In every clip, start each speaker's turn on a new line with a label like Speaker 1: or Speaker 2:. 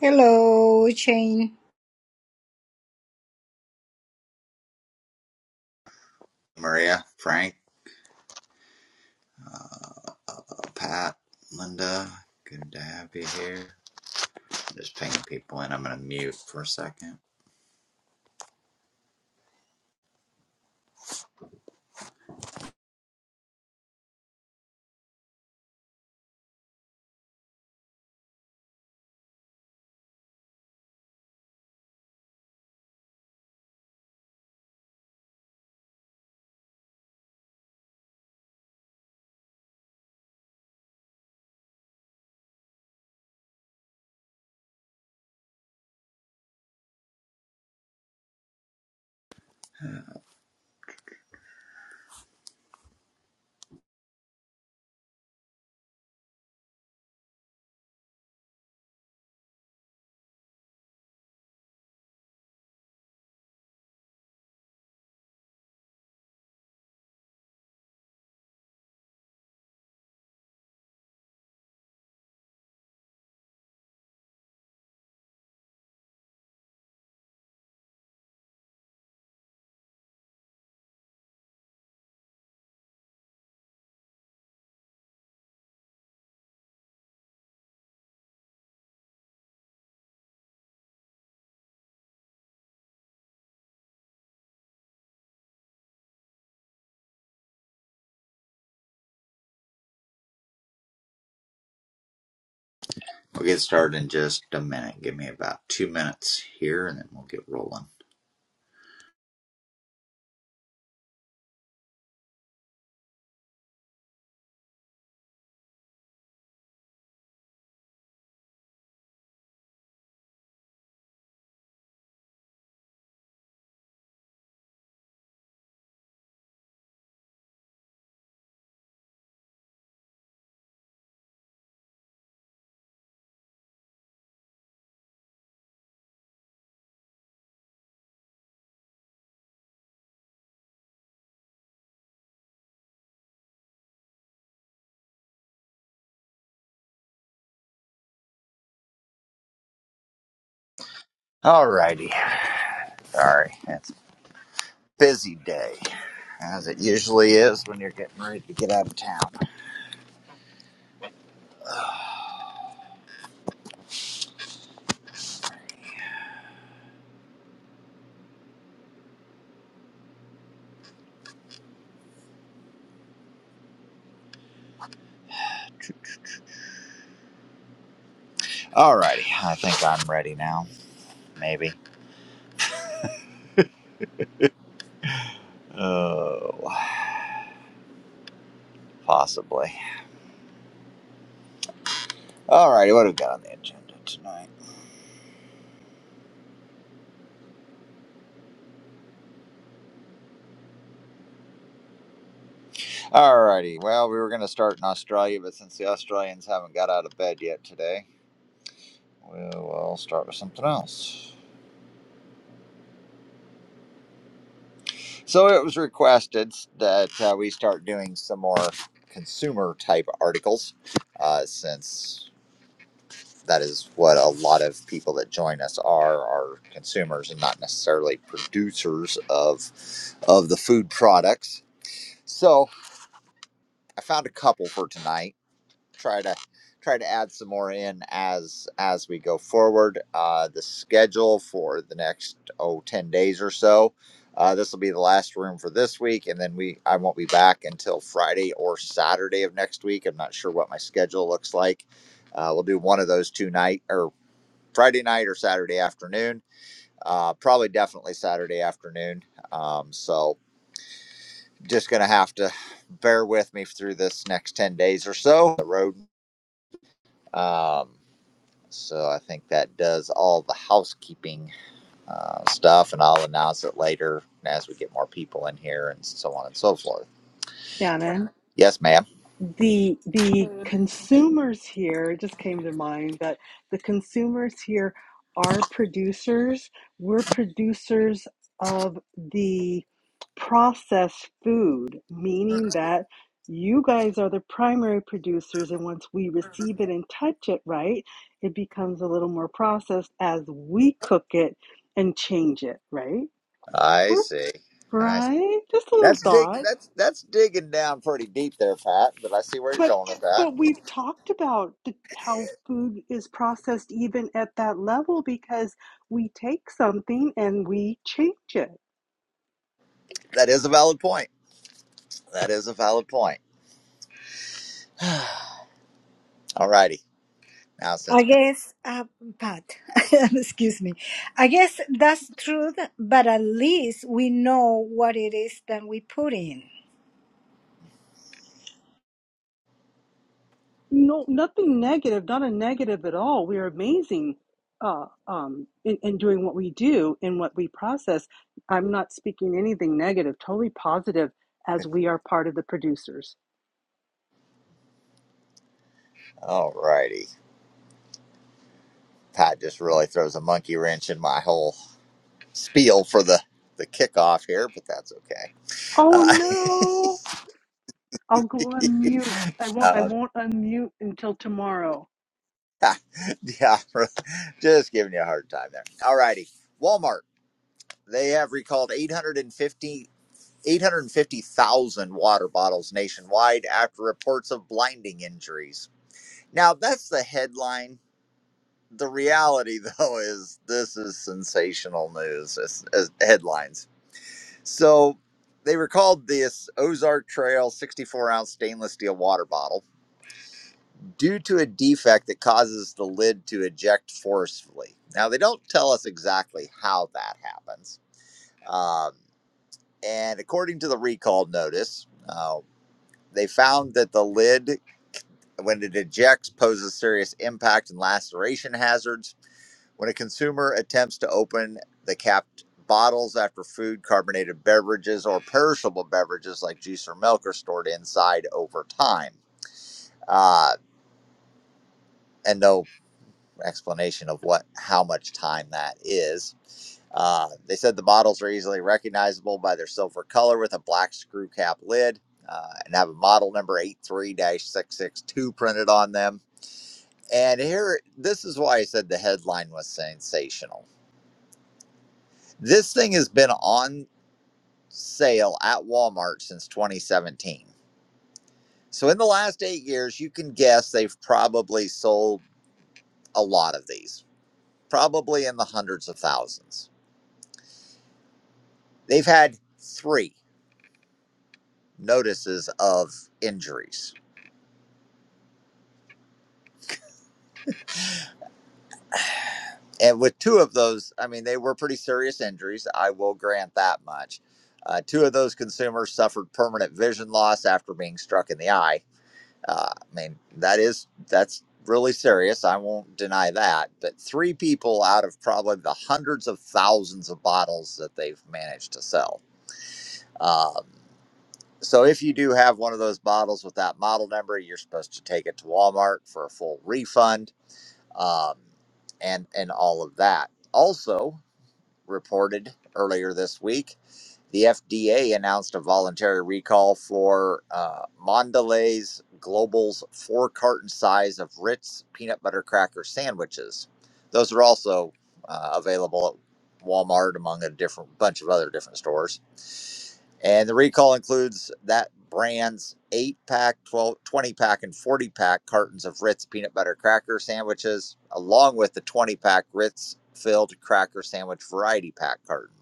Speaker 1: Hello, Shane.
Speaker 2: Maria, Frank, well, Pat, Linda. Good to have you here. Just ping people in. I'm going to mute for a second. We'll get started in just a minute. Give me about two minutes here and then we'll get rolling. Alrighty. Sorry. It's a busy day, as it usually is when you're getting ready to get out of town. Ugh. Alrighty. I think I'm ready now. Maybe. Oh, possibly. Alrighty. What have we got on the agenda tonight? Alrighty. Well, we were going to start in Australia, but since the Australians haven't got out of bed yet today, we'll start with something else. So it was requested that uh, we start doing some more consumer type articles, uh, since that is what a lot of people that join us are are consumers and not necessarily producers of of the food products. So I found a couple for tonight try to try to add some more in as as we go forward. Uh, the schedule for the next oh 10 days or so. Uh, this will be the last room for this week, and then we I won't be back until Friday or Saturday of next week. I'm not sure what my schedule looks like. Uh, we'll do one of those two night or Friday night or Saturday afternoon. Uh, probably definitely Saturday afternoon. Um, so just gonna have to bear with me through this next 10 days or so the road um, So I think that does all the housekeeping uh, stuff, and I'll announce it later as we get more people in here and so on and so forth.
Speaker 3: Shannon,
Speaker 2: Yes, ma'am.
Speaker 3: the the consumers here it just came to mind that the consumers here are producers. We're producers of the processed food, meaning that you guys are the primary producers, and once we receive it and touch it, right, it becomes a little more processed as we cook it and change it, right?
Speaker 2: I
Speaker 3: We're
Speaker 2: see. I see.
Speaker 3: right. Just a little
Speaker 2: That's dig.
Speaker 3: thought.
Speaker 2: That's that's digging down pretty deep there, Pat. But I see where you're
Speaker 3: But
Speaker 2: going with that.
Speaker 3: but we've talked about the, how food is processed even at that level because we take something and we change it.
Speaker 2: That is a valid point. That is a valid point. All righty. Now since
Speaker 1: I
Speaker 2: Pat.
Speaker 1: guess, uh, Pat, excuse me. I guess that's true, but at least we know what it is that we put in.
Speaker 3: No, nothing negative, not a negative at all. We are amazing uh, um, in, in doing what we do and what we process. I'm not speaking anything negative, totally positive, as we are part of the producers.
Speaker 2: All righty. Pat just really throws a monkey wrench in my whole spiel for the the kickoff here, but that's okay.
Speaker 3: Oh no! I'll go on mute. I won't. I
Speaker 2: Uh,
Speaker 3: won't unmute until tomorrow.
Speaker 2: yeah, just giving you a hard time there. All righty. Walmart, they have recalled 850, 850,000 water bottles nationwide after reports of blinding injuries. Now, that's the headline. The reality, though, is this is sensational news as, as headlines. So, they recalled this Ozark Trail 64 ounce stainless steel water bottle due to a defect that causes the lid to eject forcefully. Now, they don't tell us exactly how that happens. Um, and according to the recall notice, uh, they found that the lid, when it ejects, poses serious impact and laceration hazards. When a consumer attempts to open the capped bottles after food, carbonated beverages, or perishable beverages like juice or milk are stored inside over time. Uh, and no explanation of what how much time that is. Uh, they said the models are easily recognizable by their silver color with a black screw cap lid uh, and have a model number eight three dash 662 printed on them. And here, this is why I said the headline was sensational. This thing has been on sale at Walmart since 2017. So, in the last eight years, you can guess they've probably sold a lot of these, probably in the hundreds of thousands. They've had three notices of injuries. And with two of those, I mean, they were pretty serious injuries. I will grant that much. Uh, two of those consumers suffered permanent vision loss after being struck in the eye. Uh, I mean, that is, that's really serious. I won't deny that. But three people out of probably the hundreds of thousands of bottles that they've managed to sell. Um, So if you do have one of those bottles with that model number, you're supposed to take it to Walmart for a full refund, um, and and all of that. Also reported earlier this week, the FDA announced a voluntary recall for uh, Mondelez Global's four carton size of Ritz peanut butter cracker sandwiches. Those are also uh, available at Walmart among a different bunch of other different stores. And the recall includes that brand's 8 pack, 12, pack, and 40 pack cartons of Ritz peanut butter cracker sandwiches, along with the 20 pack Ritz filled cracker sandwich variety pack carton.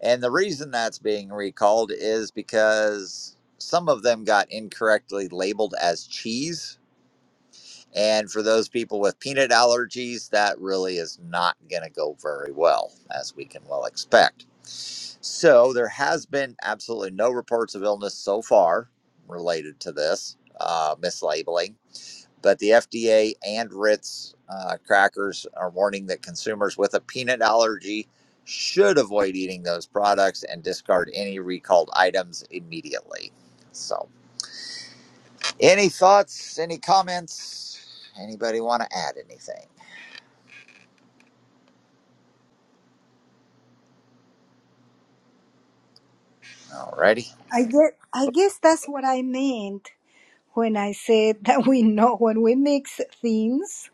Speaker 2: And the reason that's being recalled is because some of them got incorrectly labeled as cheese and for those people with peanut allergies, that really is not going to go very well, as we can well expect. So there has been absolutely no reports of illness so far related to this uh, mislabeling. But the FDA and Ritz uh, crackers are warning that consumers with a peanut allergy should avoid eating those products and discard any recalled items immediately. So any thoughts? Any comments? Anybody want to add anything? Alrighty.
Speaker 1: I guess, I guess that's what I meant when I said that we know when we mix things,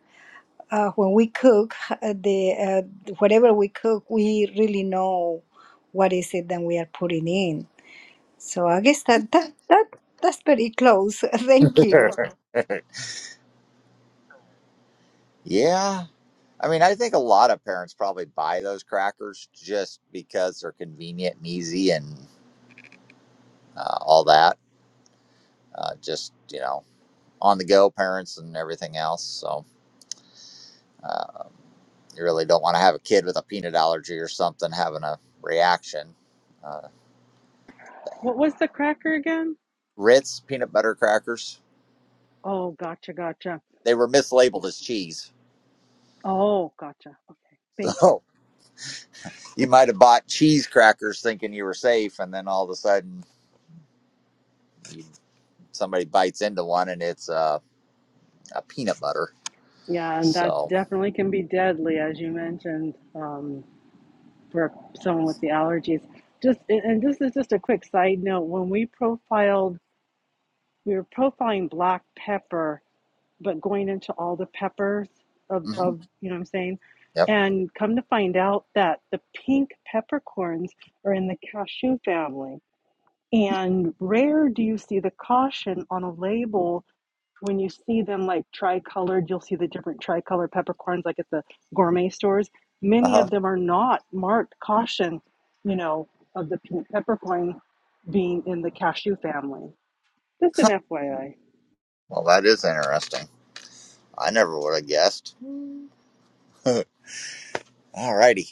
Speaker 1: uh, when we cook uh, the uh, whatever we cook, we really know what is it that we are putting in. So I guess that that that that's pretty close. Thank you.
Speaker 2: Yeah. I mean, I think a lot of parents probably buy those crackers just because they're convenient and easy and uh, all that. Uh, just, you know, on the go parents and everything else. So uh, you really don't want to have a kid with a peanut allergy or something having a reaction. Uh,
Speaker 3: What was the cracker again?
Speaker 2: Ritz peanut butter crackers,
Speaker 3: Oh, gotcha, gotcha.
Speaker 2: they were
Speaker 3: Yeah.
Speaker 2: mislabeled as cheese.
Speaker 3: Oh, gotcha. Okay. Thank you.
Speaker 2: So. You might have bought cheese crackers thinking you were safe, and then all of a sudden you, somebody bites into one and it's uh, a peanut butter.
Speaker 3: Yeah, and that
Speaker 2: So,
Speaker 3: definitely can be deadly, as you mentioned, um, for someone with the allergies. Just and and this is just a quick side note. When we profiled, we were profiling black pepper, but going into all the peppers of,
Speaker 2: mhm.
Speaker 3: of you know what I'm saying.
Speaker 2: yep.
Speaker 3: And come to find out that the pink peppercorns are in the cashew family. And rare do you see the caution on a label when you see them like tri-colored, you'll see the different tri-colored peppercorns like at the gourmet stores.
Speaker 2: Uh
Speaker 3: Many
Speaker 2: huh.
Speaker 3: of them are not marked caution, you know, of the pink peppercorn being in the cashew family. Just an
Speaker 2: Huh.
Speaker 3: FYI.
Speaker 2: Well, that is interesting. I never would have guessed. All righty.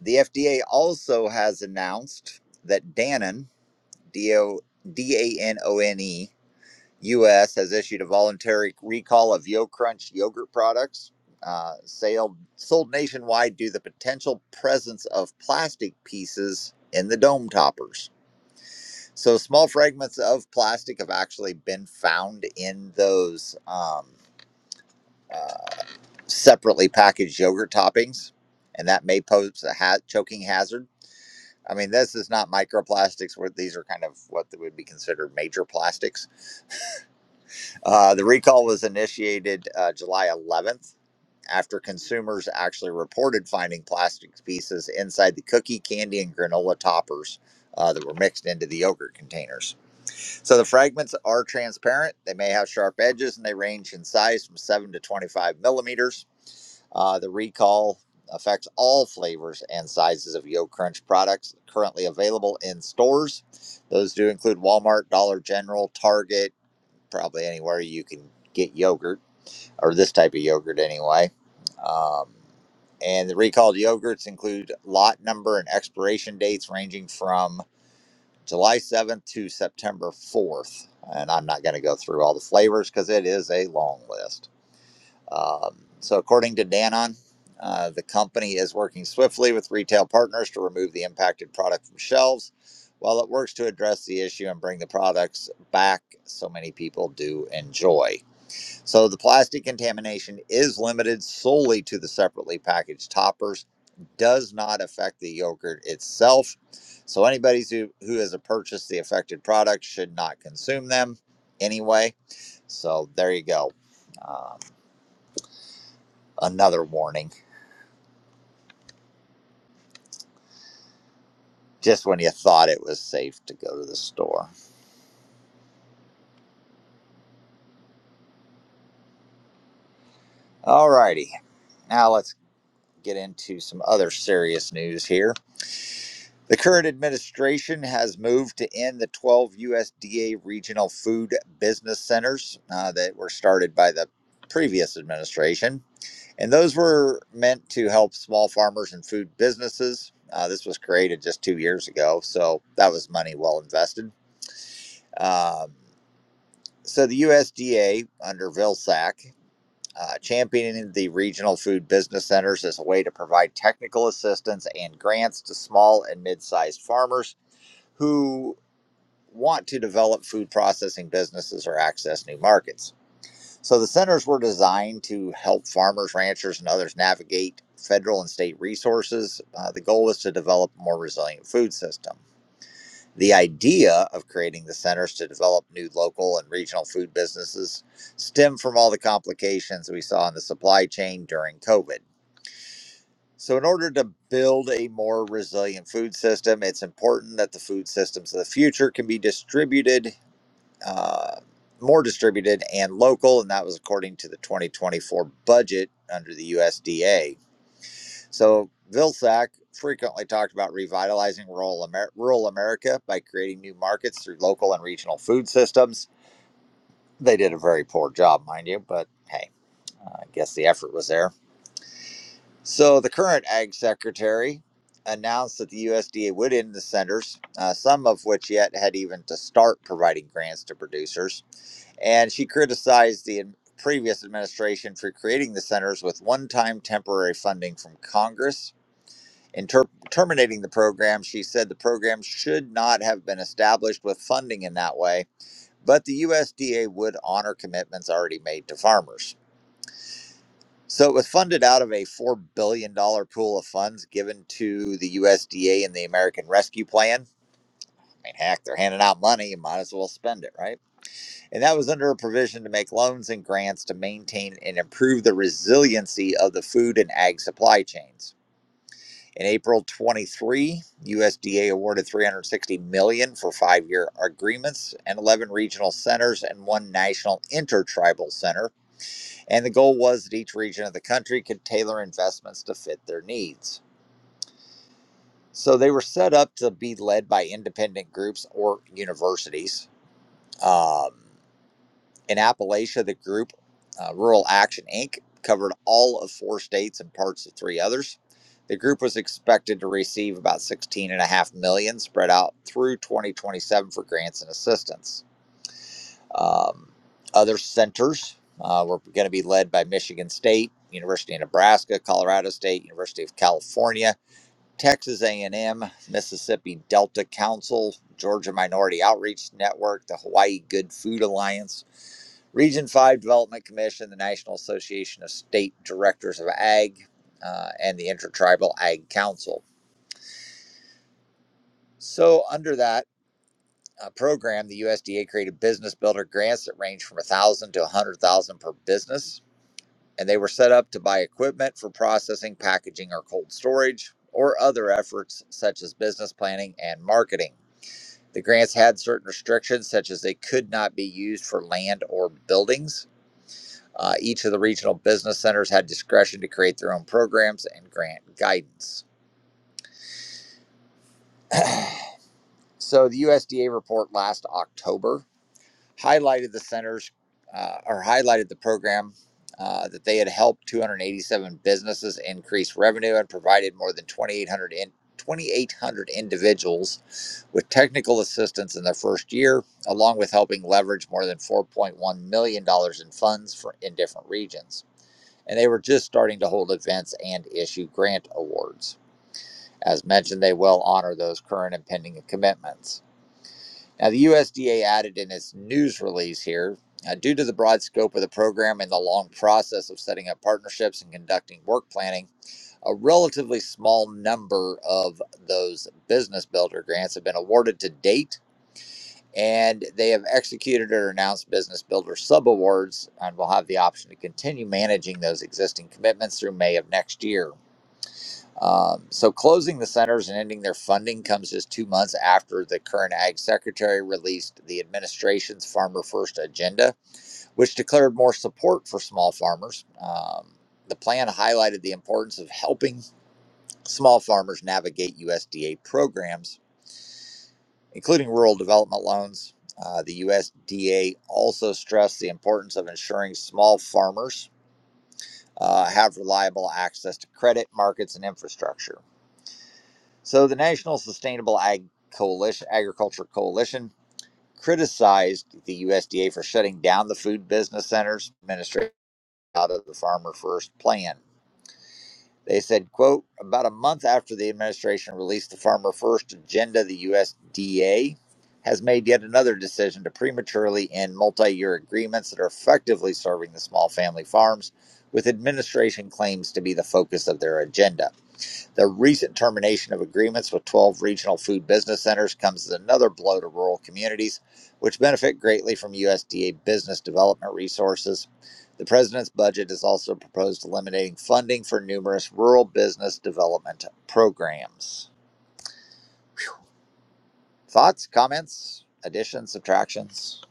Speaker 2: The FDA also has announced that Danone, D O D A N O N E U.S. has issued a voluntary recall of YoCrunch yogurt products, uh, sailed, sold nationwide due to the potential presence of plastic pieces in the dome toppers. So small fragments of plastic have actually been found in those um, uh, separately packaged yogurt toppings, and that may pose a ha- choking hazard. I mean, this is not microplastics; where these are kind of what would be considered major plastics Uh, the recall was initiated uh, July 11th after consumers actually reported finding plastic pieces inside the cookie, candy, and granola toppers uh, that were mixed into the yogurt containers. So the fragments are transparent. They may have sharp edges and they range in size from 7 to 25 millimeters. Uh, the recall affects all flavors and sizes of Yo Crunch products currently available in stores. Those do include Walmart, Dollar General, Target probably anywhere you can get yogurt or this type of yogurt anyway. Um, and the recalled yogurts include lot number and expiration dates ranging from July 7th to September 4th. And I'm not going to go through all the flavors because it is a long list. Um, so, according to Danon, uh, the company is working swiftly with retail partners to remove the impacted product from shelves while it works to address the issue and bring the products back so many people do enjoy. So the plastic contamination is limited solely to the separately packaged toppers, does not affect the yogurt itself. So anybody who, who has purchased the affected product should not consume them anyway. So there you go. Um, another warning, just when you thought it was safe to go to the store. Alrighty, now let's get into some other serious news here. The current administration has moved to end the 12 USDA regional food business centers uh, that were started by the previous administration. And those were meant to help small farmers and food businesses. Uh, this was created just two years ago, so that was money well invested. Um, so the USDA, under Vilsack, uh, championing the regional food business centers as a way to provide technical assistance and grants to small and mid sized farmers who want to develop food processing businesses or access new markets. So the centers were designed to help farmers, ranchers, and others navigate federal and state resources. Uh, the goal was to develop a more resilient food system. The idea of creating the centers to develop new local and regional food businesses stemmed from all the complications we saw in the supply chain during COVID. So, in order to build a more resilient food system, it's important that the food systems of the future can be distributed uh, more distributed and local, and that was according to the 2024 budget under the USDA. So Vilsack frequently talked about revitalizing rural, Amer- rural America by creating new markets through local and regional food systems. They did a very poor job, mind you, but hey, I guess the effort was there. So the current Ag Secretary announced that the USDA would end the centers, uh, some of which yet had even to start providing grants to producers. and she criticized the previous administration for creating the centers with one-time temporary funding from Congress. In ter- terminating the program, she said the program should not have been established with funding in that way, but the USDA would honor commitments already made to farmers. So it was funded out of a $4 billion dollars pool of funds given to the USDA and the American Rescue Plan. I mean, heck, they're handing out money. You might as well spend it, right? and that was under a provision to make loans and grants to maintain and improve the resiliency of the food and ag supply chains. In April 23, USDA awarded 360 million dollars for five-year agreements and 11 regional centers and one national intertribal center. And the goal was that each region of the country could tailor investments to fit their needs. So they were set up to be led by independent groups or universities. Um, In Appalachia, the group uh, Rural Action Inc. covered all of four states and parts of three others. The group was expected to receive about 16.5 million dollars spread out through 2027 for grants and assistance. Um, other centers uh, were going to be led by Michigan State, University of Nebraska, Colorado State, University of California, Texas A&M, Mississippi Delta Council, Georgia Minority Outreach Network, the Hawaii Good Food Alliance, Region 5 Development Commission, the National Association of State Directors of Ag, uh, and the Intertribal Ag Council. So, under that uh, program, the USDA created business builder grants that range from 1000 to 100000 per business, and they were set up to buy equipment for processing, packaging, or cold storage, or other efforts such as business planning and marketing. The grants had certain restrictions, such as they could not be used for land or buildings Uh, each of the regional business centers had discretion to create their own programs and grant guidance. So the USDA report last October highlighted the centers uh, or highlighted the program uh, that they had helped 287 businesses increase revenue and provided more than 2,800 individuals with technical assistance in their first year, along with helping leverage more than 4.1 million dollars in funds for in different regions. and they were just starting to hold events and issue grant awards. As mentioned, they will honor those current and pending commitments. Now, the USDA added in its news release here uh, due to the broad scope of the program and the long process of setting up partnerships and conducting work planning, a relatively small number of those business builder grants have been awarded to date. And they have executed or announced business builder subawards and will have the option to continue managing those existing commitments through May of next year. Um, so closing the centers and ending their funding comes just two months after the current ag secretary released the administration's Farmer First agenda, which declared more support for small farmers. Um, the plan highlighted the importance of helping small farmers navigate USDA programs, including rural development loans. Uh, the USDA also stressed the importance of ensuring small farmers uh, have reliable access to credit markets and infrastructure. So the National Sustainable Ag Coalition, Agriculture Coalition criticized the USDA for shutting down the food business centers administration out of the Farmer First plan. They said, quote, about a month after the administration released the Farmer First agenda, the USDA has made yet another decision to prematurely end multi-year agreements that are effectively serving the small family farms with administration claims to be the focus of their agenda. The recent termination of agreements with 12 regional food business centers comes as another blow to rural communities, which benefit greatly from USDA business development resources. The president's budget has also proposed eliminating funding for numerous rural business development programs. Thoughts, comments, additions, subtractions?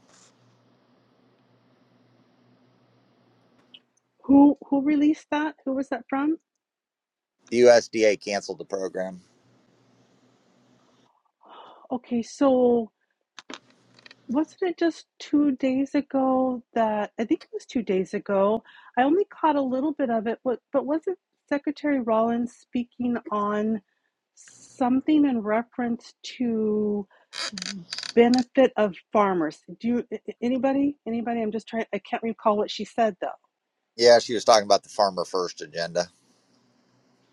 Speaker 3: Who who released that? Who was that from?
Speaker 2: The USDA canceled the program.
Speaker 3: Okay, so Wasn't it just two days ago that I think it was two days ago? I only caught a little bit of it, but but wasn't Secretary Rollins speaking on something in reference to benefit of farmers? Do you, a- a- anybody? Anybody? I'm just trying. I can't recall what she said though.
Speaker 2: Yeah, she was talking about the Farmer First agenda.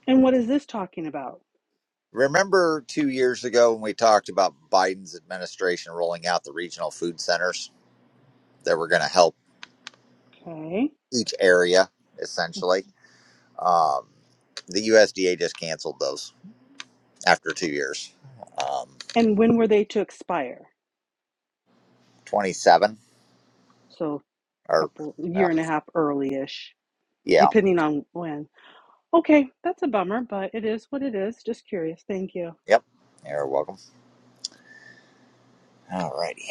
Speaker 3: And what is this talking about?
Speaker 2: Remember two years ago when we talked about Biden's administration rolling out the regional food centers? that were going to help
Speaker 3: Okay.
Speaker 2: each area essentially. Um, the USDA just canceled those after two years. Um,
Speaker 3: And when were they to expire?
Speaker 2: 27
Speaker 3: So,
Speaker 2: or
Speaker 3: couple year
Speaker 2: well,
Speaker 3: and a half early-ish,
Speaker 2: yeah,
Speaker 3: depending on when. Okay, that's a bummer, but it is what it is. Just curious. Thank you.
Speaker 2: yep. You're welcome. All righty.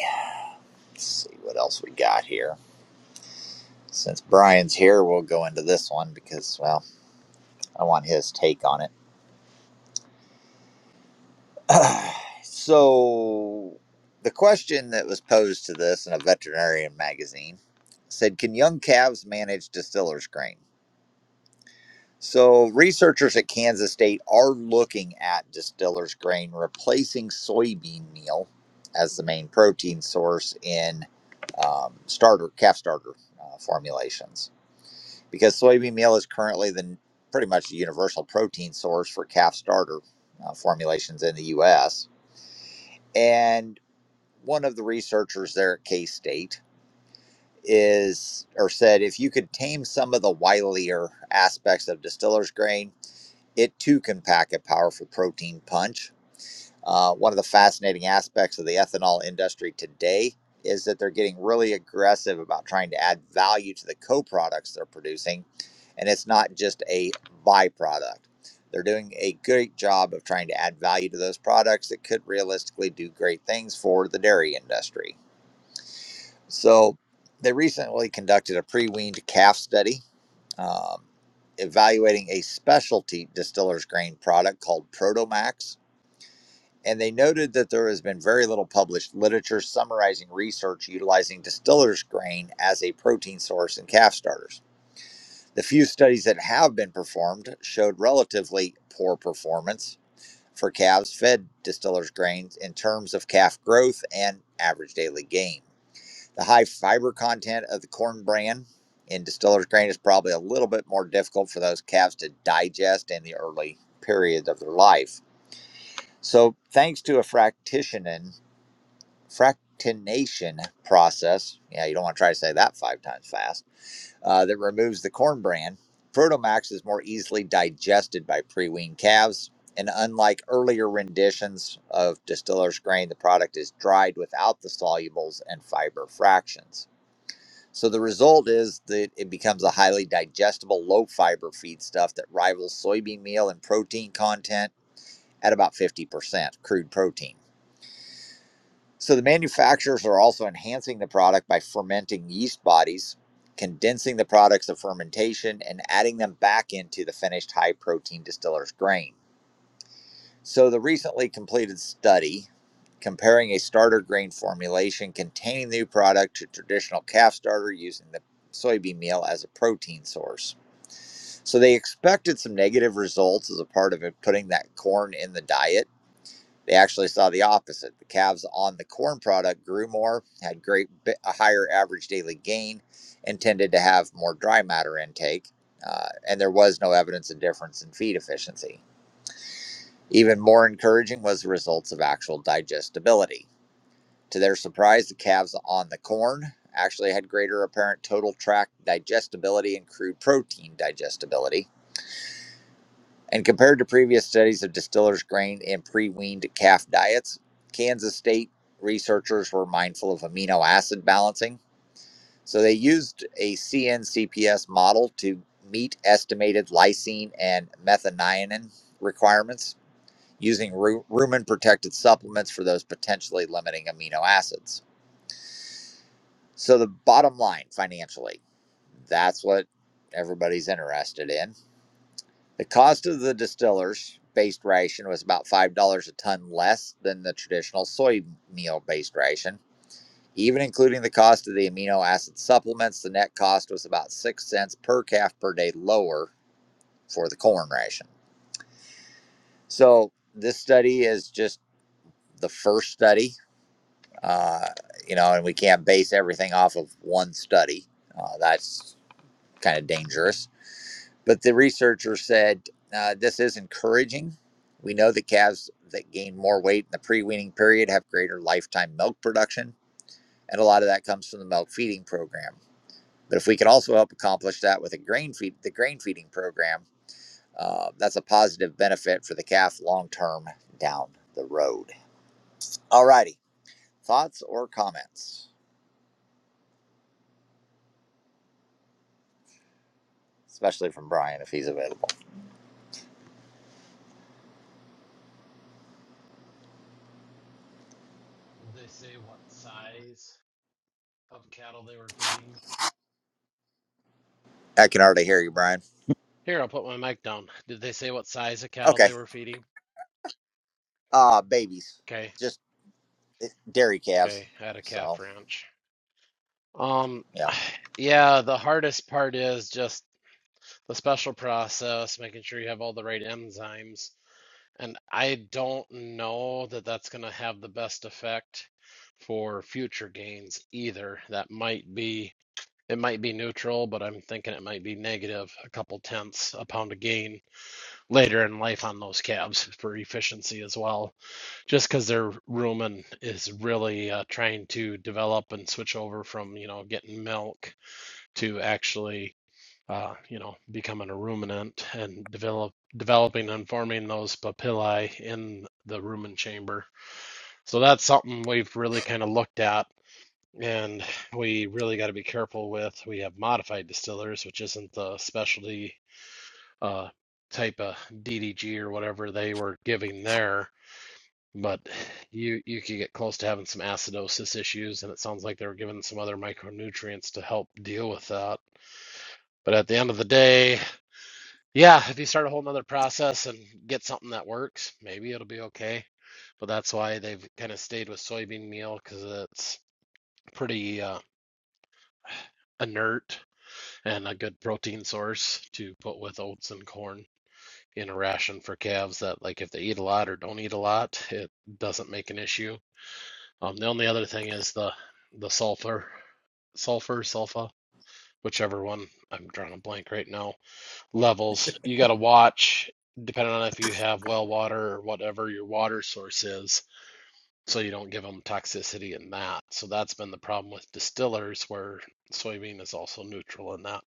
Speaker 2: Let's see what else we got here. Since Brian's here, we'll go into this one because well, I want his take on it. so the question that was posed to this in a veterinarian magazine said, "Can young calves manage distiller's grain?" So, researchers at Kansas State are looking at distiller's grain replacing soybean meal as the main protein source in um, starter calf starter uh, formulations because soybean meal is currently the pretty much the universal protein source for calf starter uh, formulations in the U.S. And one of the researchers there at K State is or said if you could tame some of the wilier aspects of distiller's grain it too can pack a powerful protein punch. Uh, one of the fascinating aspects of the ethanol industry today is that they're getting really aggressive about trying to add value to the co products they're producing. And it's not just a byproduct. They're doing a great job of trying to add value to those products that could realistically do great things for the dairy industry. So, they recently conducted a pre weaned calf study um, evaluating a specialty distiller's grain product called Protomax. And they noted that there has been very little published literature summarizing research utilizing distiller's grain as a protein source in calf starters. The few studies that have been performed showed relatively poor performance for calves fed distiller's grains in terms of calf growth and average daily gain. The high fiber content of the corn bran in distiller's grain is probably a little bit more difficult for those calves to digest in the early periods of their life. So, thanks to a fractionation, fractionation process, yeah, you don't want to try to say that five times fast, uh, that removes the corn bran, Protomax is more easily digested by pre weaned calves. And unlike earlier renditions of distiller's grain, the product is dried without the solubles and fiber fractions. So the result is that it becomes a highly digestible, low fiber feedstuff that rivals soybean meal in protein content at about 50% crude protein. So the manufacturers are also enhancing the product by fermenting yeast bodies, condensing the products of fermentation, and adding them back into the finished high protein distiller's grain. So, the recently completed study comparing a starter grain formulation containing the new product to traditional calf starter using the soybean meal as a protein source. So, they expected some negative results as a part of it putting that corn in the diet. They actually saw the opposite. The calves on the corn product grew more, had great a higher average daily gain, and tended to have more dry matter intake. Uh, and there was no evidence of difference in feed efficiency. Even more encouraging was the results of actual digestibility. To their surprise, the calves on the corn actually had greater apparent total tract digestibility and crude protein digestibility. And compared to previous studies of distillers' grain in pre weaned calf diets, Kansas State researchers were mindful of amino acid balancing. So they used a CNCPS model to meet estimated lysine and methionine requirements using rumen protected supplements for those potentially limiting amino acids. So, the bottom line financially, that's what everybody's interested in. The cost of the distillers based ration was about $5 a ton less than the traditional soy meal based ration. Even including the cost of the amino acid supplements, the net cost was about 6 cents per calf per day lower for the corn ration. So, this study is just the first study uh, you know, and we can't base everything off of one study. Uh, that's kind of dangerous. But the researcher said uh, this is encouraging. We know that calves that gain more weight in the pre weaning period have greater lifetime milk production, and a lot of that comes from the milk feeding program. But if we could also help accomplish that with a grain feed, the grain feeding program, uh, that's a positive benefit for the calf long term down the road. All righty, thoughts or comments? especially from Brian if he's available.
Speaker 4: Did they say what size of cattle they were feeding?
Speaker 2: I can already hear you, Brian.
Speaker 4: Here, I'll put my mic down. Did they say what size of cattle
Speaker 2: Okay.
Speaker 4: they were feeding?
Speaker 2: Uh babies,
Speaker 4: Okay,
Speaker 2: just eh, dairy calves.
Speaker 4: okay, I had a calf
Speaker 2: So,
Speaker 4: ranch. Um,
Speaker 2: yeah.
Speaker 4: yeah, the hardest part is just the special process, making sure you have all the right enzymes. And I don't know that that's going to have the best effect for future gains either. That might be, it might be neutral, but I'm thinking it might be negative a couple tenths a pound of gain. later in life on those cabs for efficiency as well, just because their rumen is really uh, trying to develop and switch over from, you know, getting milk to actually, uh, you know, becoming a ruminant and develop developing and forming those papillae in the rumen chamber. So that's something we've really kind of looked at and we really got to be careful with. We have modified distillers, which isn't the specialty uh, type of DDG or whatever they were giving there. But you you could get close to having some acidosis issues, and it sounds like they were given some other micronutrients to help deal with that. But at the end of the day, yeah, if you start a whole nother process and get something that works, maybe it'll be okay. But that's why they've kind of stayed with soybean meal because it's pretty uh, inert and a good protein source to put with oats and corn. in a ration for calves that like if they eat a lot or don't eat a lot, it doesn't make an issue. Um, the only other thing is the the sulfur, sulfur, sulfa, whichever one I'm drawing a blank right now. Levels you got to watch depending on if you have well water or whatever your water source is, so you don't give them toxicity in that. So that's been the problem with distillers where soybean is also neutral in that.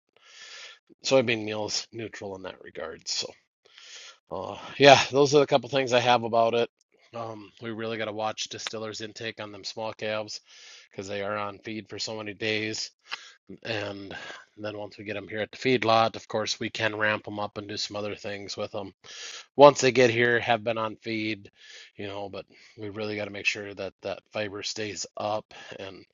Speaker 4: Soybean meal is neutral in that regard. So. Uh, yeah, those are a couple things I have about it. Um, we really got to watch distillers' intake on them small calves because they are on feed for so many days. And then once we get them here at the feedlot, of course, we can ramp them up and do some other things with them. Once they get here, have been on feed, you know, but we really got to make sure that that fiber stays up. And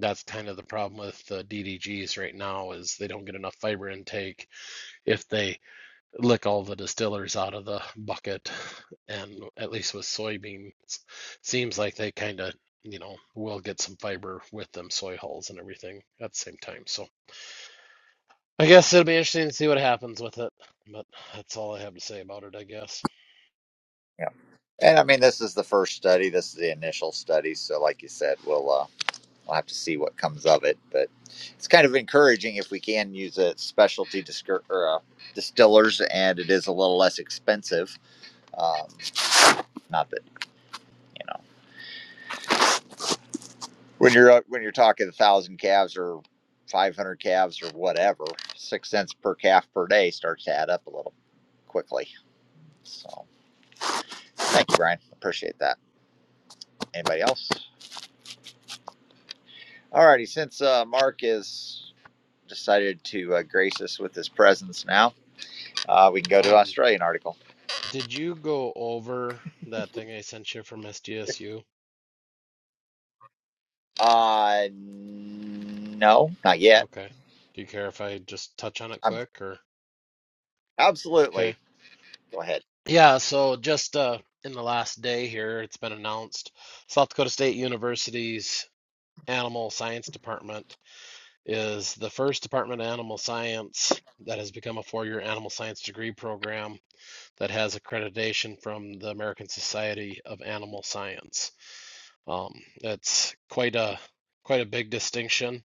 Speaker 4: that's kind of the problem with the DDGs right now is they don't get enough fiber intake if they lick all the distillers out of the bucket and at least with soybeans seems like they kind of you know will get some fiber with them soy hulls and everything at the same time so i guess it'll be interesting to see what happens with it but that's all i have to say about it i guess
Speaker 2: Yeah. And I mean, this is the first study. This is the initial study. So, like you said, we'll uh, we'll have to see what comes of it. But it's kind of encouraging if we can use a specialty discur- or, uh, distillers, and it is a little less expensive. Um, not that you know. when you're when you're talking a thousand calves or 500 calves or whatever six cents per calf per day starts to add up a little quickly so thank you brian appreciate that anybody else alrighty since uh, mark has decided to uh, grace us with his presence now uh, we can go to an
Speaker 4: um
Speaker 2: australian article
Speaker 4: did you go over that thing i sent you from sdsu
Speaker 2: uh no not yet
Speaker 4: okay do you care if i just touch on it
Speaker 2: i'm
Speaker 4: quick or okay
Speaker 2: absolutely go ahead
Speaker 4: Yeah, so just uh, in the last day here, it's been announced South Dakota State University's Animal Science Department is the first Department of Animal Science that has become a four-year animal science degree program that has accreditation from the American Society of Animal Science. Um, that's quite a quite a big distinction,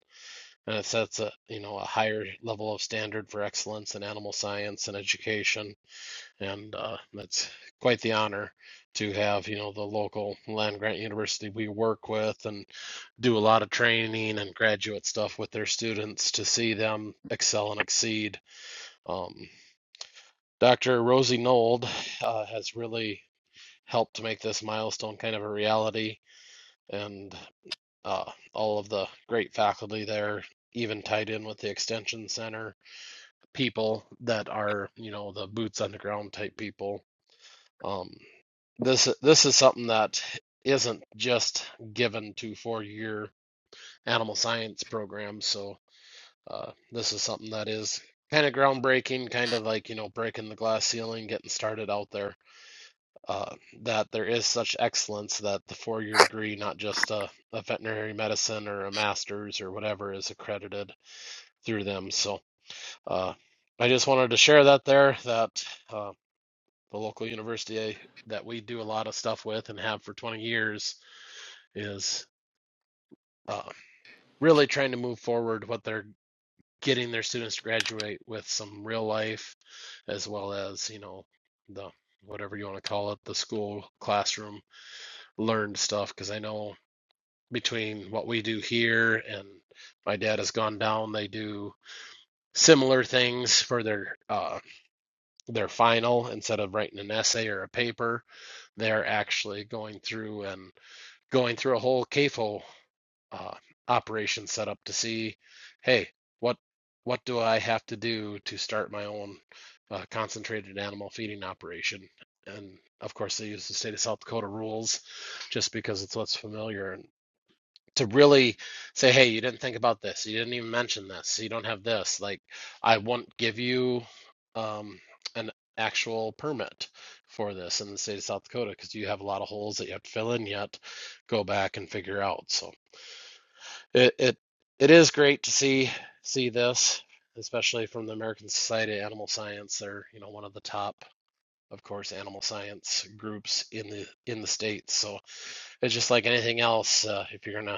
Speaker 4: and it sets a you know a higher level of standard for excellence in animal science and education and uh, that's quite the honor to have you know the local land grant university we work with and do a lot of training and graduate stuff with their students to see them excel and exceed um, dr rosie nold uh, has really helped to make this milestone kind of a reality and uh, all of the great faculty there even tied in with the extension center people that are you know the boots on the ground type people Um, this this is something that isn't just given to four-year animal science programs. So uh, this is something that is kind of groundbreaking, kind of like you know breaking the glass ceiling, getting started out there. Uh, that there is such excellence that the four-year degree, not just a, a veterinary medicine or a master's or whatever, is accredited through them. So uh, I just wanted to share that there. That uh, the local university that we do a lot of stuff with and have for 20 years is um, really trying to move forward what they're getting their students to graduate with some real life as well as you know the whatever you want to call it the school classroom learned stuff because i know between what we do here and my dad has gone down they do similar things for their uh, their final instead of writing an essay or a paper they're actually going through and going through a whole CAFO uh, operation setup to see, hey, what what do I have to do to start my own uh, concentrated animal feeding operation? And of course, they use the state of South Dakota rules just because it's what's familiar. And to really say, hey, you didn't think about this. You didn't even mention this. You don't have this. Like, I won't give you um, an actual permit for this in the state of South Dakota because you have a lot of holes that you have to fill in yet. Go back and figure out. So it it, it is great to see see this, especially from the American Society of Animal Science. They're you know one of the top. Of course, animal science groups in the in the states. So it's just like anything else. Uh, if you're gonna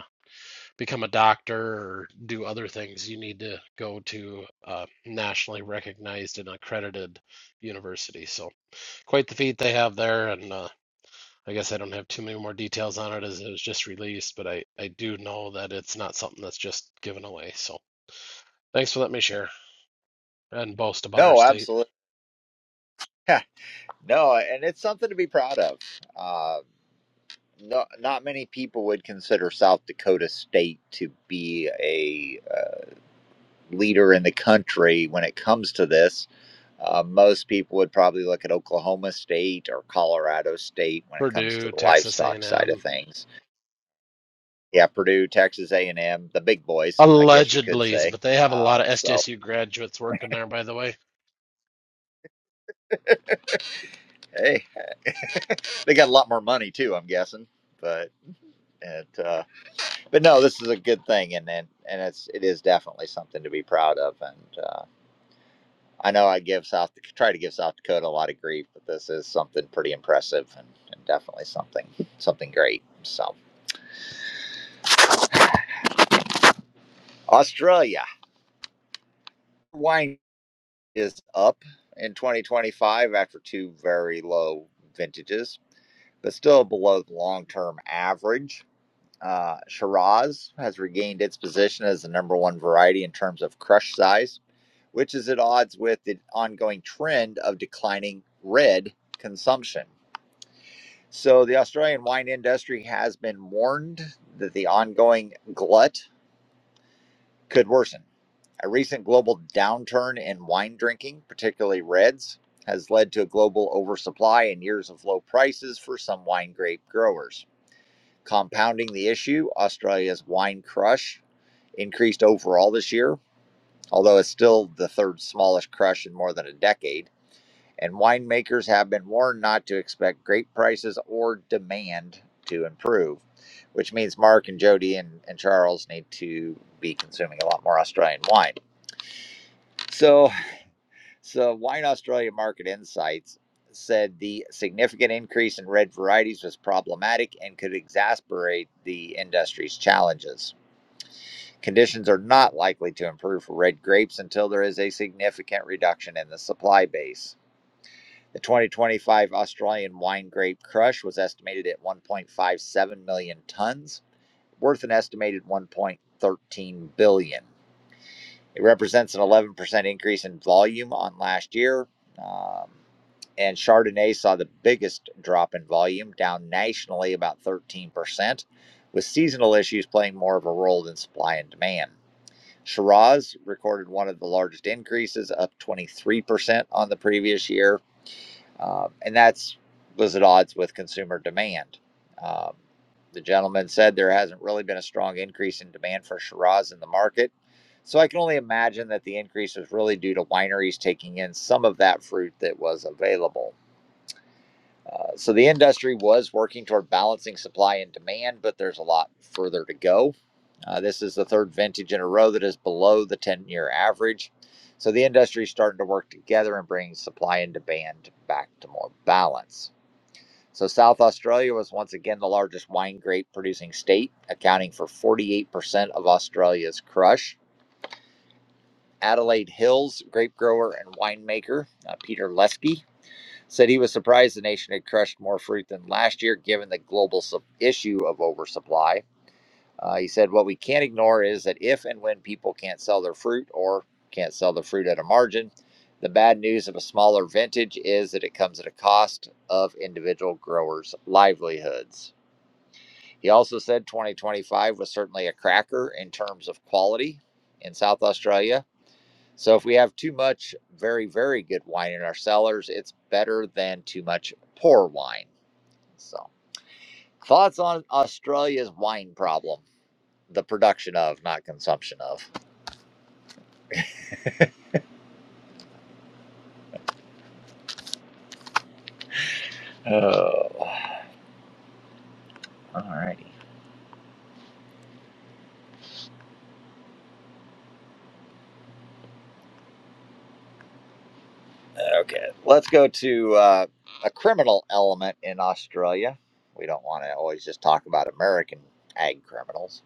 Speaker 4: become a doctor or do other things, you need to go to a nationally recognized and accredited university. So, quite the feat they have there. And uh, I guess I don't have too many more details on it as it was just released, but I, I do know that it's not something that's just given away. So, thanks for letting me share and boast about our
Speaker 2: no
Speaker 4: state.
Speaker 2: absolutely no and it's something to be proud of Uh, Not, not many people would consider South Dakota State to be a uh, leader in the country when it comes to this. Uh, most people would probably look at Oklahoma State or Colorado State when it comes to
Speaker 4: Purdue,
Speaker 2: the
Speaker 4: Texas
Speaker 2: livestock side of
Speaker 4: A&M,
Speaker 2: things. Yeah, Purdue, Texas A&M, the big boys, I guess you could
Speaker 4: allegedly,
Speaker 2: say.
Speaker 4: but they have a lot
Speaker 2: Um,
Speaker 4: of
Speaker 2: so,
Speaker 4: SDSU graduates working there, by the way.
Speaker 2: hey, they got a lot more money too, I'm guessing. But it, uh, but no, this is a good thing, and and, and it's it is definitely something to be proud of, and. uh, I know I give South try to give South Dakota a lot of grief, but this is something pretty impressive and, and definitely something something great. So Australia wine is up in 2025 after two very low vintages, but still below the long-term average. Uh, Shiraz has regained its position as the number one variety in terms of crush size, which is at odds with the ongoing trend of declining red consumption. So the Australian wine industry has been warned that the ongoing glut could worsen. A recent global downturn in wine drinking, particularly reds, has led to a global oversupply and years of low prices for some wine grape growers. Compounding the issue, Australia's wine crush increased overall this year, although it's still the third smallest crush in more than a decade. and winemakers have been warned not to expect grape prices or demand to improve, which means Mark and Jody and, and Charles need to be consuming a lot more Australian wine. So, so Wine Australia Market Insights said the significant increase in red varieties was problematic and could exacerbate the industry's challenges. Conditions are not likely to improve for red grapes until there is a significant reduction in the supply base. The 2025 Australian wine grape crush was estimated at 1.57 million tons, worth an estimated 1.13 billion. billion. dollars. It represents an 11% increase in volume on last year. Um, and Chardonnay saw the biggest drop in volume, down nationally about 13%, with seasonal issues playing more of a role than supply and demand. Shiraz recorded one of the largest increases, up 23% on the previous year. Um, and that's was at odds with consumer demand. Um, the gentleman said there hasn't really been a strong increase in demand for Shiraz in the market. So I can only imagine that the increase was really due to wineries taking in some of that fruit that was available. Uh, so the industry was working toward balancing supply and demand, but there's a lot further to go. Uh, this is the third vintage in a row that is below the 10 year average. So the industry is starting to work together and bring supply and demand back to more balance. So South Australia was once again the largest wine grape producing state, accounting for 48% of Australia's crush. Adelaide Hills grape grower and winemaker uh, Peter Lesky said he was surprised the nation had crushed more fruit than last year, given the global sup- issue of oversupply. Uh, he said, What we can't ignore is that if and when people can't sell their fruit or can't sell the fruit at a margin, the bad news of a smaller vintage is that it comes at a cost of individual growers' livelihoods. He also said 2025 was certainly a cracker in terms of quality in South Australia so if we have too much very, very good wine in our cellars, it's better than too much poor wine. So thoughts on Australia's wine problem. The production of, not consumption of. Oh, all right. Okay. Let's go to uh, a criminal element in Australia. We don't want to always just talk about American ag criminals.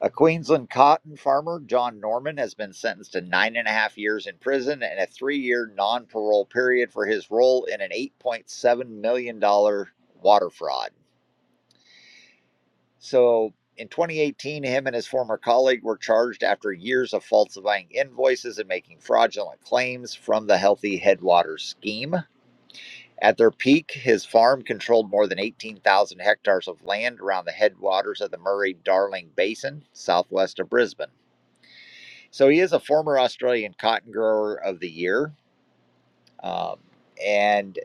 Speaker 2: A Queensland cotton farmer, John Norman, has been sentenced to nine and a half years in prison and a three year non parole period for his role in an $8.7 million dollars water fraud. So, in 2018, him and his former colleague were charged after years of falsifying invoices and making fraudulent claims from the Healthy Headwaters scheme. At their peak, his farm controlled more than 18,000 hectares of land around the headwaters of the Murray Darling Basin, southwest of Brisbane. So he is a former Australian Cotton Grower of the Year. Um, and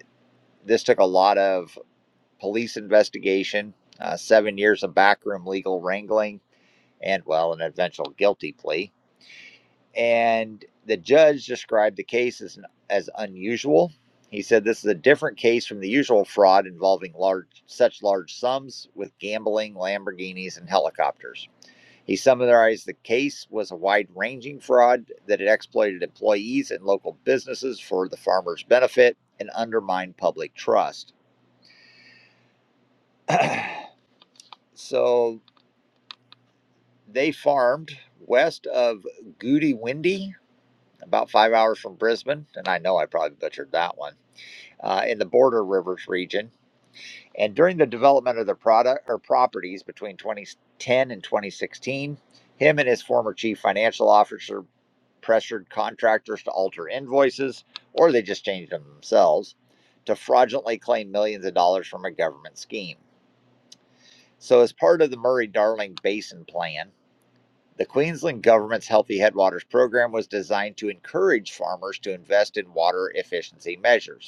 Speaker 2: this took a lot of police investigation, uh, seven years of backroom legal wrangling, and, well, an eventual guilty plea. And the judge described the case as, as unusual. He said this is a different case from the usual fraud involving large, such large sums with gambling, Lamborghinis, and helicopters. He summarized the case was a wide ranging fraud that had exploited employees and local businesses for the farmers' benefit and undermined public trust. so they farmed west of Goody Windy, about five hours from Brisbane, and I know I probably butchered that one, uh, in the Border Rivers region. And during the development of the product or properties between 2010 and 2016, him and his former chief financial officer pressured contractors to alter invoices, or they just changed them themselves, to fraudulently claim millions of dollars from a government scheme. So, as part of the Murray Darling Basin Plan, the Queensland government's Healthy Headwaters program was designed to encourage farmers to invest in water efficiency measures.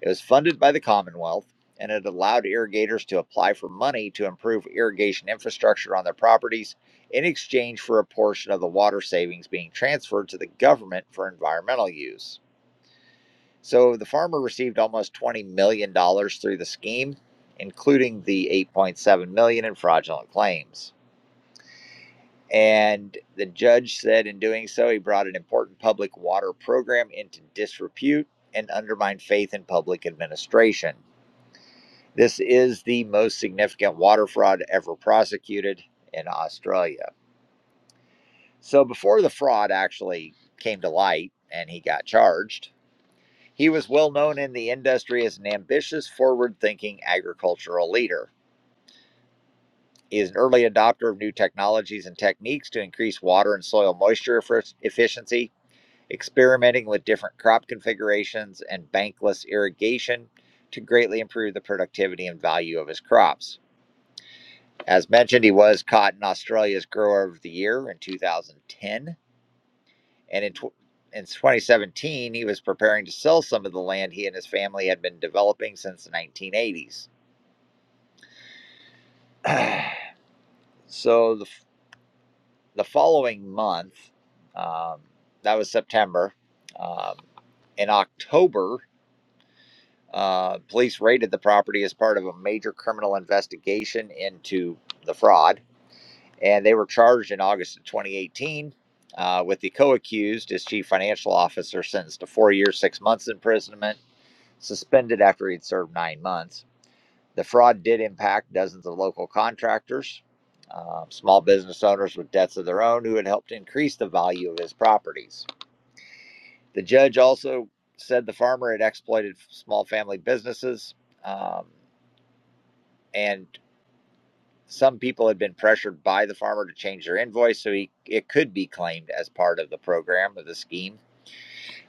Speaker 2: It was funded by the Commonwealth, and it allowed irrigators to apply for money to improve irrigation infrastructure on their properties in exchange for a portion of the water savings being transferred to the government for environmental use. So the farmer received almost $20 million dollars through the scheme, including the $8.7 million dollars in fraudulent claims. And the judge said in doing so, he brought an important public water program into disrepute and undermined faith in public administration. This is the most significant water fraud ever prosecuted in Australia. So, before the fraud actually came to light and he got charged, he was well known in the industry as an ambitious, forward thinking agricultural leader. He is an early adopter of new technologies and techniques to increase water and soil moisture efficiency, experimenting with different crop configurations and bankless irrigation to greatly improve the productivity and value of his crops. As mentioned, he was caught in Australia's Grower of the Year in 2010, and in, tw- in 2017, he was preparing to sell some of the land he and his family had been developing since the 1980s. so the, the following month, um, that was September, um, in October, uh, police raided the property as part of a major criminal investigation into the fraud. and they were charged in August of 2018 uh, with the co-accused his chief financial officer sentenced to four years, six months imprisonment, suspended after he'd served nine months. The fraud did impact dozens of local contractors, um, small business owners with debts of their own who had helped increase the value of his properties. The judge also said the farmer had exploited small family businesses um, and Some people had been pressured by the farmer to change their invoice, so he, it could be claimed as part of the program of the scheme.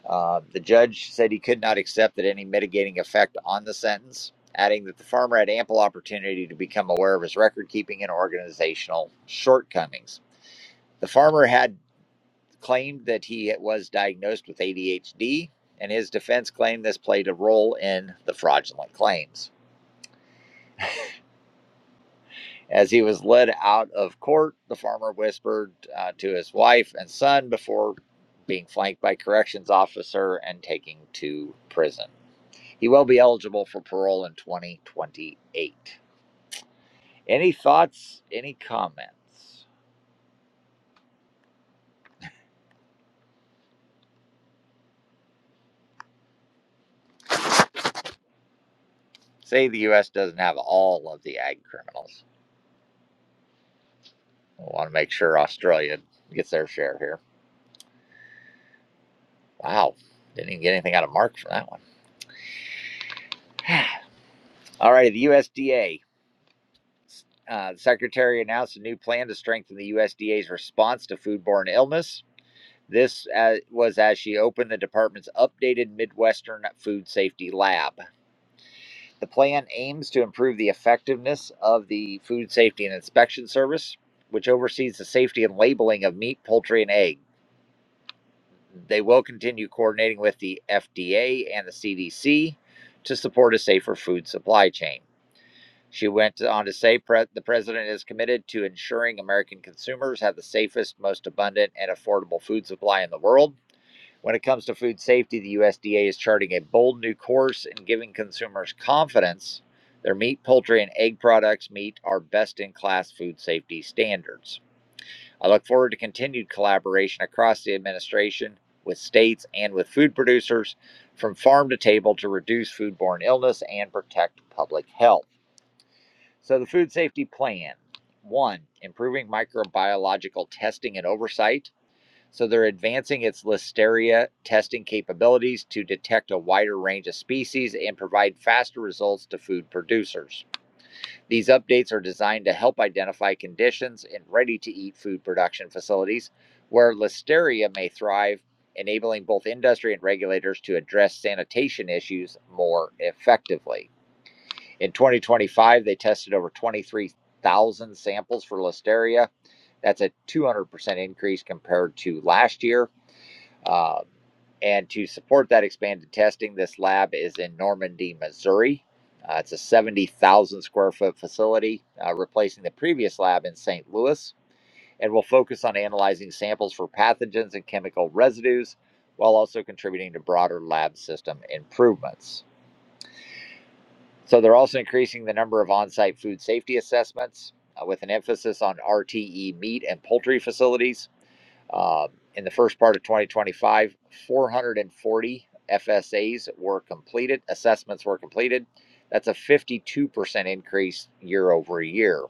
Speaker 2: Uh, the judge said he could not accept that any mitigating effect on the sentence, adding that the farmer had ample opportunity to become aware of his record keeping and organizational shortcomings. The farmer had claimed that he was diagnosed with ADHD, and his defense claimed this played a role in the fraudulent claims. As he was led out of court, the farmer whispered uh, to his wife and son before being flanked by corrections officer and taken to prison. He will be eligible for parole in 2028. Any thoughts? Any comments? Say the U.S. doesn't have all of the ag criminals. I want to make sure Australia gets their share here. Wow, didn't even get anything out of Mark from that one. All right, the USDA. Uh, the secretary announced a new plan to strengthen the USDA's response to foodborne illness. This uh, was as she opened the department's updated Midwestern Food Safety Lab. The plan aims to improve the effectiveness of the Food Safety and Inspection Service, which oversees the safety and labeling of meat, poultry, and egg. They will continue coordinating with the FDA and the CDC to support a safer food supply chain. She went on to say the president is committed to ensuring American consumers have the safest, most abundant, and affordable food supply in the world. When it comes to food safety, the USDA is charting a bold new course in giving consumers confidence their meat, poultry, and egg products meet our best in class food safety standards. I look forward to continued collaboration across the administration with states and with food producers from farm to table to reduce foodborne illness and protect public health. So, the food safety plan one, improving microbiological testing and oversight. So, they're advancing its listeria testing capabilities to detect a wider range of species and provide faster results to food producers. These updates are designed to help identify conditions in ready to eat food production facilities where listeria may thrive, enabling both industry and regulators to address sanitation issues more effectively. In 2025, they tested over 23,000 samples for Listeria. That's a 200% increase compared to last year. Uh, and to support that expanded testing, this lab is in Normandy, Missouri. Uh, it's a 70,000 square foot facility, uh, replacing the previous lab in St. Louis, and will focus on analyzing samples for pathogens and chemical residues while also contributing to broader lab system improvements. So they're also increasing the number of on-site food safety assessments uh, with an emphasis on RTE meat and poultry facilities. Um, in the first part of 2025, 440 FSAs were completed, assessments were completed. That's a 52% increase year over year.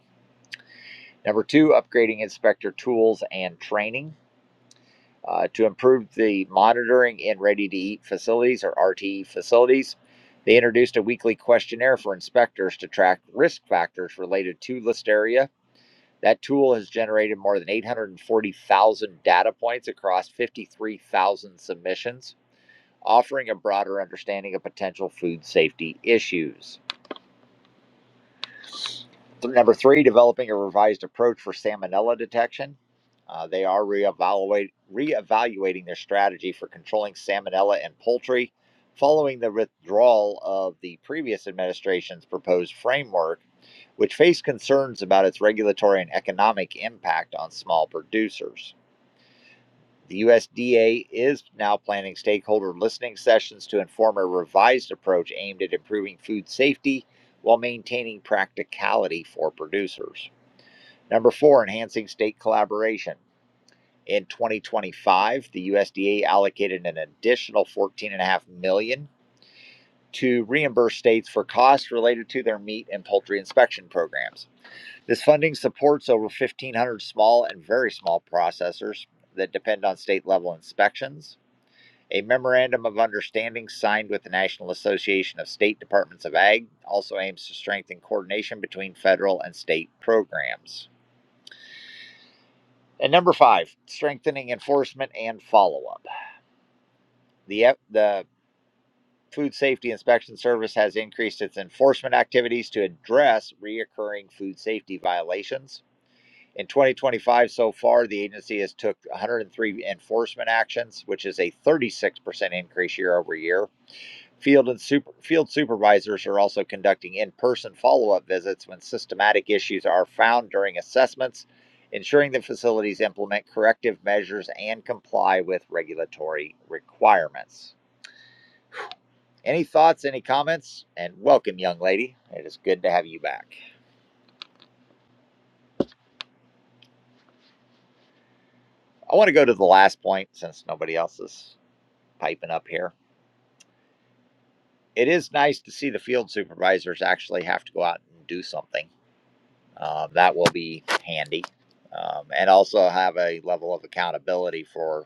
Speaker 2: Number two, upgrading inspector tools and training uh, to improve the monitoring in ready to eat facilities or RTE facilities. They introduced a weekly questionnaire for inspectors to track risk factors related to Listeria. That tool has generated more than 840,000 data points across 53,000 submissions, offering a broader understanding of potential food safety issues. Number three, developing a revised approach for salmonella detection. Uh, they are reevaluate, reevaluating their strategy for controlling salmonella in poultry following the withdrawal of the previous administration's proposed framework, which faced concerns about its regulatory and economic impact on small producers. The USDA is now planning stakeholder listening sessions to inform a revised approach aimed at improving food safety while maintaining practicality for producers. Number four, enhancing state collaboration. In 2025, the USDA allocated an additional 14.5 million dollars to reimburse states for costs related to their meat and poultry inspection programs. This funding supports over 1,500 small and very small processors that depend on state level inspections. A memorandum of understanding signed with the National Association of State Departments of Ag also aims to strengthen coordination between federal and state programs. And number five, strengthening enforcement and follow up. The, the Food Safety Inspection Service has increased its enforcement activities to address reoccurring food safety violations. In 2025 so far, the agency has took 103 enforcement actions, which is a 36% increase year over year Field and super, field supervisors are also conducting in-person follow-up visits when systematic issues are found during assessments, ensuring the facilities implement corrective measures and comply with regulatory requirements. Any thoughts, any comments? And welcome, young lady. It is good to have you back. I want to go to the last point since nobody else is piping up here. It is nice to see the field supervisors actually have to go out and do something Uh, that will be handy. Um, and also have a level of accountability for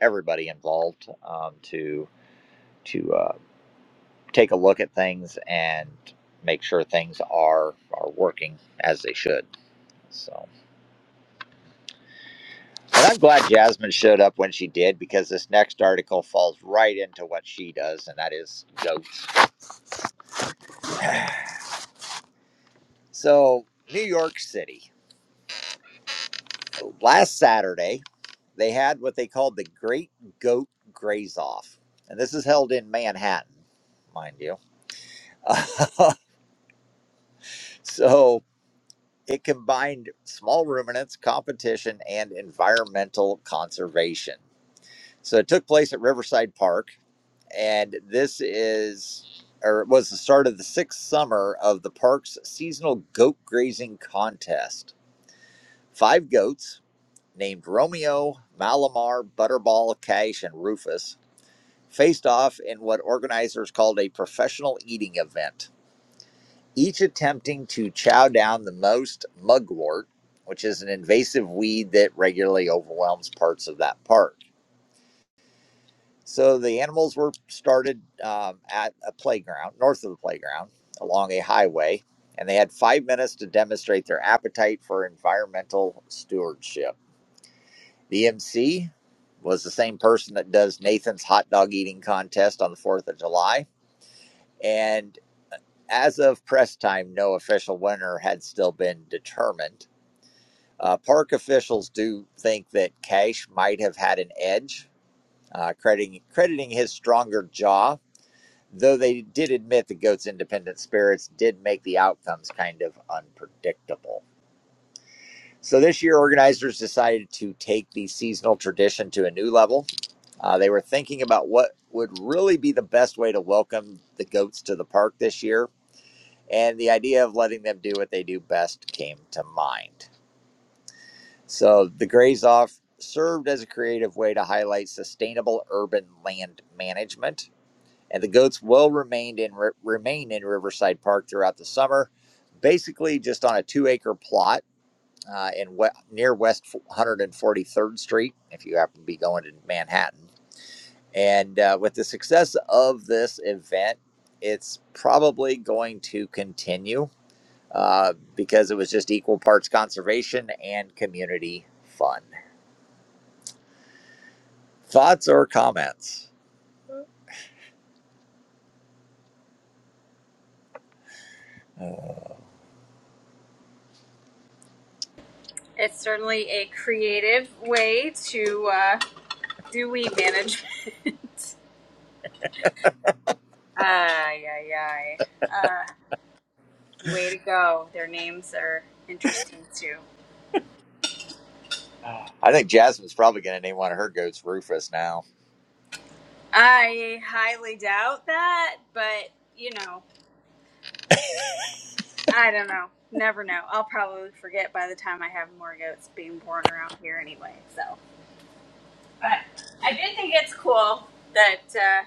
Speaker 2: everybody involved um, to to uh, take a look at things and make sure things are are working as they should. So, and I'm glad Jasmine showed up when she did because this next article falls right into what she does, and that is goats. So, New York City last Saturday. they had what they called the Great Goat Graze Off. And this is held in Manhattan, mind you. so it combined small ruminants, competition, and environmental conservation. So it took place at Riverside Park. And this is, or it was the start of the sixth summer of the park's seasonal goat grazing contest. Five goats named Romeo, Malamar, Butterball, Cash, and Rufus faced off in what organizers called a professional eating event, each attempting to chow down the most mugwort, which is an invasive weed that regularly overwhelms parts of that park. So the animals were started um, at a playground, north of the playground, along a highway, and they had five minutes to demonstrate their appetite for environmental stewardship. The MC was the same person that does Nathan's hot dog eating contest on the 4th of July. And As of press time, no official winner had still been determined. Uh, park officials do think that Cash might have had an edge, uh, crediting, crediting his stronger jaw, though they did admit the goat's independent spirits did make the outcomes kind of unpredictable. So this year, organizers decided to take the seasonal tradition to a new level. Uh, they were thinking about what would really be the best way to welcome the goats to the park this year and the idea of letting them do what they do best came to mind. So the graze off served as a creative way to highlight sustainable urban land management, and the goats will remain in re- remain in Riverside Park throughout the summer, basically just on a two acre plot. Uh, in we- near West 143rd Street, if you happen to be going to Manhattan, and uh, with the success of this event, it's probably going to continue uh, because it was just equal parts conservation and community fun. Thoughts or comments? Uh,
Speaker 5: It's certainly a creative way to uh, do weed management. ay, ay, ay. Uh, way to go. Their names are interesting too.
Speaker 2: I think Jasmine's probably going to name one of her goats Rufus now.
Speaker 5: I highly doubt that, but you know, I don't know. Never know. I'll probably forget by the time I have more goats being born around here anyway. So, but I do think it's cool that uh,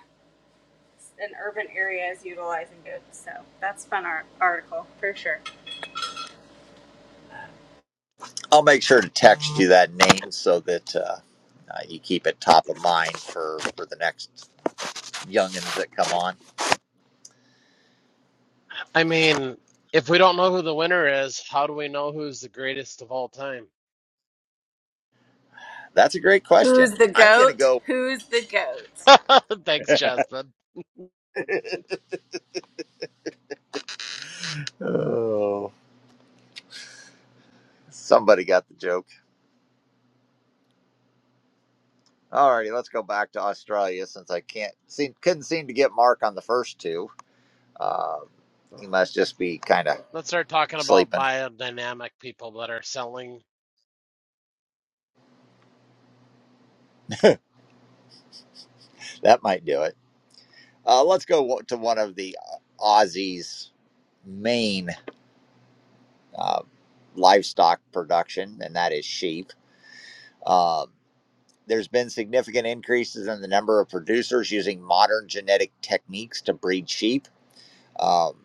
Speaker 5: an urban area is utilizing goats. So that's a fun art- article for sure.
Speaker 2: I'll make sure to text you that name so that uh, uh, you keep it top of mind for, for the next youngins that come on.
Speaker 4: I mean, if we don't know who the winner is, how do we know who's the greatest of all time?
Speaker 2: That's a great question.
Speaker 5: Who's the
Speaker 2: I'm going to
Speaker 5: goat?
Speaker 2: go.
Speaker 5: Who's the goat?
Speaker 4: Thanks, Jasmine.
Speaker 2: Oh, somebody got the joke. Alrighty, let's go back to Australia since I can't seem couldn't seem to get Mark on the first two. Uh, he must just be kind of
Speaker 4: Let's start talking about
Speaker 2: sleeping.
Speaker 4: biodynamic people that are selling.
Speaker 2: That might do it. Uh, let's go to one of the uh, Aussies' main uh, livestock production, and that is sheep. Um there's been significant increases in the number of producers using modern genetic techniques to breed sheep. Um,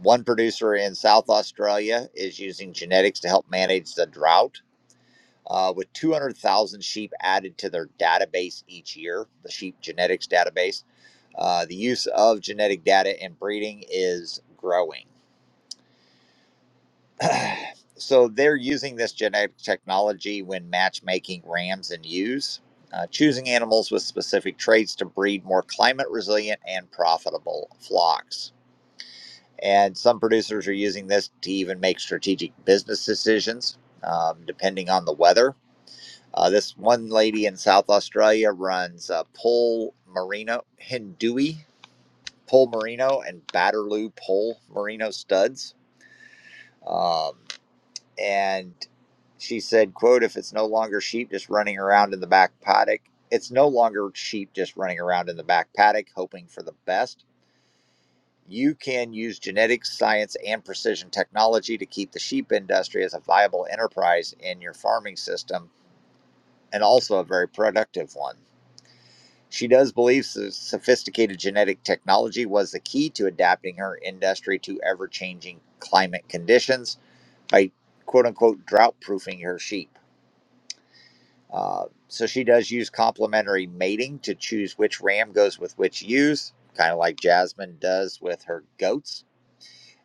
Speaker 2: one producer in South Australia is using genetics to help manage the drought. Uh, with 200,000 sheep added to their database each year, the sheep genetics database, Uh, the use of genetic data in breeding is growing. so they're using this genetic technology when matchmaking rams and ewes, uh, choosing animals with specific traits to breed more climate resilient and profitable flocks. And some producers are using this to even make strategic business decisions um, depending on the weather. Uh, this one lady in South Australia runs uh, Pole Merino Hindui Pole Merino and Batterloo Pole Merino studs. Um, and she said, quote, if it's no longer sheep just running around in the back paddock, it's no longer sheep just running around in the back paddock hoping for the best. You can use genetics, science, and precision technology to keep the sheep industry as a viable enterprise in your farming system and also a very productive one. She does believe so- sophisticated genetic technology was the key to adapting her industry to ever changing climate conditions by quote unquote drought proofing her sheep. Uh, so she does use complementary mating to choose which ram goes with which ewes, kind of like Jasmine does with her goats,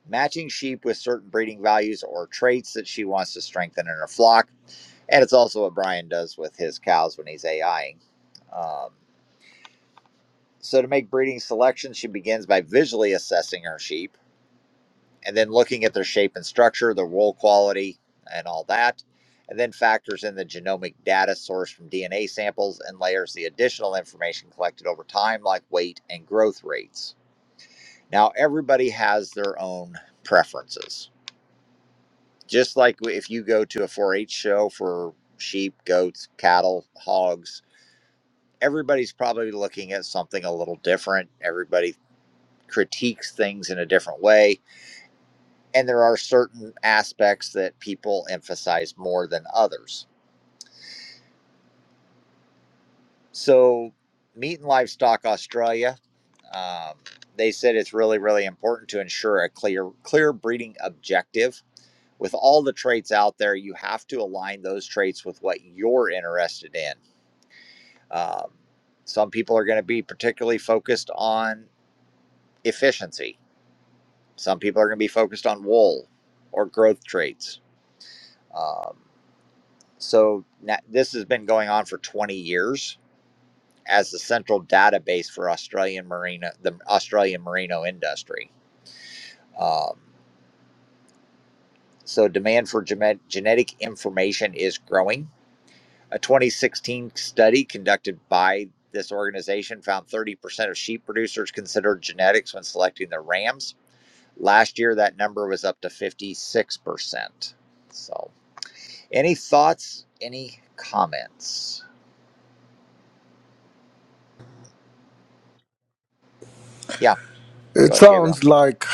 Speaker 2: matching sheep with certain breeding values or traits that she wants to strengthen in her flock. And it's also what Brian does with his cows when he's AIing. Um, So, to make breeding selections, she begins by visually assessing her sheep and then looking at their shape and structure, their wool quality, and all that, and then factors in the genomic data sourced from DNA samples and layers the additional information collected over time, like weight and growth rates. Now, everybody has their own preferences. Just like if you go to a 4 H show for sheep, goats, cattle, hogs, everybody's probably looking at something a little different. Everybody critiques things in a different way. And there are certain aspects that people emphasize more than others. So, Meat and Livestock Australia, um, they said it's really, really important to ensure a clear, clear breeding objective. With all the traits out there, you have to align those traits with what you're interested in. Um, some people are going to be particularly focused on efficiency. Some people are going to be focused on wool or growth traits. Um, So na this has been going on for 20 years as the central database for Australian Merino, the Australian merino industry. Um, so demand for gene- genetic information is growing. A 2016 study conducted by this organization found 30% of sheep producers considered genetics when selecting their rams. Last year, that number was up to 56%. So, any thoughts? Any comments? Yeah, go
Speaker 6: It
Speaker 2: ahead, Gabriel.
Speaker 6: sounds like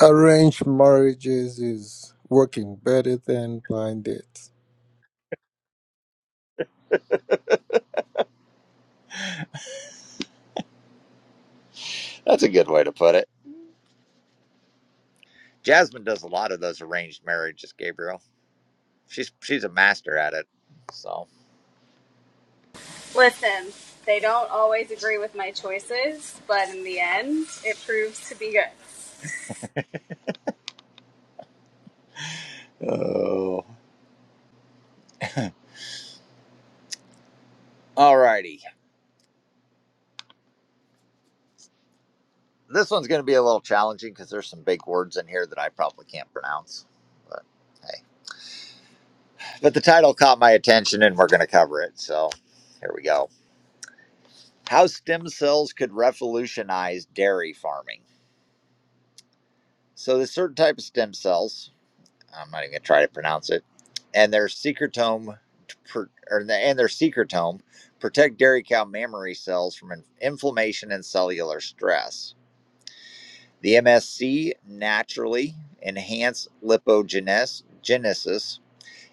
Speaker 6: arranged marriages is working better than blind dates.
Speaker 2: That's a good way to put it. Jasmine does a lot of those arranged marriages, Gabriel. She's she's a master at it. So,
Speaker 5: Listen, they don't always agree with my choices, but in the end, it proves to be good.
Speaker 2: oh, all righty. This one's going to be a little challenging because there's some big words in here that I probably can't pronounce. But hey, but the title caught my attention, and we're going to cover it. So, here we go. How stem cells could revolutionize dairy farming. So, there's certain type of stem cells. I'm not even gonna try to pronounce it. And their secretome, to or and their secretome, protect dairy cow mammary cells from in- inflammation and cellular stress. The MSC naturally enhance lipogenesis,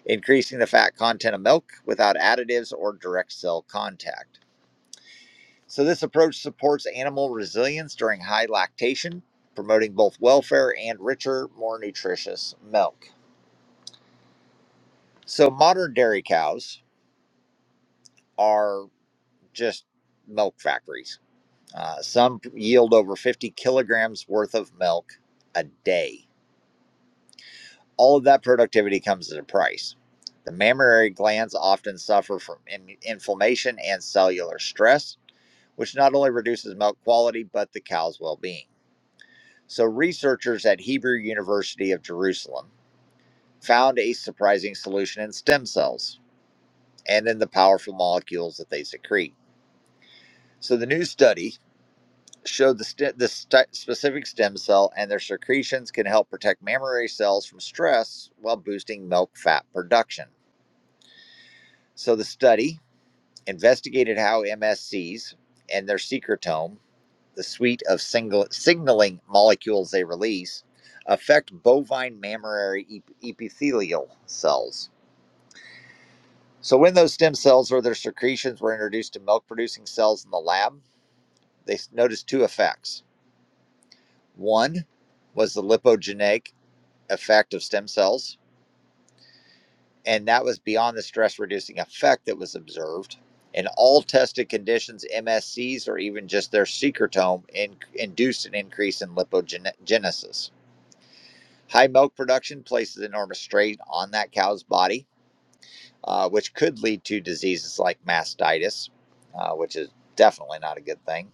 Speaker 2: increasing the fat content of milk without additives or direct cell contact. So this approach supports animal resilience during high lactation, promoting both welfare and richer, more nutritious milk. So modern dairy cows are just milk factories. Uh, some yield over 50 kilograms worth of milk a day. All of that productivity comes at a price. The mammary glands often suffer from in- inflammation and cellular stress, which not only reduces milk quality but the cow's well being. So, researchers at Hebrew University of Jerusalem found a surprising solution in stem cells and in the powerful molecules that they secrete. So, the new study show the, st- the st- specific stem cell and their secretions can help protect mammary cells from stress while boosting milk fat production. So the study investigated how MSCs and their secretome, the suite of single- signaling molecules they release, affect bovine mammary ep- epithelial cells. So when those stem cells or their secretions were introduced to milk producing cells in the lab, they s- noticed two effects. One, was the lipogenic. effect of stem cells, and that was beyond the stress reducing effect that was observed. In all tested conditions, MSCs or even just their secretome in, induced an increase in lipogenesis. High milk production places enormous strain on that cow's body, uh, which could lead to diseases like mastitis, uh, which is definitely not a good thing.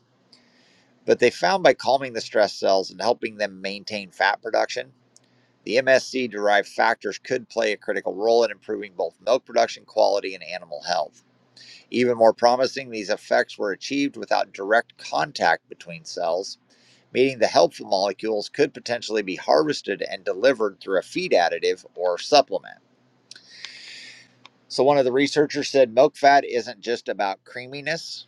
Speaker 2: But they found by calming the stress cells and helping them maintain fat production, The MSC derived factors could play a critical role in improving both milk production quality and animal health. Even more promising, these effects were achieved without direct contact between cells, meaning the helpful molecules could potentially be harvested and delivered through a feed additive or supplement. So, one of the researchers said milk fat isn't just about creaminess,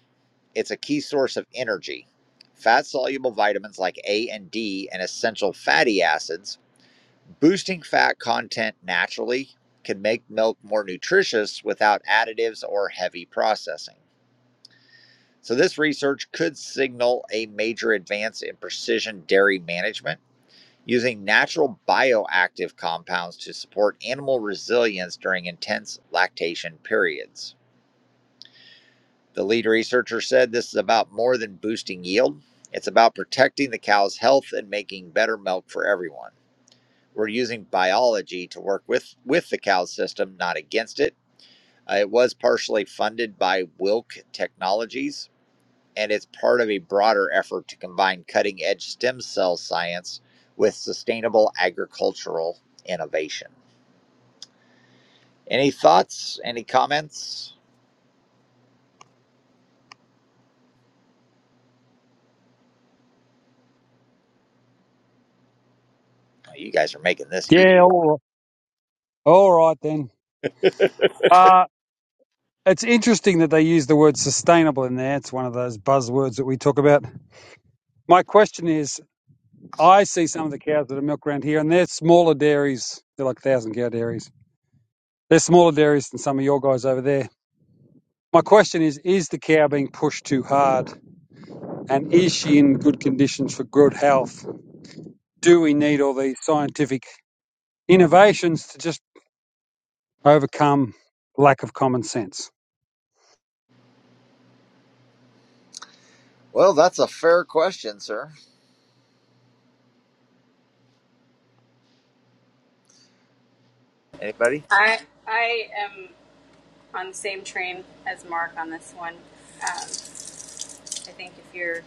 Speaker 2: it's a key source of energy. Fat soluble vitamins like A and D and essential fatty acids Boosting fat content naturally can make milk more nutritious without additives or heavy processing. So, this research could signal a major advance in precision dairy management using natural bioactive compounds to support animal resilience during intense lactation periods. The lead researcher said this is about more than boosting yield, it's about protecting the cow's health and making better milk for everyone. we're using biology to work with with the cow system, not against it. Uh, it was partially funded by Wilk Technologies, and it's part of a broader effort to combine cutting edge stem cell science with sustainable agricultural innovation. Any thoughts? Any comments? Oh, You guys are making this easy.
Speaker 7: Yeah, all, all right then. Uh, it's interesting that they use the word sustainable in there. It's one of those buzzwords that we talk about. My question is I see some of the cows that are milked around here, and they're smaller dairies. They're like 1,000 cow dairies. They're smaller dairies than some of your guys over there. My question is Is the cow being pushed too hard? And is she in good conditions for good health? Do we need all these scientific innovations to just overcome lack of common sense?
Speaker 2: Well, that's a fair question, sir. Anybody?
Speaker 5: I I am on the same train as Mark on this one. Um, I think if you're,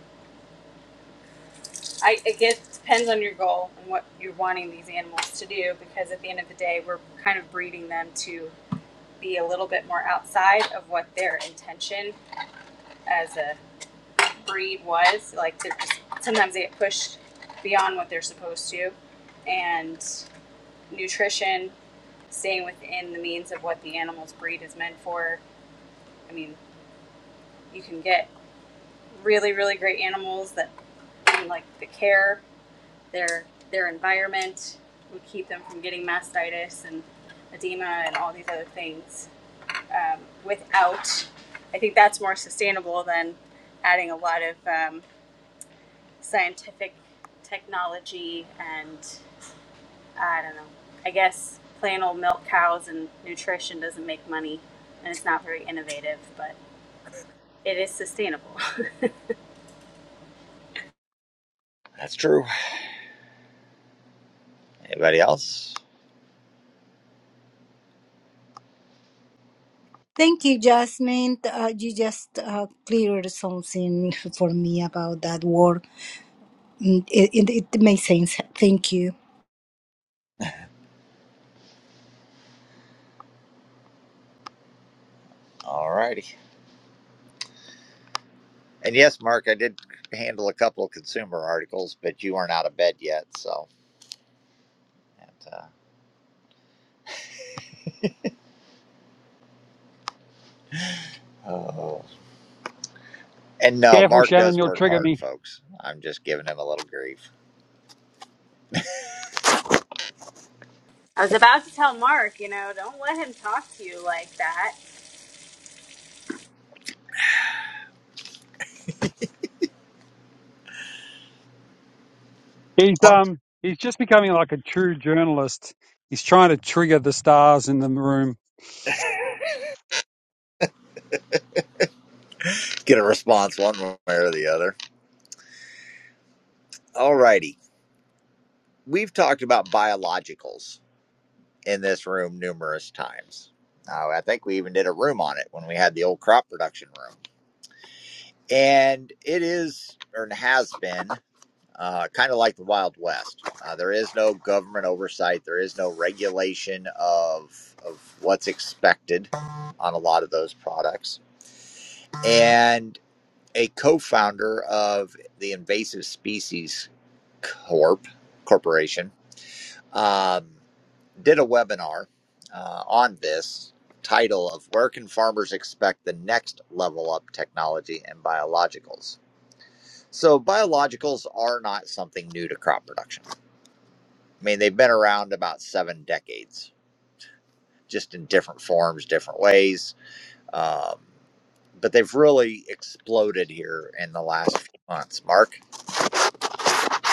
Speaker 5: I it gets, depends on your goal and what you're wanting these animals to do, because at the end of the day, we're kind of breeding them to be a little bit more outside of what their intention as a breed was. Like they're just sometimes they get pushed beyond what they're supposed to, and nutrition, staying within the means of what the animal's breed is meant for. I mean, you can get really really great animals that like the care, their their environment would keep them from getting mastitis and edema and all these other things um, without. I think that's more sustainable than adding a lot of um, scientific technology and I don't know. I guess plain old milk cows and nutrition doesn't make money and it's not very innovative, but it is sustainable.
Speaker 2: That's true. Anybody else?
Speaker 1: Thank you, Jasmine. Uh, you just uh, cleared something for me about that word. Mm, It, it, it makes sense. Thank you.
Speaker 2: All righty. And yes, Mark, I did handle a couple of consumer articles, but you aren't out of bed yet, so. And, uh, oh. and no,
Speaker 7: Careful,
Speaker 2: Mark
Speaker 7: Shannon,
Speaker 2: does
Speaker 7: you'll
Speaker 2: work
Speaker 7: trigger
Speaker 2: hard,
Speaker 7: me.
Speaker 2: folks. I'm just giving him a little grief.
Speaker 5: I was about to tell Mark, you know, don't let him talk to you like that.
Speaker 7: He's um he's just becoming like a true journalist. He's trying to trigger the stars in the room.
Speaker 2: Get a response one way or the other. All righty. We've talked about biologicals in this room numerous times. Uh, I think we even did a room on it when we had the old crop production room. And it is, or has been, uh, kind of like the Wild West. Uh, there is no government oversight. There is no regulation of of what's expected on a lot of those products. And a co-founder of the Invasive Species Corp Corporation um, did a webinar uh, on this title of "Where Can Farmers Expect the Next Level Up Technology and Biologicals?" So biologicals are not something new to crop production I mean, they've been around about seven decades, just in different forms, different ways. Um, but they've really exploded here in the last few months. Mark?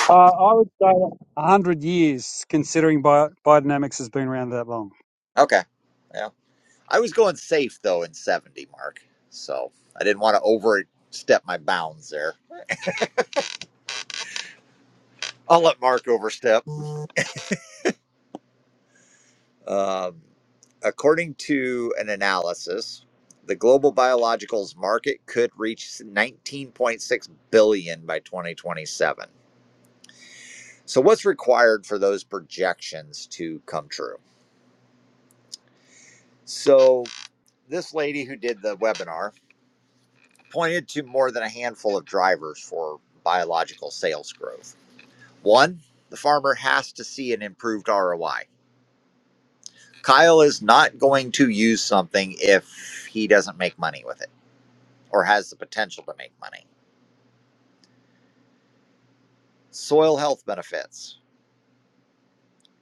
Speaker 7: Uh, I would say a hundred years, considering bi- biodynamics has been around that long.
Speaker 2: Okay. Yeah. I was going safe, though, in 70, Mark. So I didn't want to overstep my bounds there. I'll let Mark overstep. Um, according to an analysis, the global biologicals market could reach 19.6 billion by 2027 So, what's required for those projections to come true? So, this lady who did the webinar pointed to more than a handful of drivers for biological sales growth. One, the farmer has to see an improved ROI. Kyle is not going to use something if he doesn't make money with it or has the potential to make money. Soil health benefits.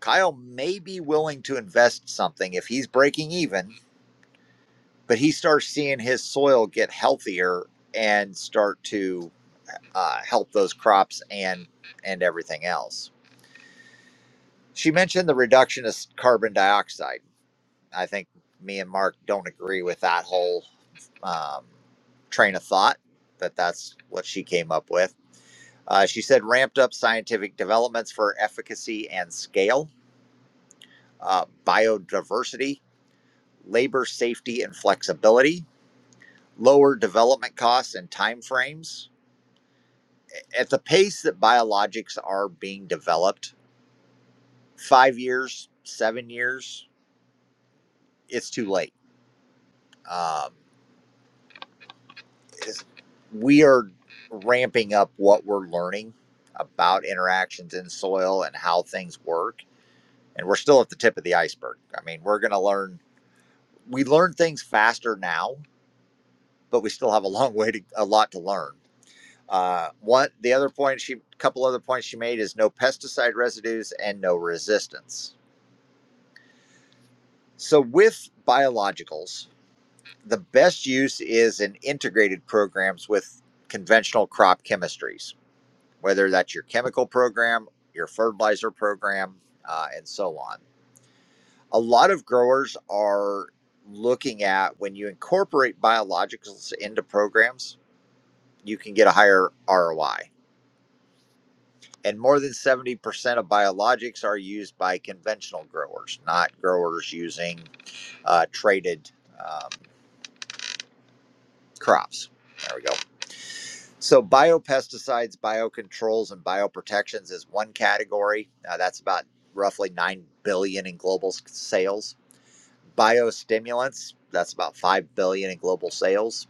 Speaker 2: Kyle may be willing to invest something if he's breaking even but he starts seeing his soil get healthier and start to uh, help those crops and and everything else. She mentioned the reduction of carbon dioxide. I think me and Mark don't agree with that whole um, train of thought, but that's what she came up with. Uh, she said ramped up scientific developments for efficacy and scale, uh, biodiversity, labor safety and flexibility, lower development costs and timeframes at the pace that biologics are being developed, five years, seven years, it's too late. Um, we are ramping up what we're learning about interactions in soil and how things work, and we're still at the tip of the iceberg. I mean, we're going to learn. We learn things faster now, but we still have a long way to a lot to learn. Uh, one, the other point she, couple other points she made is no pesticide residues and no resistance So with biologicals, the best use is in integrated programs with conventional crop chemistries, whether that's your chemical program, your fertilizer program, uh, and so on. A lot of growers are looking at when you incorporate biologicals into programs, you can get a higher ROI. And more than 70% of biologics are used by conventional growers, not growers using uh, traded um, crops. There we go. So, biopesticides, biocontrols, and bioprotections is one category. Uh, that's about roughly nine billion dollars in global sales. Biostimulants, that's about five billion dollars in global sales.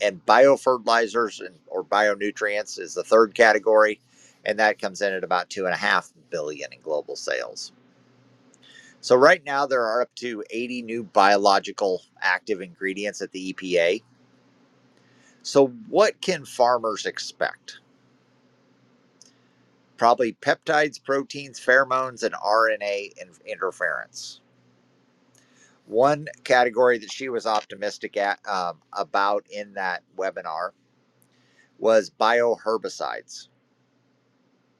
Speaker 2: And biofertilizers and or bionutrients is the third category, and that comes in at about two and a half billion dollars in global sales. So, right now there are up to 80 new biological active ingredients at the EPA. So, what can farmers expect? probably peptides, proteins, pheromones, and RNA interference. One category that she was optimistic at, um, about in that webinar was bioherbicides.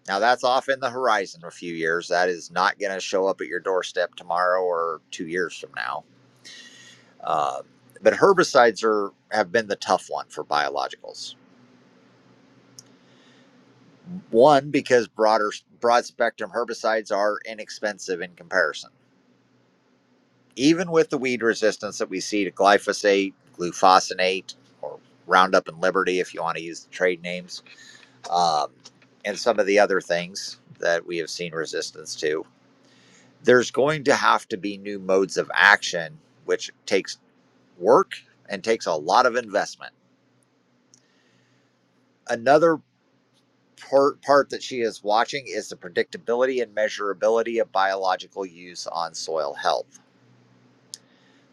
Speaker 2: Now, that's off in the horizon a few years. That is not going to show up at your doorstep tomorrow or two years from now. Um, but herbicides are have been the tough one for biologicals. One, because broader broad spectrum herbicides are inexpensive in comparison even with the weed resistance that we see to glyphosate, glufosinate, or Roundup and Liberty, if you want to use the trade names, um, and some of the other things that we have seen resistance to, there's going to have to be new modes of action, which takes work and takes a lot of investment. Another part, part that she is watching is the predictability and measurability of biological use on soil health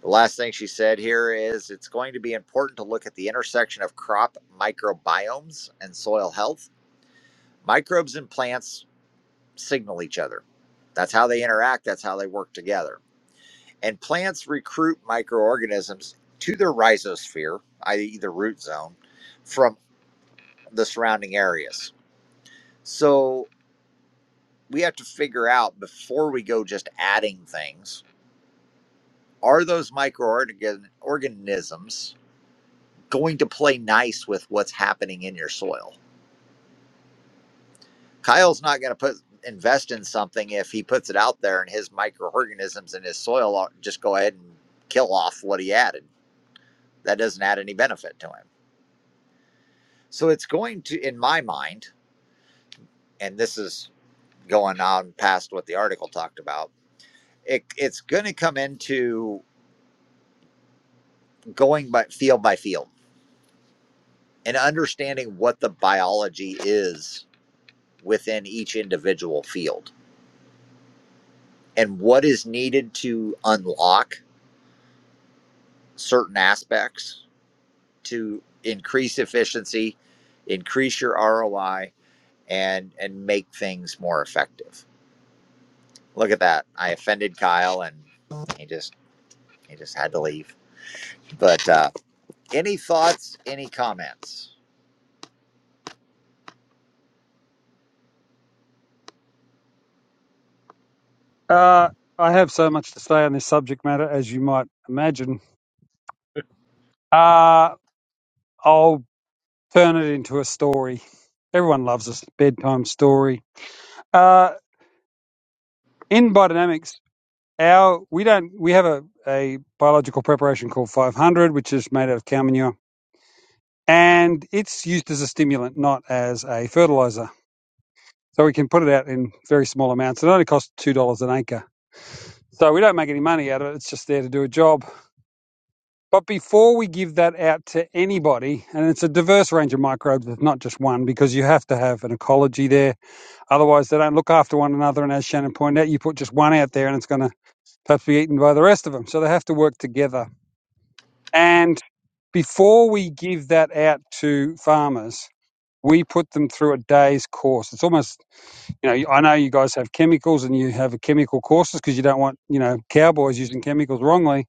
Speaker 2: The last thing she said here is it's going to be important to look at the intersection of crop microbiomes and soil health. Microbes and plants signal each other. That's how they interact, that's how they work together. And plants recruit microorganisms to their rhizosphere, i.e., the root zone, from the surrounding areas. So we have to figure out before we go just adding things are those microorganisms going to play nice with what's happening in your soil. Kyle's not going to put invest in something if he puts it out there and his microorganisms in his soil just go ahead and kill off what he added. That doesn't add any benefit to him. So it's going to, in my mind, and this is going on past what the article talked about. It, it's going to come into going by field by field and understanding what the biology is within each individual field and what is needed to unlock certain aspects to increase efficiency, increase your ROI, and and make things more effective. Look at that! I offended Kyle, and he just he just had to leave. But uh, any thoughts? Any comments?
Speaker 7: Uh, I have so much to say on this subject matter, as you might imagine. Uh, I'll turn it into a story. Everyone loves a bedtime story. Uh, in biodynamics, our we don't we have a, a biological preparation called 500, which is made out of cow manure and it's used as a stimulant, not as a fertilizer. So we can put it out in very small amounts. It only costs two dollars an acre. So we don't make any money out of it. It's just there to do a job. But before we give that out to anybody, and it's a diverse range of microbes, it's not just one, because you have to have an ecology there. Otherwise, they don't look after one another. And as Shannon pointed out, you put just one out there, and it's going to perhaps be eaten by the rest of them. So they have to work together. And before we give that out to farmers, we put them through a day's course. It's almost, you know, I know you guys have chemicals and you have chemical courses because you don't want, you know, cowboys using chemicals wrongly.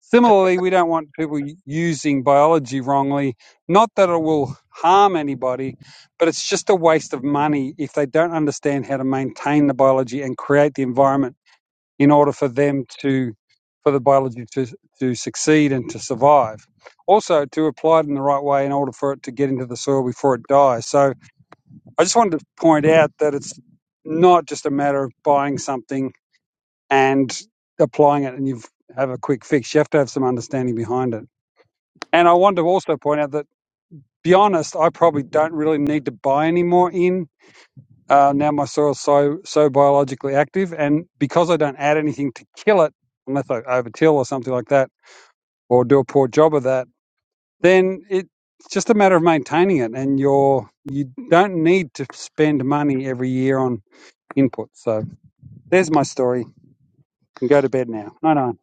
Speaker 7: Similarly, we don't want people using biology wrongly. Not that it will harm anybody, but it's just a waste of money if they don't understand how to maintain the biology and create the environment in order for them to, for the biology to, to succeed and to survive. Also, to apply it in the right way in order for it to get into the soil before it dies. So, I just wanted to point out that it's not just a matter of buying something and applying it and you have a quick fix. You have to have some understanding behind it. And I wanted to also point out that, be honest, I probably don't really need to buy any more in. Uh, now my soil's so so biologically active, and because I don't add anything to kill it, unless I overtill or something like that, or do a poor job of that, then it's just a matter of maintaining it, and you're you don't need to spend money every year on input. So There's my story. You can go to bed now. No, no.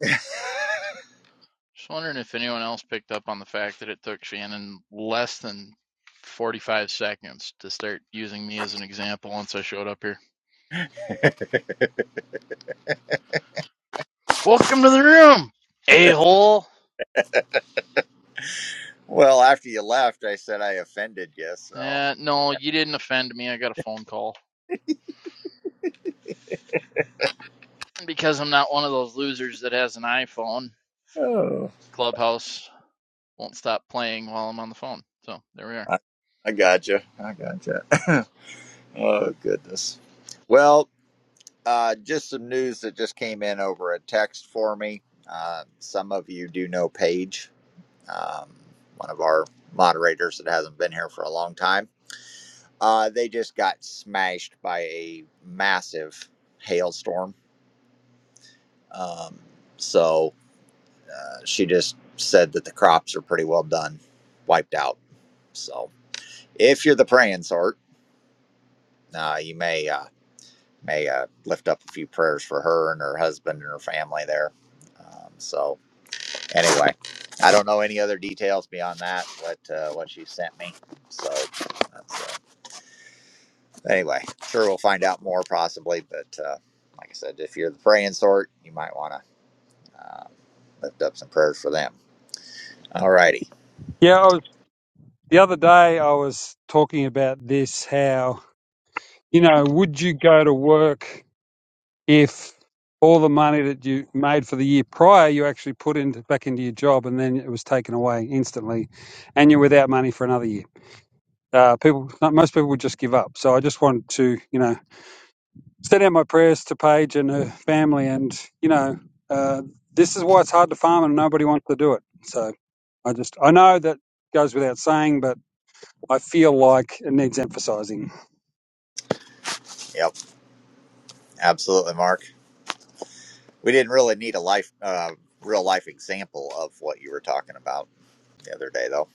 Speaker 8: Just wondering if anyone else picked up on the fact that it took Shannon less than 45 seconds to start using me as an example once I showed up here. Welcome to the room, a hole.
Speaker 2: Well, after you left, I said I offended you, so
Speaker 8: Uh, no, you didn't offend me. I got a phone call. And because I'm not one of those losers that has an iPhone,
Speaker 2: Oh.
Speaker 8: Clubhouse won't stop playing while I'm on the phone. So there we are.
Speaker 2: I, I gotcha. I gotcha. oh goodness. Well, Uh, just some news that just came in over a text for me. Uh, some of you do know Paige, um, one of our moderators that hasn't been here for a long time. Uh, they just got smashed by a massive hailstorm. Um, so uh, she just said that the crops are pretty well done, wiped out. So if you're the praying sort, uh, you may uh, may uh, lift up a few prayers for her and her husband and her family there. Um, so anyway, I don't know any other details beyond that. What uh, what she sent me. So that's, uh, anyway, sure we'll find out more possibly. But uh, like I said, if you're the praying sort, you might want to uh, lift up some prayers for them. Alrighty.
Speaker 7: Yeah, I was, the other day I was talking about this how, you know, would you go to work if all the money that you made for the year prior you actually put into back into your job and then it was taken away instantly and you're without money for another year? Uh, people, most people would just give up. So I just wanted to, you know, sent out my prayers to Paige and her family, and you know, uh, this is why it's hard to farm, and nobody wants to do it. So, I just I know that goes without saying, but I feel like it needs emphasising.
Speaker 2: Yep. Absolutely, Mark. We didn't really need a life, uh, real life example of what you were talking about the other day, though.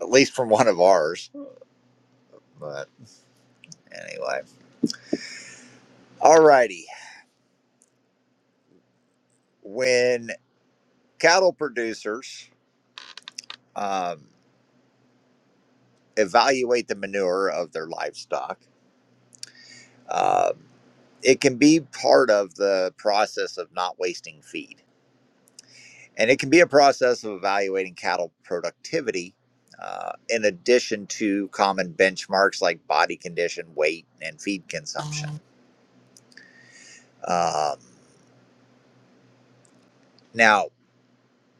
Speaker 2: At least from one of ours. But anyway. Alrighty. When cattle producers. um, evaluate the manure of their livestock. Um, it can be part of the process of not wasting feed. And it can be a process of evaluating cattle productivity uh, in addition to common benchmarks like body condition, weight, and feed consumption. Um, now,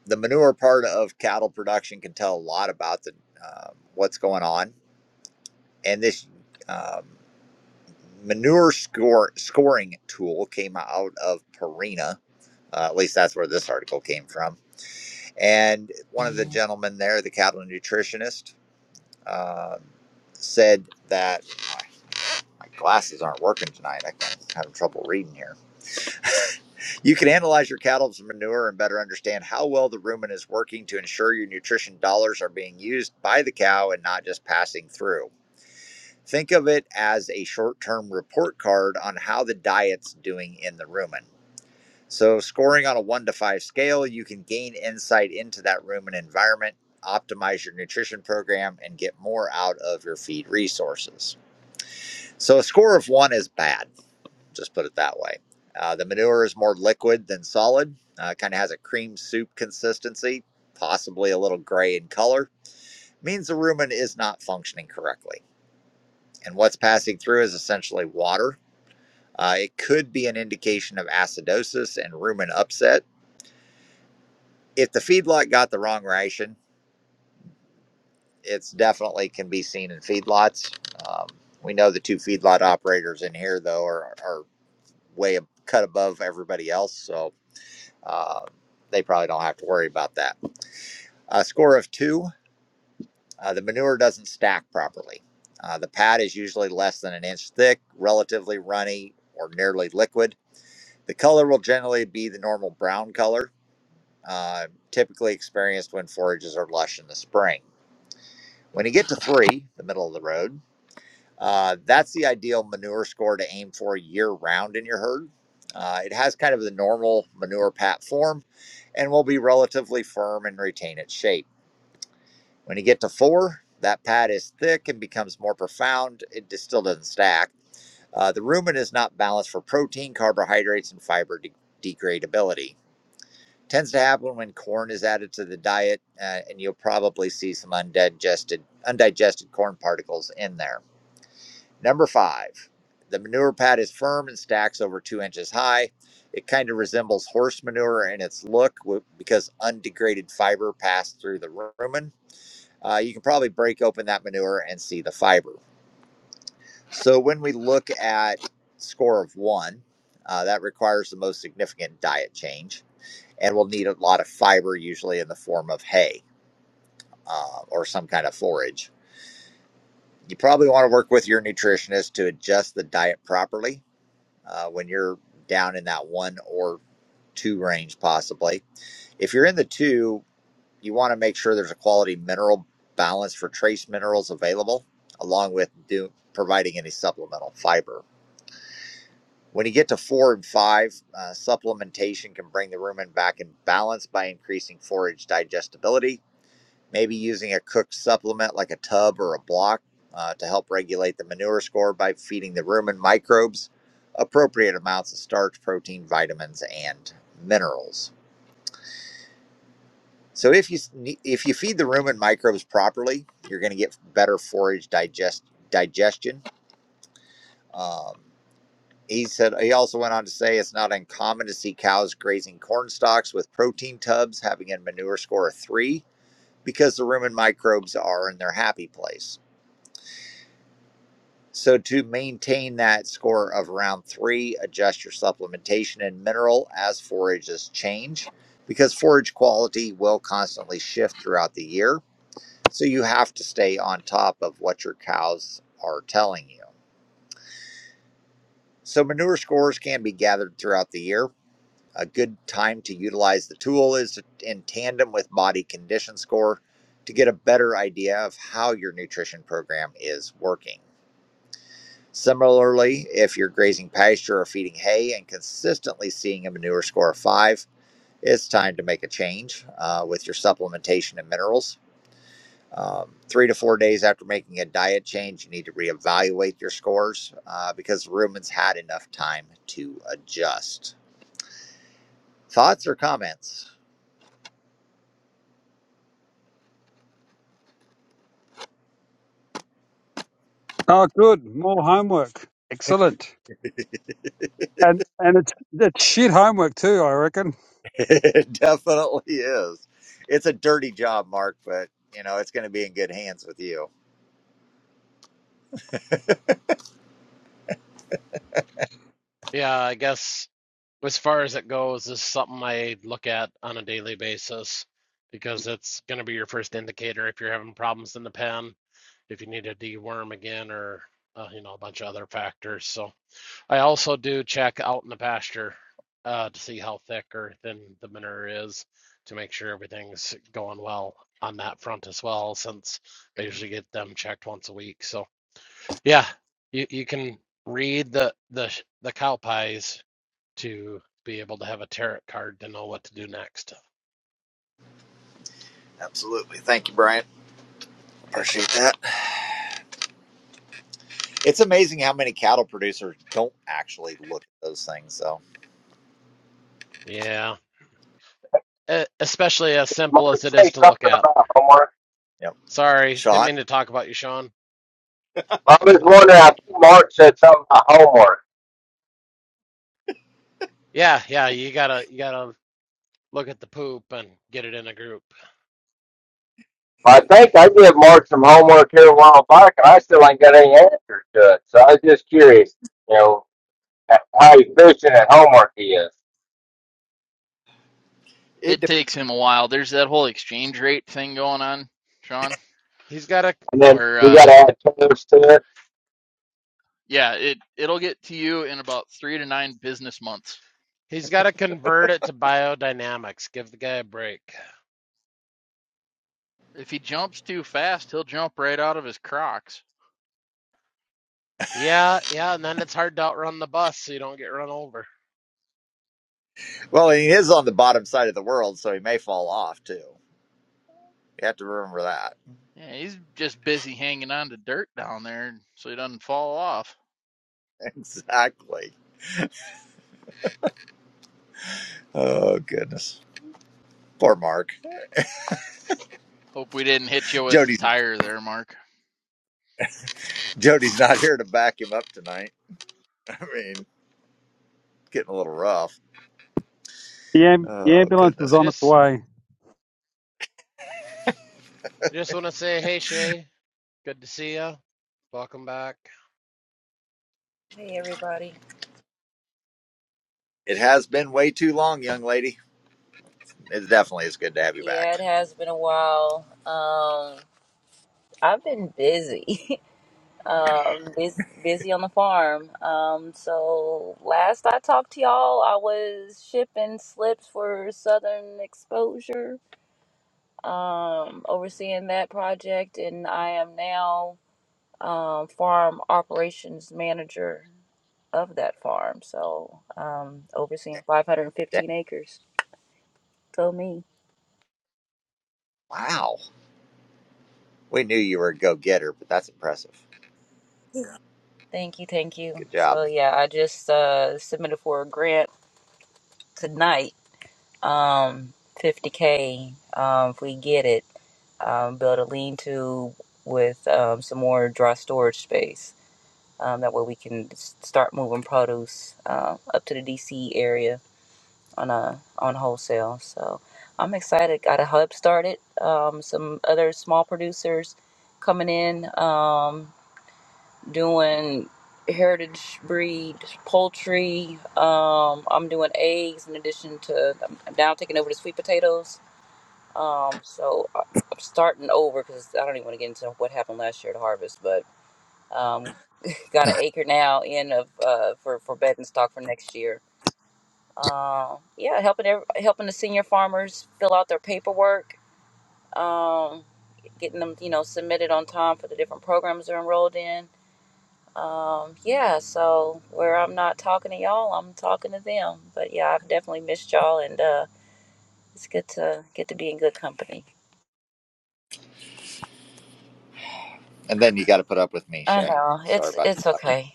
Speaker 2: the manure part of cattle production can tell a lot about the, uh, what's going on. And this. Um, manure score scoring tool came out of Purina. Uh, at least that's where this article came from. And one of the gentlemen there, the cattle nutritionist, uh, said that my my glasses aren't working tonight. I'm having trouble reading here. You can analyze your cattle's manure and better understand how well the rumen is working to ensure your nutrition dollars are being used by the cow and not just passing through. Think of it as a short term report card on how the diet's doing in the rumen. So, scoring on a one to five scale, you can gain insight into that rumen environment, optimize your nutrition program, and get more out of your feed resources. So, a score of one is bad, just put it that way. Uh, the manure is more liquid than solid, uh, kind of has a cream soup consistency, possibly a little gray in color. Means the rumen is not functioning correctly. And what's passing through is essentially water Uh, it could be an indication of acidosis and rumen upset. If the feedlot got the wrong ration, it's definitely can be seen in feedlots. Um, we know the two feedlot operators in here, though, are, are way ab- cut above everybody else, so uh, they probably don't have to worry about that. A score of two, uh, the manure doesn't stack properly. Uh, the pad is usually less than an inch thick, relatively runny, or nearly liquid. The color will generally be the normal brown color uh, typically experienced when forages are lush in the spring. When you get to three, the middle of the road, uh, that's the ideal manure score to aim for year round in your herd. Uh, it has kind of the normal manure pat form and will be relatively firm and retain its shape. When you get to four, that pad is thick and becomes more profound. It just still doesn't stack. Uh, the rumen is not balanced for protein, carbohydrates, and fiber de- degradability. tends to happen when corn is added to the diet, uh, and you'll probably see some undigested undigested corn particles in there. Number five, the manure pad is firm and stacks over two inches high. It kind of resembles horse manure in its look because undegraded fiber passed through the rumen. Uh, you can probably break open that manure and see the fiber. So when we look at score of one, uh, that requires the most significant diet change and will need a lot of fiber, usually in the form of hay uh, or some kind of forage. You probably want to work with your nutritionist to adjust the diet properly uh, when you're down in that one or two range, possibly. If you're in the two, you want to make sure there's a quality mineral balance for trace minerals available, along with do, providing any supplemental fiber. When you get to four and five, uh, supplementation can bring the rumen back in balance by increasing forage digestibility maybe using a cooked supplement like a tub or a block uh, to help regulate the manure score by feeding the rumen microbes appropriate amounts of starch, protein, vitamins, and minerals. So if you if you feed the rumen microbes properly, you're going to get better forage digest digestion. Um, he said he also went on to say it's not uncommon to see cows grazing corn stalks with protein tubs having a manure score of three because the rumen microbes are in their happy place. So, to maintain that score of round three, adjust your supplementation and mineral as forages change because forage quality will constantly shift throughout the year. So, you have to stay on top of what your cows are telling you. So, manure scores can be gathered throughout the year. A good time to utilize the tool is in tandem with body condition score to get a better idea of how your nutrition program is working. Similarly, if you're grazing pasture or feeding hay and consistently seeing a manure score of five, it's time to make a change uh, with your supplementation and minerals. Um, three to four days after making a diet change, you need to reevaluate your scores uh, because the rumen's had enough time to adjust. Thoughts or comments?
Speaker 7: Oh, good, more homework, excellent, and and it's it's shit homework too. I reckon
Speaker 2: it definitely is. It's a dirty job, Mark, but you know it's going to be in good hands with you.
Speaker 4: Yeah, I guess as far as it goes, this is something I look at on a daily basis because it's going to be your first indicator if you're having problems in the pen, if you need a deworm again, or uh, you know a bunch of other factors. So. I also do check out in the pasture uh, to see how thick or thin the manure is to make sure everything's going well on that front as well, since I usually get them checked once a week. So yeah, you, you can read the the the cow pies to be able to have a tarot card to know what to do next.
Speaker 2: Absolutely. Thank you, Brian. Appreciate that. It's amazing how many cattle producers don't actually look at those things. So,
Speaker 4: Yeah, e- especially as
Speaker 9: Mark
Speaker 4: simple as it
Speaker 9: say
Speaker 4: is to look
Speaker 9: something
Speaker 4: at.
Speaker 9: about homework.
Speaker 2: yep.
Speaker 4: Sorry, didn't
Speaker 2: Sean,
Speaker 4: mean to talk about you, Sean.
Speaker 9: I was wondering, I think Mark said something about homework.
Speaker 4: Yeah, yeah, you gotta you gotta look at the poop and get it in a group
Speaker 9: I think I gave Mark some homework here a while back, and I still ain't got any answers to it. So I was just curious, you know, h- how efficient at homework he is.
Speaker 2: it
Speaker 8: It
Speaker 2: de-
Speaker 8: takes him a while. There's that whole exchange rate thing going on, Sean,
Speaker 4: He's got to
Speaker 9: And then
Speaker 8: where,
Speaker 9: you got to
Speaker 8: uh,
Speaker 9: add tools to it.
Speaker 8: yeah, it, it'll get to you in about three to nine business months
Speaker 4: he's got to convert it to biodynamics. Give the guy a break.
Speaker 8: If he jumps too fast, he'll jump right out of his crocs.
Speaker 4: Yeah, yeah, and then it's hard to outrun the bus so you don't get run over.
Speaker 2: well, he is on the bottom side of the world, so he may fall off too. You have to remember that.
Speaker 8: Yeah, he's just busy hanging on to dirt down there so he doesn't fall off.
Speaker 2: Exactly. Oh goodness, poor Mark.
Speaker 8: Hope we didn't hit you with the
Speaker 2: Jody's
Speaker 8: tire there, Mark.
Speaker 2: Jody's not here to back him up tonight. I mean, getting a little rough.
Speaker 7: the am- the
Speaker 2: Oh
Speaker 7: ambulance is
Speaker 4: I
Speaker 2: goodness,
Speaker 7: on its
Speaker 4: just
Speaker 7: way.
Speaker 4: I just want to say, hey Shay, good to see you. Welcome back.
Speaker 10: Hey everybody.
Speaker 2: it has been way too long, young lady. It definitely is good to have you back.
Speaker 10: Yeah, it has been a while. Um I've been busy. um bus busy on the farm. Um so last I talked to y'all, I was shipping slips for Southern Exposure. Um overseeing that project and I am now um farm operations manager of that farm. So, um overseeing
Speaker 2: Da-
Speaker 10: 515 acres. Go me.
Speaker 2: Wow, we knew you were a go getter, but that's impressive.
Speaker 10: Thank you, thank you.
Speaker 2: Good job.
Speaker 10: So yeah, I just uh submitted for a grant tonight. Um 50k um if we get it, um build a lean-to with um some more dry storage space. Um that way we can s- start moving produce uh, up to the DC area on a on wholesale. So I'm excited. Got a hub started. Um some other small producers coming in. Um doing heritage breed poultry. Um, I'm doing eggs in addition to, I'm I'm now taking over the sweet potatoes. Um, so I- I'm starting over because I don't even want to get into what happened last year at harvest, but um, got an acre now in of uh, for for bedding stock for next year. Uh, yeah, helping ev- helping the senior farmers fill out their paperwork, um, getting them you know submitted on time for the different programs they're enrolled in Um, yeah, so where I'm not talking to y'all, I'm talking to them. But yeah, I've definitely missed y'all and uh it's good to get to be in good company.
Speaker 2: And then you got to put up with me,
Speaker 10: I
Speaker 2: Shay.
Speaker 10: know.
Speaker 2: Sorry
Speaker 10: It's
Speaker 2: about
Speaker 10: it's okay.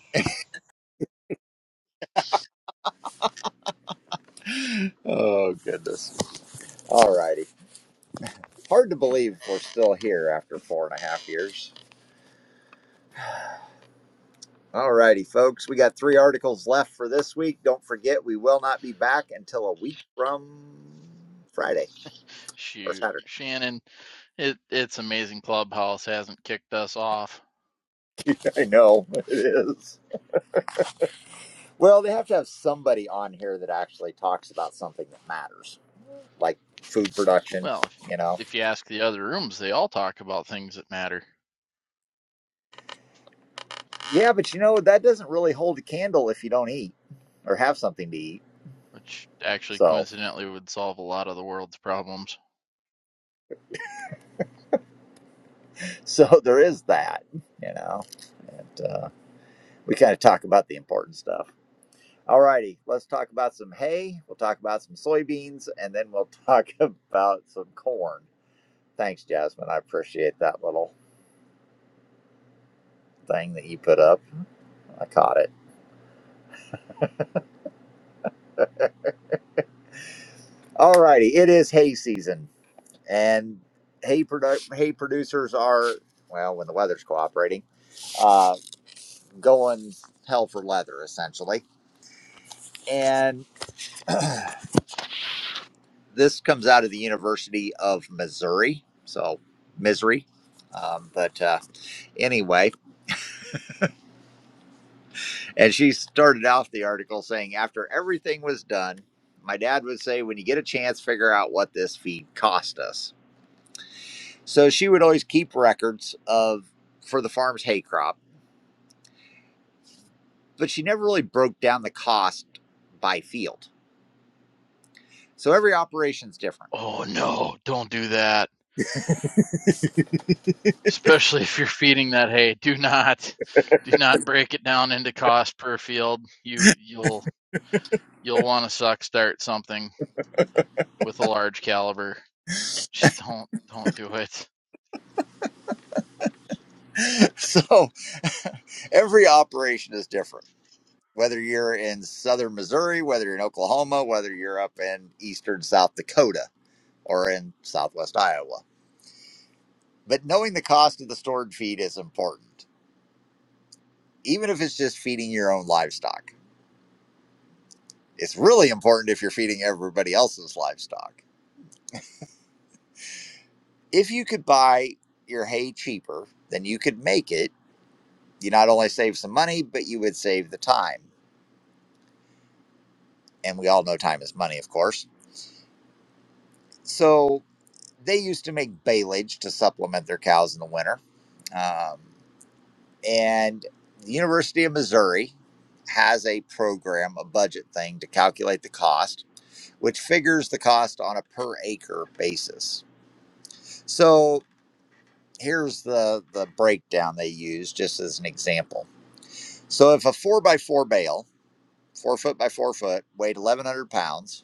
Speaker 2: you. Oh, goodness. All righty. Hard to believe we're still here after four and a half years. All righty, folks. We got three articles left for this week. Don't forget, we will not be back until a week from Friday or
Speaker 8: Shoot,
Speaker 2: Saturday.
Speaker 8: Shannon, it, it's amazing Clubhouse hasn't kicked us off.
Speaker 2: I know it is. Well, they have to have somebody on here that actually talks about something that matters, like food production,
Speaker 8: Well, if,
Speaker 2: you know?
Speaker 8: if you ask the other rooms, they all talk about things that matter,
Speaker 2: Yeah, but you know, that doesn't really hold a candle if you don't eat or have something to eat.
Speaker 8: which actually
Speaker 2: So.
Speaker 8: coincidentally would solve a lot of the world's problems.
Speaker 2: so there is that, you know. And uh, we kind of talk about the important stuff. All righty, let's talk about some hay. We'll talk about some soybeans, and then we'll talk about some corn. Thanks, Jasmine. I appreciate that little thing that you put up. I caught it. All righty, it is hay season, and hay produ- hay producers are well when the weather's cooperating, uh, going hell for leather essentially, and This comes out of the University of Missouri, so misery. Um, but uh, anyway, and she started off the article saying, after everything was done, my dad would say, when you get a chance, figure out what this feed cost us. So she would always keep records of for the farm's hay crop, but she never really broke down the cost by field. So every operation's different.
Speaker 8: Oh no, don't do that. especially if you're feeding that hay. Do not, do not break it down into cost per field. You you'll you'll want to suck start something with a large caliber. Just don't don't do it.
Speaker 2: so every operation is different whether you're in southern Missouri, whether you're in Oklahoma, whether you're up in eastern South Dakota or in southwest Iowa. But knowing the cost of the stored feed is important, even if it's just feeding your own livestock. It's really important if you're feeding everybody else's livestock. If you could buy your hay cheaper than you could make it, you not only save some money, but you would save the time. And we all know time is money, of course. So they used to make silage to supplement their cows in the winter. Um, and the University of Missouri has a program, a budget thing to calculate the cost, which figures the cost on a per acre basis. So here's the, the breakdown they use just as an example. So if a four by four bale, four foot by four foot, weighed 1,100 pounds,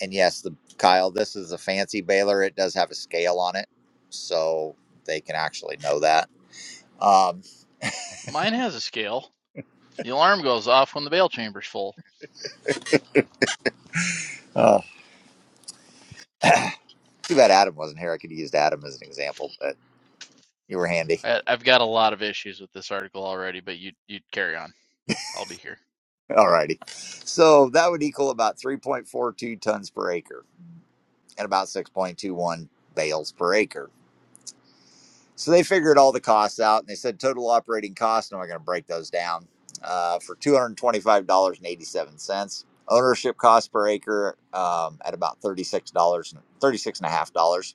Speaker 2: and yes, the Kyle, this is a fancy baler. It does have a scale on it. So they can actually know that Um,
Speaker 8: Mine has a scale. The alarm goes off when the bail chamber's full.
Speaker 2: Oh, too bad Adam wasn't here. I could have used Adam as an example, but you were handy.
Speaker 8: I, I've got a lot of issues with this article already, but you you carry on. I'll be here.
Speaker 2: All righty. So that would equal about 3.42 tons per acre and about 6.21 bales per acre. So they figured all the costs out and they said total operating costs. And we're going to break those down uh, for $225.87. Ownership cost per acre um, at about $36, $36.5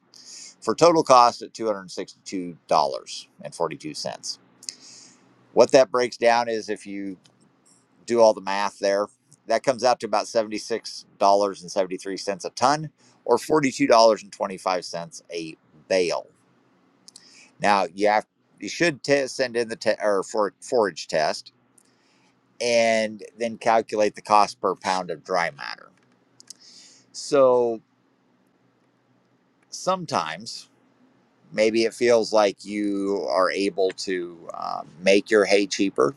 Speaker 2: for total cost at $262.42. What that breaks down is if you do all the math there, that comes out to about $76.73 a ton or $42.25 a bale. Now, you have you should te- send in the te- or for forage test and then calculate the cost per pound of dry matter. So, sometimes maybe it feels like you are able to uh, make your hay cheaper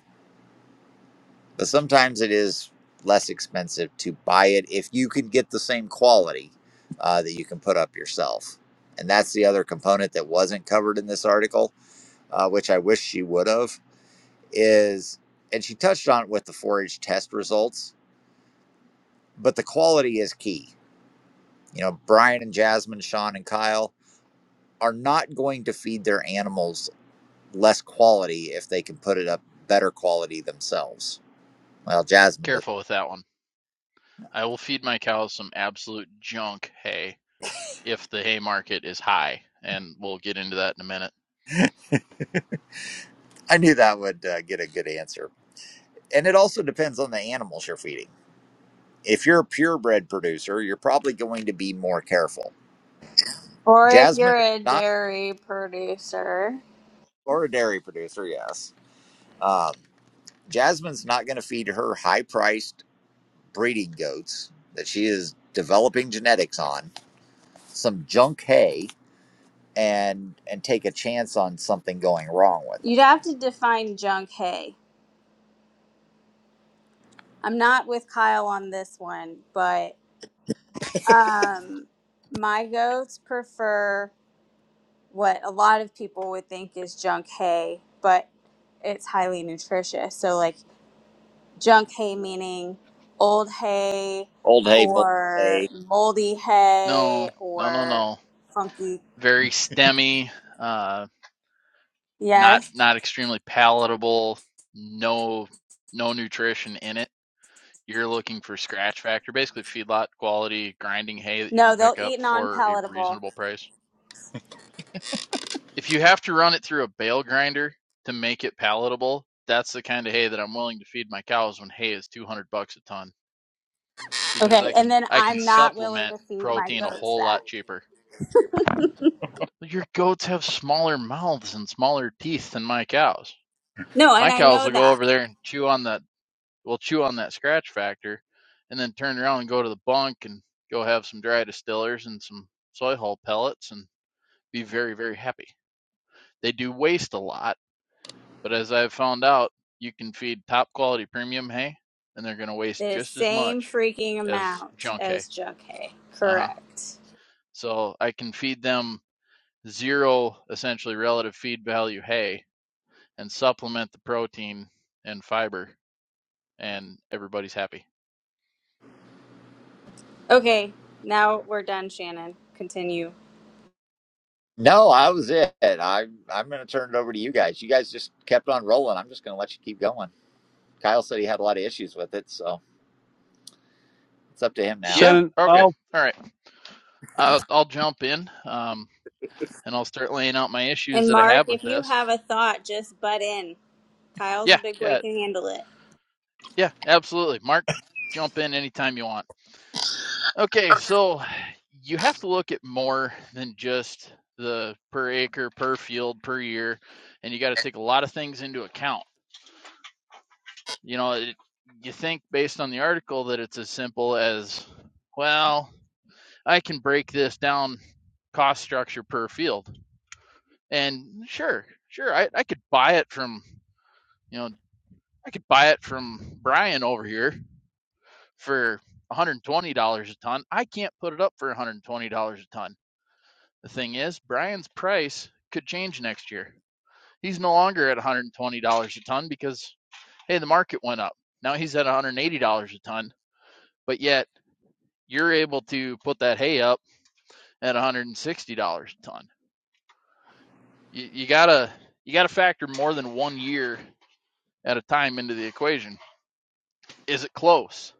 Speaker 2: But sometimes it is less expensive to buy it if you can get the same quality uh, that you can put up yourself. And that's the other component that wasn't covered in this article, uh, which I wish she would have, is, and she touched on it with the 4 H test results, but the quality is key. You know, Brian and Jasmine, Sean and Kyle are not going to feed their animals less quality if they can put it up better quality themselves. Well, Jasmine, does.
Speaker 8: Careful with that one. I will feed my cows some absolute junk hay if the hay market is high, and we'll get into that in a minute.
Speaker 2: I knew that would uh, get a good answer, and it also depends on the animals you're feeding. If you're a purebred producer, you're probably going to be more careful.
Speaker 5: Or if
Speaker 2: Jasmine
Speaker 5: you're
Speaker 2: is
Speaker 5: a
Speaker 2: not,
Speaker 5: dairy producer,
Speaker 2: or a dairy producer, yes. Um, Jasmine's not going to feed her high priced breeding goats that she is developing genetics on some junk hay and and take a chance on something going wrong with them.
Speaker 5: you'd have to define junk hay. I'm not with Kyle on this one, but um my goats prefer what a lot of people would think is junk hay, but it's highly nutritious. So, like junk hay meaning old hay
Speaker 2: Old hay, mold
Speaker 5: or
Speaker 2: hay.
Speaker 5: moldy
Speaker 8: No,
Speaker 5: hay
Speaker 8: no, no,
Speaker 5: or
Speaker 8: no.
Speaker 5: funky.
Speaker 8: very stemmy, uh, not
Speaker 5: Yes.
Speaker 8: not extremely palatable. No no nutrition in it. You're looking for scratch factor, basically feedlot quality grinding hay that you can
Speaker 5: No, they'll
Speaker 8: pick up
Speaker 5: eat non
Speaker 8: for a
Speaker 5: palatable.
Speaker 8: reasonable price. If you have to run it through a bale grinder to make it palatable, that's the kind of hay that I'm willing to feed my cows when hay is 200 bucks a ton because
Speaker 5: Okay.
Speaker 8: I
Speaker 5: And
Speaker 8: can
Speaker 5: then
Speaker 8: I can
Speaker 5: I'm not willing
Speaker 8: supplement
Speaker 5: to feed my
Speaker 8: protein a
Speaker 5: goats
Speaker 8: whole
Speaker 5: that.
Speaker 8: lot cheaper. Your goats have smaller mouths and smaller teeth than my cows
Speaker 5: No,
Speaker 8: My
Speaker 5: and I
Speaker 8: cows
Speaker 5: know
Speaker 8: will go
Speaker 5: that.
Speaker 8: over there and chew on that. Will chew on that scratch factor, and then turn around and go to the bunk and go have some dry distillers and some soy hull pellets and be very very happy. They do waste a lot, but as I've found out, you can feed top quality premium hay, and they're going to waste
Speaker 5: The
Speaker 8: just as
Speaker 5: same
Speaker 8: much
Speaker 5: freaking
Speaker 8: as
Speaker 5: amount
Speaker 8: junk hay.
Speaker 5: as junk hay.
Speaker 8: Uh huh.
Speaker 5: Correct.
Speaker 8: So I can feed them zero essentially relative feed value hay and supplement the protein and fiber, and everybody's happy.
Speaker 5: Okay. Now we're done, Shannon. Continue.
Speaker 2: No, I was it. I, I'm going to turn it over to you guys. You guys just kept on rolling. I'm just going to let you keep going. Kyle said he had a lot of issues with it, so it's up to him now.
Speaker 8: Yeah.
Speaker 7: Shannon,
Speaker 8: Okay.
Speaker 7: I'll,
Speaker 8: All right. I'll, I'll jump in um, and I'll start laying out my issues
Speaker 5: And
Speaker 8: that I
Speaker 5: Mark,
Speaker 8: have with
Speaker 5: if you
Speaker 8: this.
Speaker 5: have a thought, just butt in. Kyle's a
Speaker 8: Yeah.
Speaker 5: big boy;
Speaker 8: Yeah.
Speaker 5: can handle it.
Speaker 8: Yeah. Absolutely. Mark, jump in anytime you want. Okay. So you have to look at more than just the per acre, per field, per year, and you got to take a lot of things into account. You know, it, you think based on the article that it's as simple as, well, I can break this down cost structure per field. And sure, sure, I, I could buy it from you know I could buy it from Brian over here for $120 a ton. I can't put it up for $120 a ton. The thing is, Brian's price could change next year. He's no longer at $120 a ton because hey, the market went up. Now he's at $180 a ton, but yet you're able to put that hay up at $160 a ton. You, you gotta you gotta factor more than one year at a time into the equation. is it close?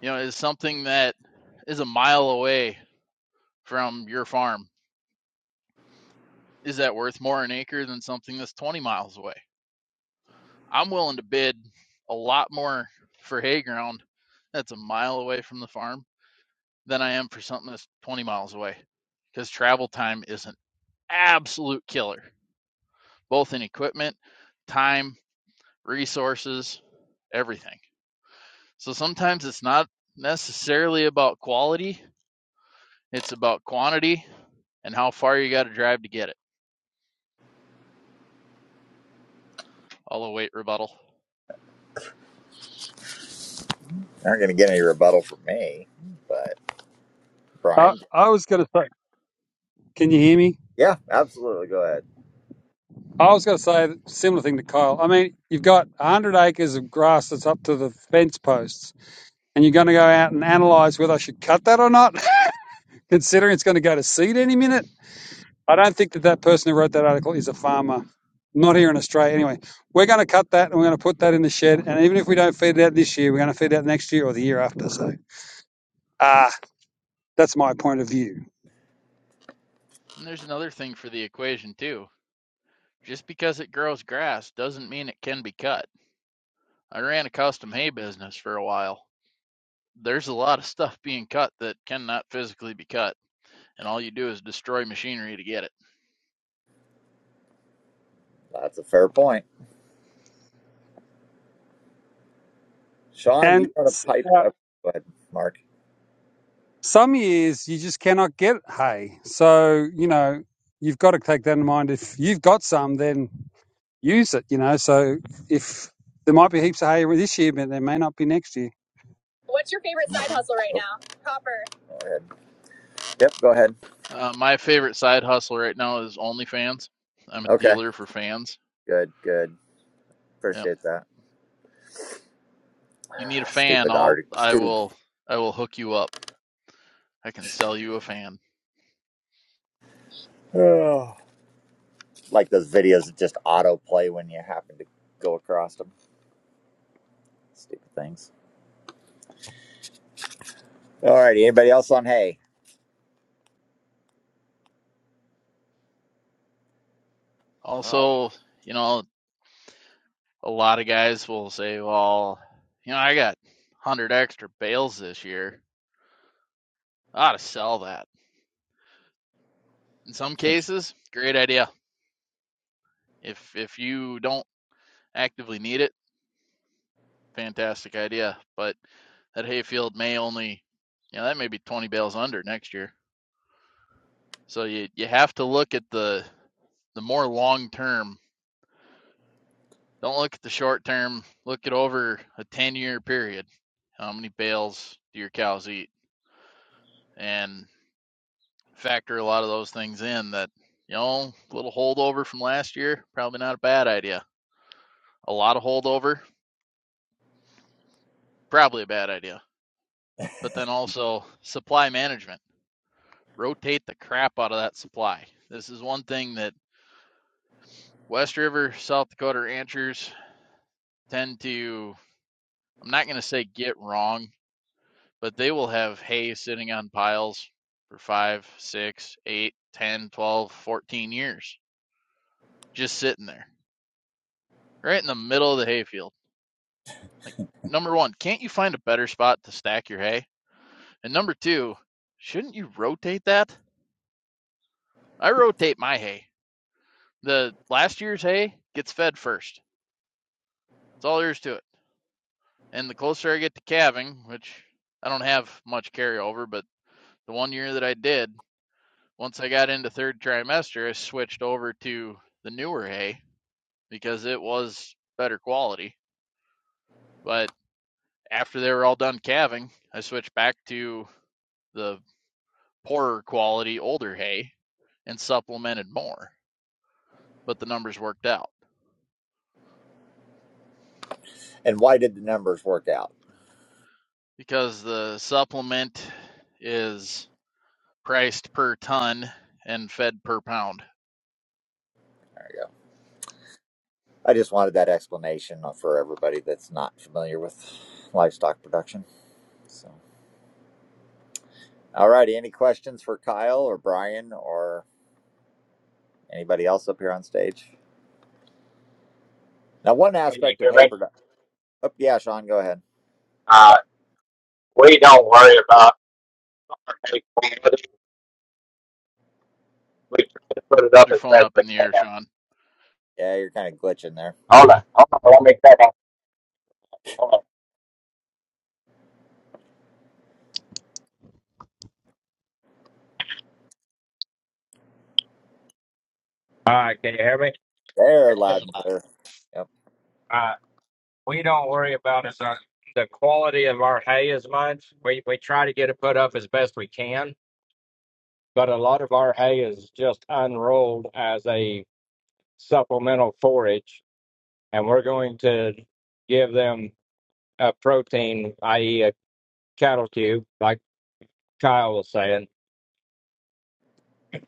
Speaker 8: You know, is something that is a mile away from your farm is that worth more an acre than something that's 20 miles away? I'm willing to bid a lot more for hay ground that's a mile away from the farm than I am for something that's 20 miles away because travel time is an absolute killer, both in equipment, time, resources, everything. So sometimes it's not necessarily about quality, It's about quantity and how far you got to drive to get it. I'll await rebuttal.
Speaker 2: They Aren't going to get any rebuttal from me, but
Speaker 7: I
Speaker 2: Brian.
Speaker 7: I was going to say, can you hear me?
Speaker 2: Yeah, absolutely. Go ahead.
Speaker 7: I was going to say a similar thing to Kyle. I mean, you've got 100 acres of grass that's up to the fence posts and you're going to go out and analyze whether I should cut that or not, considering it's going to go to seed any minute. I don't think that that person who wrote that article is a farmer, not here in Australia. Anyway, we're going to cut that and we're going to put that in the shed. And even if we don't feed it out this year, we're going to feed it out next year or the year after. So, ah, uh, that's my point of view.
Speaker 8: And there's another thing for the equation, too. Just because it grows grass doesn't mean it can be cut. I ran a custom hay business for a while. There's a lot of stuff being cut that cannot physically be cut, and all you do is destroy machinery to get it.
Speaker 2: That's a fair point. Sean, do you
Speaker 7: And
Speaker 2: want to pipe
Speaker 7: uh,
Speaker 2: up? Go ahead, Mark.
Speaker 7: some years you just cannot get hay. So, you know, you've got to take that in mind. If you've got some, then use it, you know. So, if there might be heaps of hay this year, but there may not be next year.
Speaker 2: What's your favorite side hustle right Oh, now? Copper. go ahead. Yep, go ahead.
Speaker 8: Uh, my favorite side hustle right now is OnlyFans. I'm a
Speaker 2: Okay.
Speaker 8: dealer for fans.
Speaker 2: Good, good.
Speaker 8: Yep.
Speaker 2: Appreciate that.
Speaker 8: You need a
Speaker 2: Ah,
Speaker 8: fan,
Speaker 2: Stupid
Speaker 8: I'll
Speaker 2: art.
Speaker 8: I
Speaker 2: Stupid.
Speaker 8: will I will hook you up. I can sell you a fan.
Speaker 2: Oh. Like those videos that just autoplay when you happen to go across them. Stupid things. All righty. Anybody else on hay? Wow.
Speaker 8: Also, you know, a lot of guys will say, well, you know, I got 100 extra bales this year. I ought to sell that. In some cases, great idea. If if you don't actively need it, fantastic idea. But that hayfield may only, you know, that may be 20 bales under next year. So you you have to look at the the more long term. Don't look at the short term. Look at over a 10 year period. How many bales do your cows eat? And factor a lot of those things in that, you know, a little holdover from last year, probably not a bad idea. A lot of holdover, probably a bad idea. But then also supply management. Rotate the crap out of that supply. This is one thing that West River, South Dakota ranchers tend to, I'm not going to say get wrong, but they will have hay sitting on piles for five, six, eight, ten, twelve, fourteen years, just sitting there, right in the middle of the hayfield Like, number one, can't you find a better spot to stack your hay? And number two, shouldn't you rotate that? I rotate my hay. The last year's hay gets fed first. That's all there is to it. And the closer I get to calving, which I don't have much carryover, but the one year that I did, once I got into third trimester, I switched over to the newer hay because it was better quality. But after they were all done calving, I switched back to the poorer quality older hay and supplemented more, but the numbers worked out
Speaker 2: And why did the numbers work out?
Speaker 8: because the supplement is priced per ton and fed per pound.
Speaker 2: Yeah. I just wanted that explanation for everybody that's not familiar with livestock production. So, all righty. Any questions for Kyle or Brian or anybody else up here on stage? Now, one
Speaker 9: Can you
Speaker 2: aspect of
Speaker 9: hear
Speaker 2: hay
Speaker 9: me?
Speaker 2: production. Oh, yeah, Sean, go ahead.
Speaker 9: Uh, we don't worry about any quality. we try to put it
Speaker 8: Hold
Speaker 9: up
Speaker 8: your
Speaker 9: as
Speaker 8: phone
Speaker 9: best
Speaker 8: up
Speaker 9: we
Speaker 8: in the
Speaker 9: can.
Speaker 8: air, Sean.
Speaker 2: Yeah, you're kind of glitching there.
Speaker 9: Hold on, hold on, let me cut off. Hold on. All right, can you hear me?
Speaker 2: There, loud and clear. Yep,
Speaker 9: we don't worry about is our, the quality of our hay as much. We we try to get it put up as best we can, but a lot of our hay is just unrolled as a supplemental forage, and we're going to give them a protein, i.e., a cattle cube, like Kyle was saying.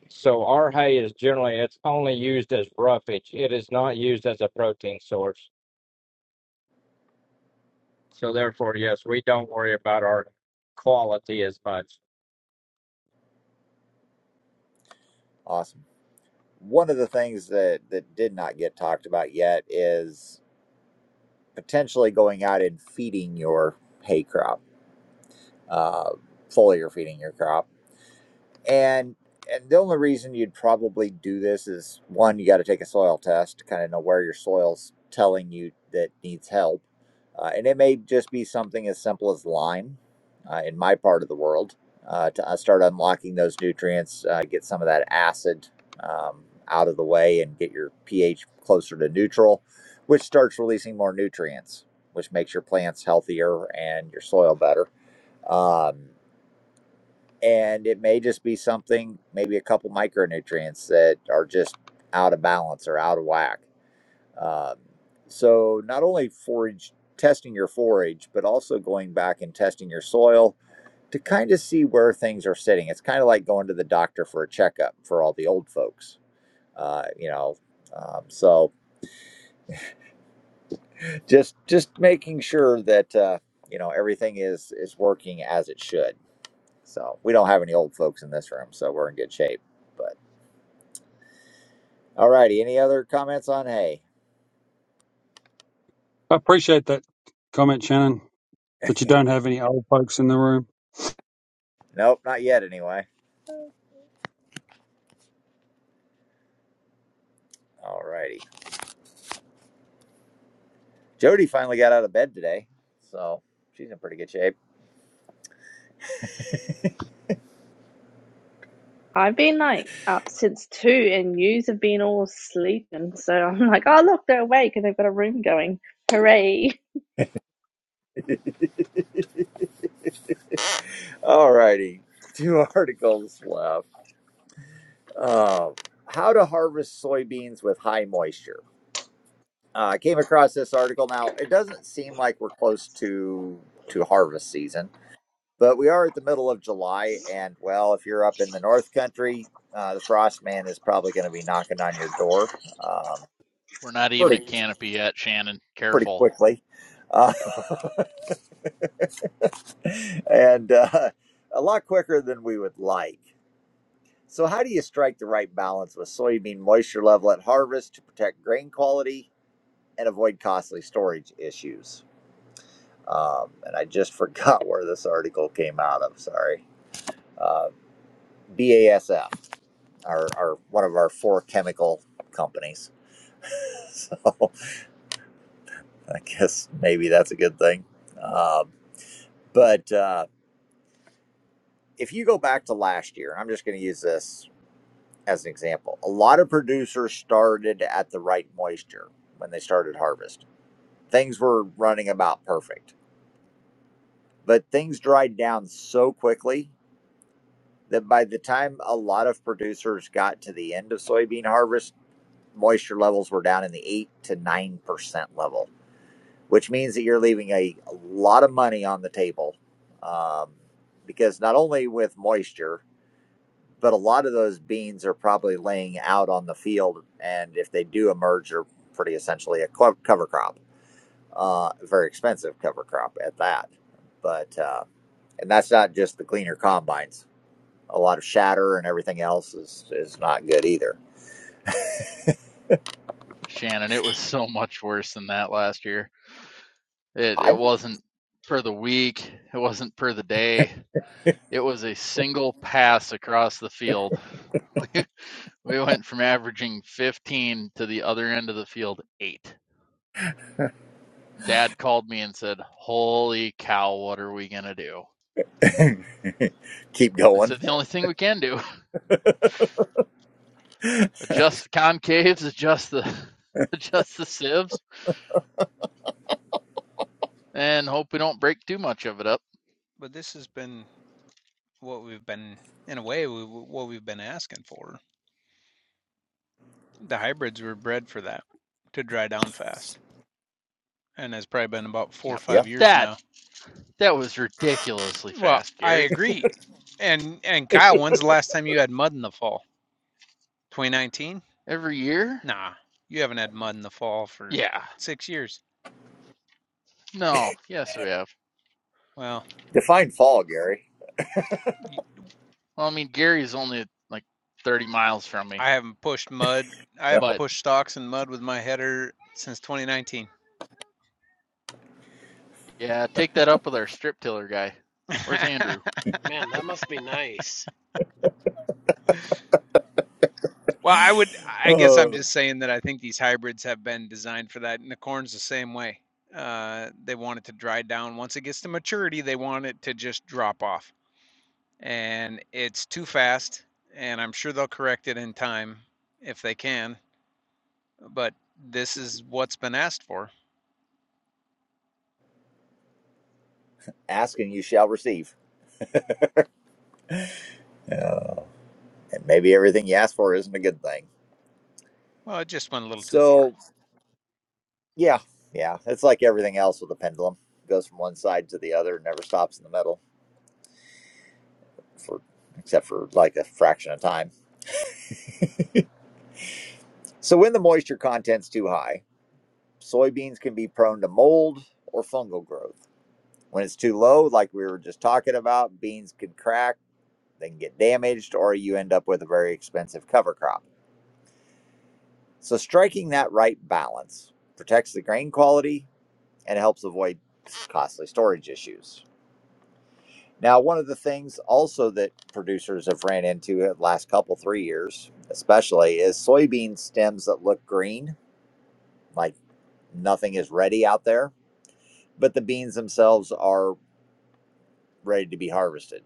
Speaker 9: So our hay is generally it's only used as roughage. It is not used as a protein source. So therefore, yes, we don't worry about our quality as much.
Speaker 2: awesome. One of the things that that did not get talked about yet is potentially going out and feeding your hay crop, uh, foliar feeding your crop And and the only reason you'd probably do this is one, you got to take a soil test to kind of know where your soil's telling you that needs help. Uh, and it may just be something as simple as lime uh, in my part of the world uh, to uh, start unlocking those nutrients, uh, get some of that acid um, out of the way, and get your pH closer to neutral, which starts releasing more nutrients, which makes your plants healthier and your soil better. Um, and it may just be something, maybe a couple micronutrients that are just out of balance or out of whack. Um, so not only forage testing your forage, but also going back and testing your soil to kind of see where things are sitting. It's kind of like going to the doctor for a checkup for all the old folks, uh, you know. Um, so just just making sure that uh, you know everything is is working as it should. So we don't have any old folks in this room, so we're in good shape. But All righty. Any other comments on hay?
Speaker 7: I appreciate that comment, Shannon, that you don't have any old folks in the room.
Speaker 2: Nope, not yet. Anyway. All righty. Jody finally got out of bed today, so she's in pretty good shape.
Speaker 11: I've been like up since two, and yous have been all sleeping. So I'm like, oh look, they're awake, and they've got a room going. Hooray!
Speaker 2: All righty. Two articles left. Um, how to harvest soybeans with high moisture. Uh, I came across this article. Now it doesn't seem like we're close to to harvest season, but we are at the middle of July, and well, if you're up in the North Country, uh, the frost man is probably going to be knocking on your door. Um,
Speaker 8: We're not even
Speaker 2: pretty
Speaker 8: at canopy yet, Shannon.
Speaker 2: pretty
Speaker 8: Careful.
Speaker 2: quickly, uh, and uh, a lot quicker than we would like. So, how do you strike the right balance with soybean moisture level at harvest to protect grain quality and avoid costly storage issues? Um, and I just forgot where this article came out of. Sorry, uh, BASF, our, our one of our four chemical companies. so, I guess maybe that's a good thing. Um, but. uh, if you go back to last year, and I'm just going to use this as an example, a lot of producers started at the right moisture when they started harvest. Things were running about perfect, but things dried down so quickly that by the time a lot of producers got to the end of soybean harvest, moisture levels were down in the 8 to 9% level, which means that you're leaving a, a lot of money on the table um, because not only with moisture, but a lot of those beans are probably laying out on the field, and if they do emerge, are pretty essentially a cover crop, uh, a very expensive cover crop at that. But uh, and that's not just the cleaner combines. A lot of shatter and everything else is is not good either.
Speaker 8: Shannon, it was so much worse than that last year. It it
Speaker 2: I
Speaker 8: wasn't for the week, it wasn't per the day. It was a single pass across the field. We We went from averaging 15 to the other end of the field, eight. Dad called me and said, Holy cow, what are we going to do?
Speaker 2: keep
Speaker 8: I
Speaker 2: going.
Speaker 8: said, The only thing we can do adjust the concaves, adjust the. Adjust the sieves and hope we don't break too much of it up.
Speaker 12: but this has been what we've been in a way we, what we've been asking for the hybrids were bred for that to dry down fast and it's probably been about four
Speaker 8: Yeah,
Speaker 12: or
Speaker 8: but
Speaker 2: Yeah,
Speaker 12: five years
Speaker 8: that
Speaker 12: now
Speaker 8: that was ridiculously
Speaker 12: well
Speaker 8: fast,
Speaker 12: i
Speaker 8: Gary.
Speaker 12: agree and and kyle when's the last time you had mud in the fall 2019
Speaker 8: Every year?
Speaker 12: nah you haven't had mud in the fall for
Speaker 8: Yeah.
Speaker 12: six years
Speaker 8: No. Yes, we have.
Speaker 12: well
Speaker 2: define fall, Gary.
Speaker 12: I
Speaker 8: Well, I mean, Gary's only like 30 miles from me,
Speaker 12: i haven't pushed mud i
Speaker 2: No,
Speaker 12: haven't
Speaker 8: but
Speaker 12: pushed stalks in mud with my header since 2019
Speaker 8: yeah, take that up with our strip tiller guy. Where's Andrew?
Speaker 4: Man, that must be nice.
Speaker 12: Well, I would I guess I'm
Speaker 2: Oh.
Speaker 12: just saying that I think these hybrids have been designed for that and the corn's the same way. Uh, they want it to dry down. Once it gets to maturity, they want it to just drop off. And it's too fast, and I'm sure they'll correct it in time if they can, but this is what's been asked for.
Speaker 2: ask and you shall receive, Yeah. and maybe everything you ask for isn't a good thing.
Speaker 12: Well, it just went a little too far.
Speaker 2: So Yeah, yeah. It's like everything else with a pendulum. It goes from one side to the other, and never stops in the middle for except for like a fraction of time. So when the moisture content's too high, soybeans can be prone to mold or fungal growth. When it's too low, like we were just talking about, beans can crack, they can get damaged, or you end up with a very expensive cover crop. So striking that right balance protects the grain quality and helps avoid costly storage issues. Now, one of the things also that producers have ran into the last couple three years, especially, is soybean stems that look green, like nothing is ready out there, but the beans themselves are ready to be harvested.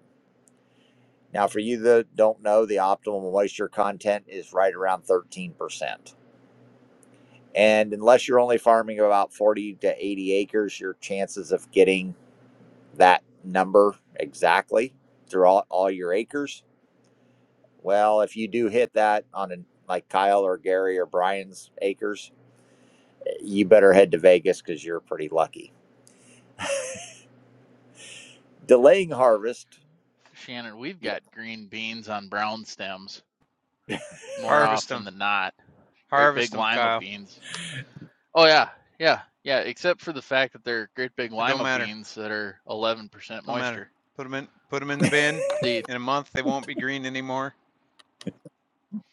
Speaker 2: Now, for you that don't know, the optimal moisture content is right around 13%. And unless you're only farming about 40 to 80 acres, your chances of getting that number exactly throughout all your acres Well, if you do hit that on an like Kyle or Gary or Brian's acres, you better head to Vegas because you're pretty lucky. Delaying harvest.
Speaker 8: Shannon, we've
Speaker 2: Yeah.
Speaker 8: got green beans on brown stems more
Speaker 12: Harvest
Speaker 8: often
Speaker 12: them.
Speaker 8: than not. Great
Speaker 12: Harvest
Speaker 8: big
Speaker 12: them,
Speaker 8: lima
Speaker 12: Kyle.
Speaker 8: beans. Oh yeah, yeah, yeah. Except for the fact that they're great big
Speaker 12: It don't
Speaker 8: lima
Speaker 12: matter.
Speaker 8: beans that are 11%
Speaker 12: Don't matter.
Speaker 8: moisture.
Speaker 12: Put them in put them in the bin.
Speaker 8: The
Speaker 12: In a month they won't be green anymore.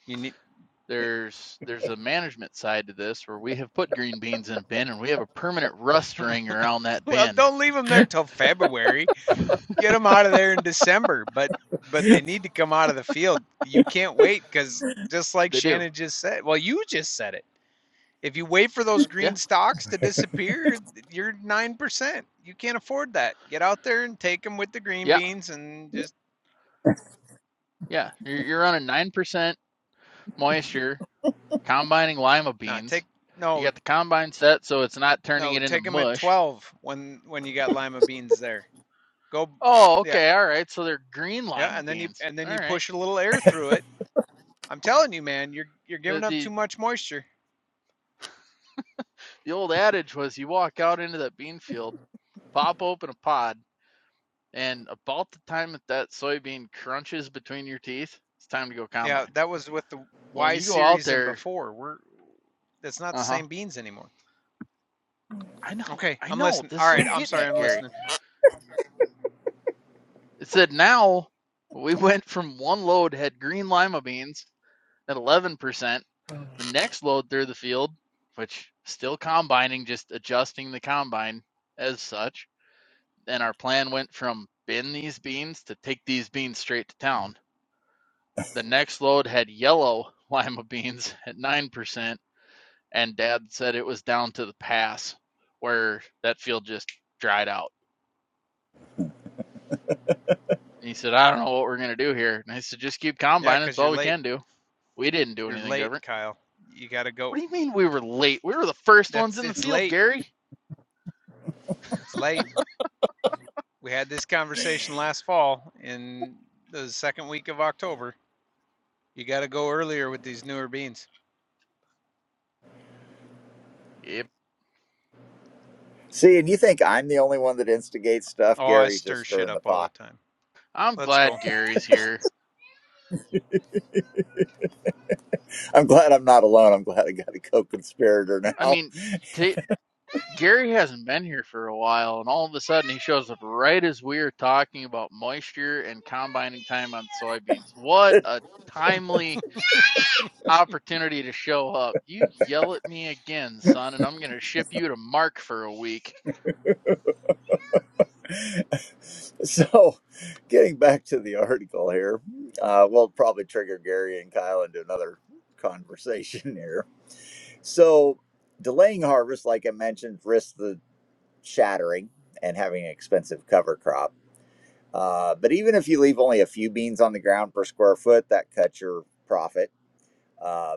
Speaker 12: You need it.
Speaker 8: there's there's a management side to this where we have put green beans in a bin and we have a permanent rust ring around that
Speaker 12: Well,
Speaker 8: bin.
Speaker 12: don't leave them there till February. Get them out of there in December, but but they need to come out of the field. You can't wait because just like
Speaker 8: They do.
Speaker 12: Shannon just said, well, you just said it. If you wait for those green
Speaker 8: Yeah,
Speaker 12: stocks to disappear, you're nine percent. You can't afford that. Get out there and take them with the green
Speaker 8: yeah,
Speaker 12: beans and just
Speaker 8: yeah. You're, you're running 9%
Speaker 12: Mhm.
Speaker 8: moisture, combining lima
Speaker 12: no
Speaker 8: beans.
Speaker 12: take
Speaker 8: You
Speaker 12: no
Speaker 8: got the combine set so it's not turning
Speaker 12: no
Speaker 8: it into
Speaker 12: take them at
Speaker 8: mush
Speaker 12: twelve when when you got lima beans there. Go
Speaker 8: Oh,
Speaker 12: yeah
Speaker 8: okay, all right. So they're green
Speaker 12: yeah,
Speaker 8: lima
Speaker 12: and then you
Speaker 8: beans.
Speaker 12: and then
Speaker 8: All
Speaker 12: you
Speaker 8: right.
Speaker 12: push a little air through it I'm telling you, man, you're you're
Speaker 8: The
Speaker 12: giving up too
Speaker 8: the
Speaker 12: much moisture.
Speaker 8: the old adage was you walk out into that bean field, pop open a pod, and about the time that that soybean crunches between your teeth, it's time to go
Speaker 12: Yeah,
Speaker 8: combine.
Speaker 12: that was with the
Speaker 8: Well, when
Speaker 12: Y
Speaker 8: you go out
Speaker 12: series and
Speaker 8: there,
Speaker 12: before. We're that's not the
Speaker 8: uh huh.
Speaker 12: same beans anymore.
Speaker 8: I know,
Speaker 12: Okay,
Speaker 8: I
Speaker 12: I'm
Speaker 8: know.
Speaker 12: listening. All
Speaker 8: This is what
Speaker 12: right,
Speaker 8: I'm
Speaker 12: I'm
Speaker 8: getting
Speaker 12: sorry,
Speaker 8: at,
Speaker 12: I'm
Speaker 8: Gary.
Speaker 12: listening.
Speaker 8: It said now we went from one load had green lima beans at 11%. The next load through the field, which still combining, just adjusting the combine as such and our plan went from bin these beans to take these beans straight to town. The next load had yellow lima beans at 9%, and dad said it was down to the pass where that field just dried out. And he said, I don't know what we're going to do here. And I said, just keep
Speaker 12: Yeah,
Speaker 8: combining.
Speaker 12: because
Speaker 8: It's
Speaker 12: you're
Speaker 8: all we
Speaker 12: late.
Speaker 8: can do. We didn't do
Speaker 12: You're
Speaker 8: anything
Speaker 12: late,
Speaker 8: different.
Speaker 12: Kyle. You got to
Speaker 8: What
Speaker 12: go.
Speaker 8: do you mean we were late? We were the first ones
Speaker 12: That's
Speaker 8: in the
Speaker 12: it's
Speaker 8: field,
Speaker 12: late.
Speaker 8: Gary.
Speaker 12: It's late. We had this conversation last fall in the second week of October. You got to go earlier with these newer beans.
Speaker 8: Yep.
Speaker 2: See, and you think I'm the only one that instigates stuff?
Speaker 12: Oh, I
Speaker 2: Gary's just
Speaker 12: stir shit
Speaker 2: stirring the
Speaker 12: up all the
Speaker 2: pot.
Speaker 12: time.
Speaker 8: I'm
Speaker 12: Let's
Speaker 8: glad
Speaker 12: go.
Speaker 8: Gary's here.
Speaker 2: I'm glad I'm not alone. I'm glad I got a co-conspirator
Speaker 8: I
Speaker 2: now.
Speaker 8: mean, ta Gary hasn't been here for a while, and all of a sudden he shows up right as we are talking about moisture and combining time on soybeans. What a timely opportunity to show up. You yell at me again, son, and I'm going to ship you to Mark for a week.
Speaker 2: so, getting back to the article here, uh, we'll probably trigger Gary and Kyle into another conversation here. So, delaying harvest, like I mentioned, risks the shattering and having an expensive cover crop. Uh, but even if you leave only a few beans on the ground per square foot, that cuts your profit. Uh,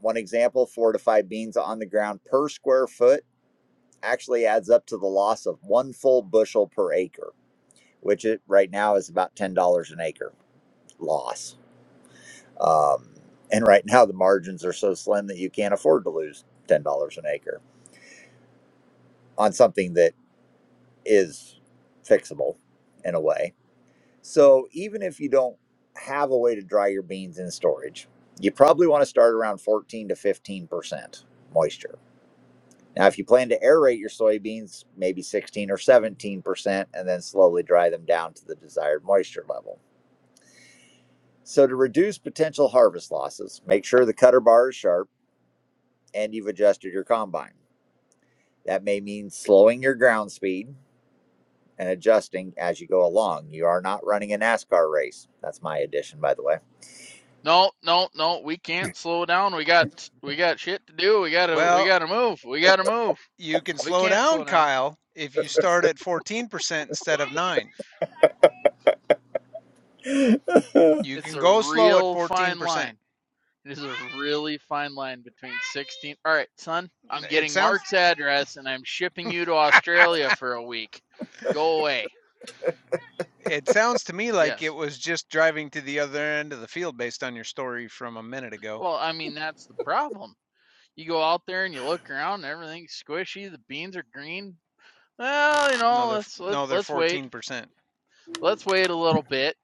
Speaker 2: one example four to five beans on the ground per square foot actually adds up to the loss of one full bushel per acre, which it, right now is about $10 an acre loss. Um, and right now, the margins are so slim that you can't afford to lose $10 an acre on something that is fixable in a way So even if you don't have a way to dry your beans in storage, you probably want to start around 14 to 15% moisture. Now, if you plan to aerate your soybeans, maybe 16 or 17%, and then slowly dry them down to the desired moisture level. So, to reduce potential harvest losses, make sure the cutter bar is sharp and you've adjusted your combine. That may mean slowing your ground speed and adjusting as you go along. You are not running a NASCAR race. That's my addition, by the way
Speaker 8: No, no, no, we can't slow down. We got we got shit to do. We got to we
Speaker 12: Well,
Speaker 8: got to move. We got to move.
Speaker 12: you can
Speaker 8: We
Speaker 12: slow
Speaker 8: can't
Speaker 12: down,
Speaker 8: slow down.
Speaker 12: Kyle, if you start at 14% instead of 9. You
Speaker 8: It's
Speaker 12: can
Speaker 8: a
Speaker 12: go slow at
Speaker 8: real fine
Speaker 12: 14%.
Speaker 8: line It is a really fine line between 16. All right, son, I'm
Speaker 12: It
Speaker 8: getting
Speaker 12: sounds
Speaker 8: Mark's address and I'm shipping you to Australia for a week. Go away.
Speaker 12: it sounds to me like it
Speaker 8: Yes.
Speaker 12: was just driving to the other end of the field based on your story from a minute ago.
Speaker 8: Well, I mean, that's the problem. You go out there and you look around, and everything's squishy, the beans are green. Well, you
Speaker 12: No,
Speaker 8: know,
Speaker 12: they're
Speaker 8: let's let,
Speaker 12: no, they're
Speaker 8: let's wait.
Speaker 12: 14%.
Speaker 8: Let's wait a little bit.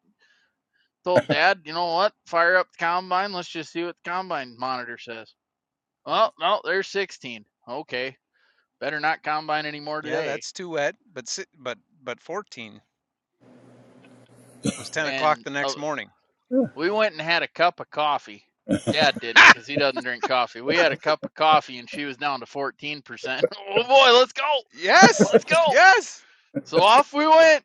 Speaker 8: Told dad, you know what? Fire up the combine. Let's just see what the combine monitor says. Well, no, they're 16. Okay. Better not combine anymore
Speaker 12: Yeah,
Speaker 8: today
Speaker 12: that's too wet, but si- but but 14 It was 10 o'clock
Speaker 8: and
Speaker 12: the
Speaker 8: uh,
Speaker 12: next morning.
Speaker 8: We went and had a cup of coffee. Dad didn't
Speaker 12: Ha!
Speaker 8: because he doesn't drink coffee. We had a cup of coffee and she was down to 14%. Oh boy, let's go.
Speaker 12: Yes.
Speaker 8: Let's go.
Speaker 12: Yes.
Speaker 8: So off we went.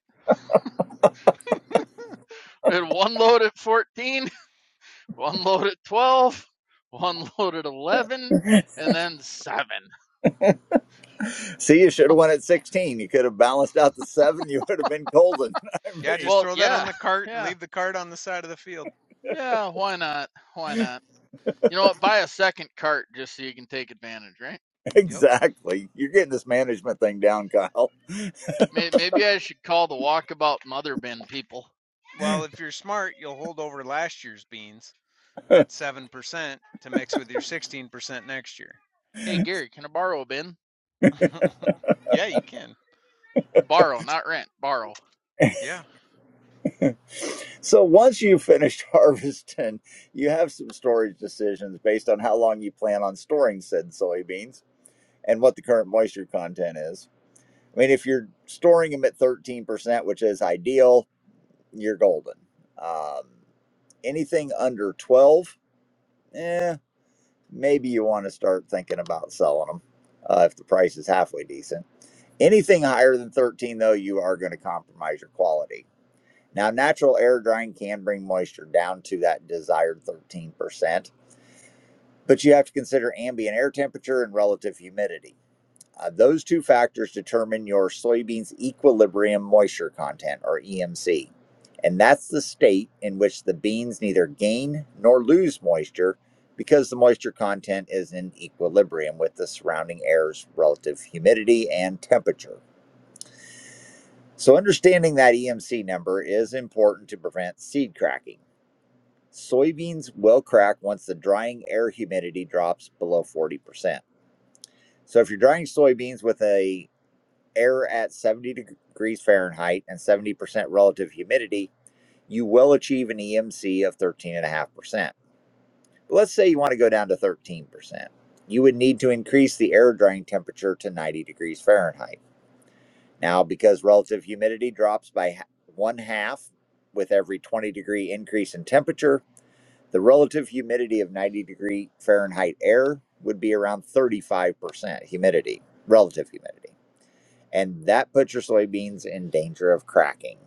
Speaker 8: We had one load at 14, one load at twelve, one load at 11, and then seven.
Speaker 2: See, you should have won at 16. You could have balanced out the seven. You would have been golden. I
Speaker 12: Yeah,
Speaker 2: mean,
Speaker 12: just
Speaker 8: Well,
Speaker 12: throw that on
Speaker 8: yeah,
Speaker 12: the cart and
Speaker 8: yeah,
Speaker 12: leave the cart on the side of the field.
Speaker 8: yeah. Why not? Why not? You know what? Buy a second cart just so you can take advantage, right?
Speaker 12: Yep.
Speaker 2: exactly. You're getting this management thing down, Kyle.
Speaker 8: Maybe I should call the walkabout mother bin people.
Speaker 12: Well, if you're smart, you'll hold over last year's beans. at 7% to mix with your 16% next year.
Speaker 8: Hey, Gary, can I borrow a bin?
Speaker 12: yeah, you can.
Speaker 8: Borrow, not rent. Borrow.
Speaker 12: Yeah.
Speaker 2: So once you've finished harvesting, you have some storage decisions based on how long you plan on storing said soybeans and what the current moisture content is. I mean, if you're storing them at 13%, which is ideal, you're golden. Um, anything under 12, eh? maybe you want to start thinking about selling them uh, if the price is halfway decent. Anything higher than 13, though, you are going to compromise your quality. Now, natural air drying can bring moisture down to that desired 13%, but you have to consider ambient air temperature and relative humidity. Uh, those two factors determine your soybeans equilibrium moisture content or EMC. And that's the state in which the beans neither gain nor lose moisture because the moisture content is in equilibrium with the surrounding air's relative humidity and temperature. So understanding that EMC number is important to prevent seed cracking. Soybeans will crack once the drying air humidity drops below 40%. So if you're drying soybeans with a air at 70 degrees Fahrenheit and 70% relative humidity, you will achieve an EMC of 13.5%. But let's say you want to go down to 13%. You would need to increase the air drying temperature to 90 degrees Fahrenheit. Now, because relative humidity drops by one half with every 20 degree increase in temperature, the relative humidity of 90 degree Fahrenheit air would be around 35% humidity, relative humidity. and that puts your soybeans in danger of cracking.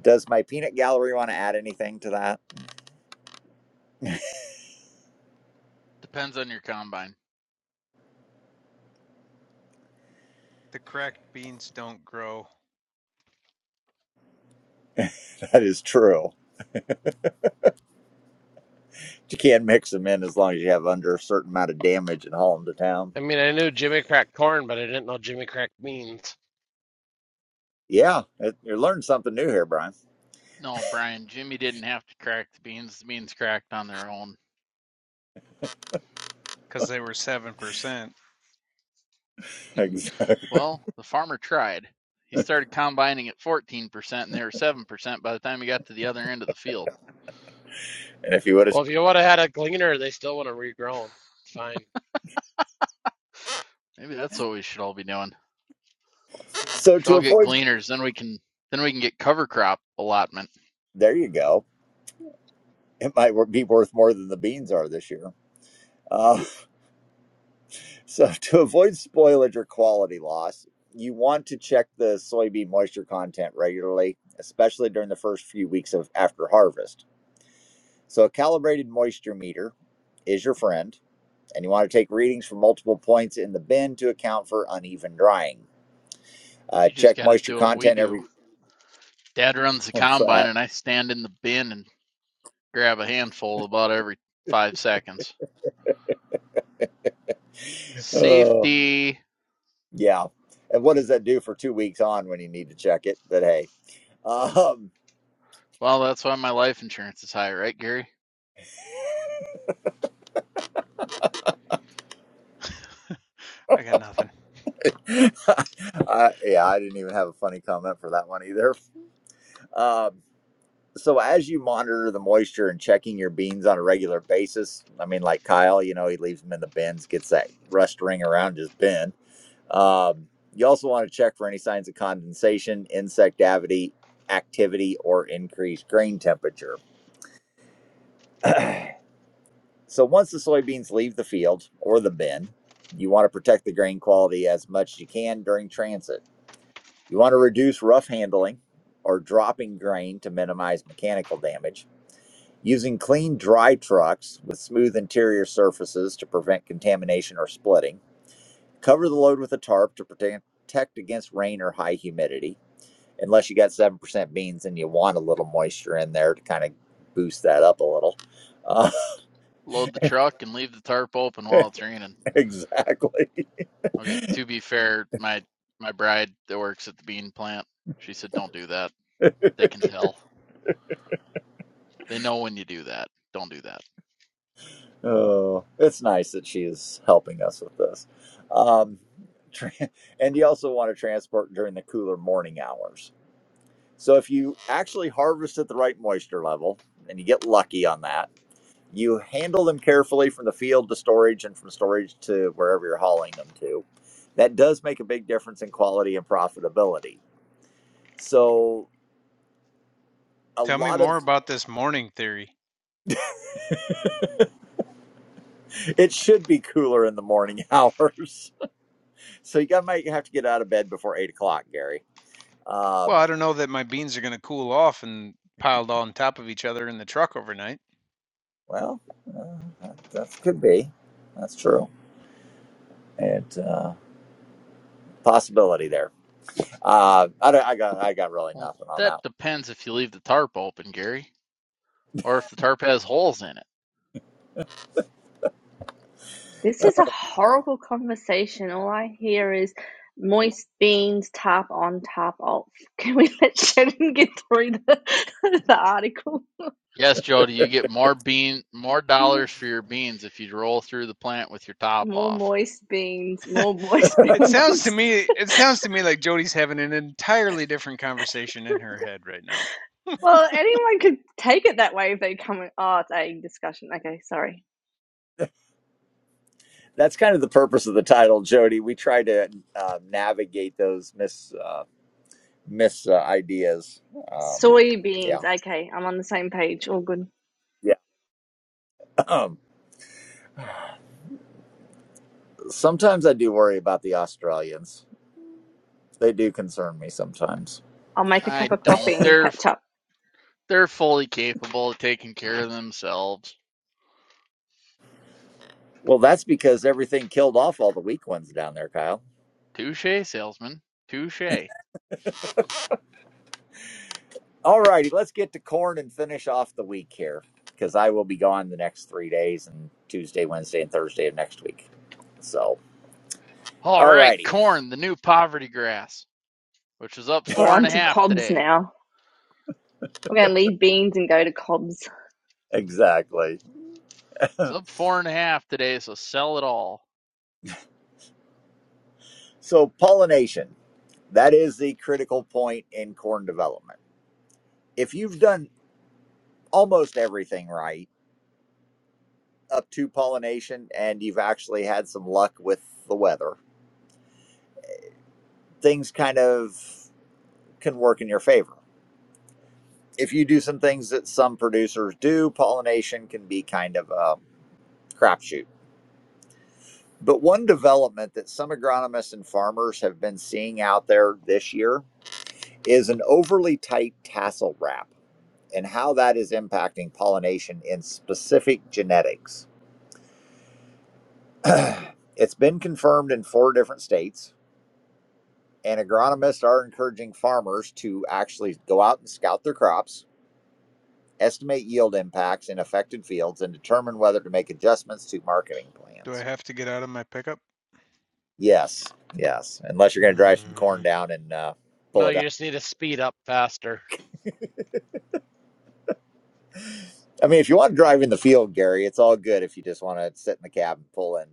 Speaker 2: Does my peanut gallery want to add anything to that?
Speaker 8: Depends on your combine.
Speaker 12: The correct beans don't grow
Speaker 2: That is true. You can mix them in as long as you have under a certain amount of damage and haul them to town.
Speaker 4: I mean, I knew Jimmy Crack corn, but I didn't know Jimmy Crack beans.
Speaker 2: Yeah, it, you learned something new here, Brian.
Speaker 8: No, Brian, Jimmy didn't have to crack the beans. The beans cracked on their own.
Speaker 12: because they were 7%.
Speaker 2: Exactly.
Speaker 8: Well, the farmer tried. He started combining at 14%, and they were 7% by the time he got to the other end of the field.
Speaker 2: And if you would have,
Speaker 4: Well, if you would have had a gleaner, they still would have regrown. It's fine.
Speaker 8: Maybe that's what we should all be doing.
Speaker 2: so
Speaker 8: We Should
Speaker 2: to
Speaker 8: all get
Speaker 2: avoid,
Speaker 8: gleaners, then we can then we can get cover crop allotment.
Speaker 2: there you go. It might be worth more than the beans are this year. Uh, so to avoid spoilage or quality loss, you want to check the soybean moisture content regularly, especially during the first few weeks of after harvest So a calibrated moisture meter is your friend, and you want to take readings from multiple points in the bin to account for uneven drying. Uh,
Speaker 8: You just
Speaker 2: check
Speaker 8: got to
Speaker 2: moisture
Speaker 8: do what we
Speaker 2: content
Speaker 8: do.
Speaker 2: every.
Speaker 8: Dad runs the
Speaker 2: What's
Speaker 8: combine,
Speaker 2: that?
Speaker 8: and I stand in the bin and grab a handful about every five seconds.
Speaker 2: Oh,
Speaker 8: Safety.
Speaker 2: yeah. And what does that do for two weeks on when you need to check it? But hey, um,
Speaker 8: Well, that's why my life insurance is high, right, Gary?
Speaker 12: I got nothing.
Speaker 2: I, yeah, I didn't even have a funny comment for that one either. Um, so as you monitor the moisture and checking your beans on a regular basis, I mean, like Kyle, you know, he leaves them in the bins, gets that rust ring around his bin Um, you also want to check for any signs of condensation, insect activity, or increased grain temperature. so once the soybeans leave the field or the bin, you want to protect the grain quality as much as you can during transit. You want to reduce rough handling or dropping grain to minimize mechanical damage. Using clean, dry trucks with smooth interior surfaces to prevent contamination or splitting. Cover the load with a tarp to protect against rain or high humidity unless you got 7% beans and you want a little moisture in there to kind of boost that up a little. Uh,
Speaker 8: Load the truck and leave the tarp open while it's raining.
Speaker 2: exactly.
Speaker 8: Okay, to be fair, my my bride that works at the bean plant, she said don't do that. They can tell. They know when you do that. Don't do that.
Speaker 2: Oh, it's nice that she is helping us with this. Um, tra- and you also want to transport during the cooler morning hours. So if you actually harvest at the right moisture level and you get lucky on that, you handle them carefully from the field to storage and from storage to wherever you're hauling them to. That does make a big difference in quality and profitability So a
Speaker 12: Tell me
Speaker 2: lot of
Speaker 12: more about this morning theory.
Speaker 2: it should be cooler in the morning hours. So you got might have to get out of bed before eight o'clock, Gary.
Speaker 12: Well,
Speaker 2: Um,
Speaker 12: I don't know that my beans are going to cool off and piled on top of each other in the truck overnight.
Speaker 2: well, uh, that, that could be. That's true. It uh, possibility there. Uh, I, don't- I got I got really
Speaker 8: Well,
Speaker 2: nothing on that.
Speaker 8: that depends if you leave the tarp open, Gary, or if the tarp has holes in it.
Speaker 11: This is a horrible conversation. All I hear is moist beans, tap on, tap off. Can we let Shannon get through the, the article?
Speaker 8: Yes, Jody, you get more bean more dollars for your beans if you roll through the plant with your top
Speaker 11: More
Speaker 8: off.
Speaker 11: moist beans, more moist
Speaker 12: It sounds to
Speaker 11: beans.
Speaker 12: me it sounds to me like Jody's having an entirely different conversation in her head right now.
Speaker 11: Well, anyone could take it that way if they come in. Oh, it's a discussion. Okay, sorry.
Speaker 2: That's kind of the purpose of the title, Jody. We try to uh, navigate those mis uh, mis uh, ideas. Um, yeah,
Speaker 11: Soybeans. Okay, I'm on the same page. All good.
Speaker 2: yeah. sometimes I do worry about the Australians. They do concern me sometimes.
Speaker 11: I'll make a
Speaker 8: I
Speaker 11: cup of coffee
Speaker 8: don't.
Speaker 11: and
Speaker 8: They're
Speaker 11: catch up.
Speaker 8: they're fully capable of taking care of themselves.
Speaker 2: Well, that's because everything killed off all the weak ones down there, Kyle.
Speaker 8: Touche, salesman. Touche.
Speaker 2: All righty, let's get to corn and finish off the week here because I will be gone the next three days and Tuesday, Wednesday, and Thursday of next week. So,
Speaker 8: All
Speaker 2: all
Speaker 8: right,
Speaker 2: righty.
Speaker 8: corn, the new poverty grass, which is up
Speaker 11: We're
Speaker 8: four and
Speaker 11: on
Speaker 8: a
Speaker 11: to
Speaker 8: half
Speaker 11: Cobb's
Speaker 8: today.
Speaker 11: now. We're going to leave beans and go to Cobb's.
Speaker 2: Exactly.
Speaker 8: It's up four and a half today, so sell it all.
Speaker 2: So, pollination. That is the critical point in corn development. If you've done almost everything right up to pollination and you've actually had some luck with the weather, things kind of can work in your favor. If you do some things that some producers do, pollination can be kind of a crapshoot. But one development that some agronomists and farmers have been seeing out there this year is an overly tight tassel wrap and how that is impacting pollination in specific genetics. it's been confirmed in four different states, and agronomists are encouraging farmers to actually go out and scout their crops estimate yield impacts in affected fields, and determine whether to make adjustments to marketing
Speaker 12: Do I
Speaker 2: plans.
Speaker 12: have to get out of my pickup?
Speaker 2: Yes, yes. Unless you're going to drive some corn
Speaker 12: Mm,
Speaker 2: down and uh,
Speaker 4: No,
Speaker 2: pull it
Speaker 4: you
Speaker 2: up.
Speaker 4: just need to speed up faster.
Speaker 2: I mean, if you want to drive in the field, Gary, it's all good. If you just want to sit in the cab and pull in,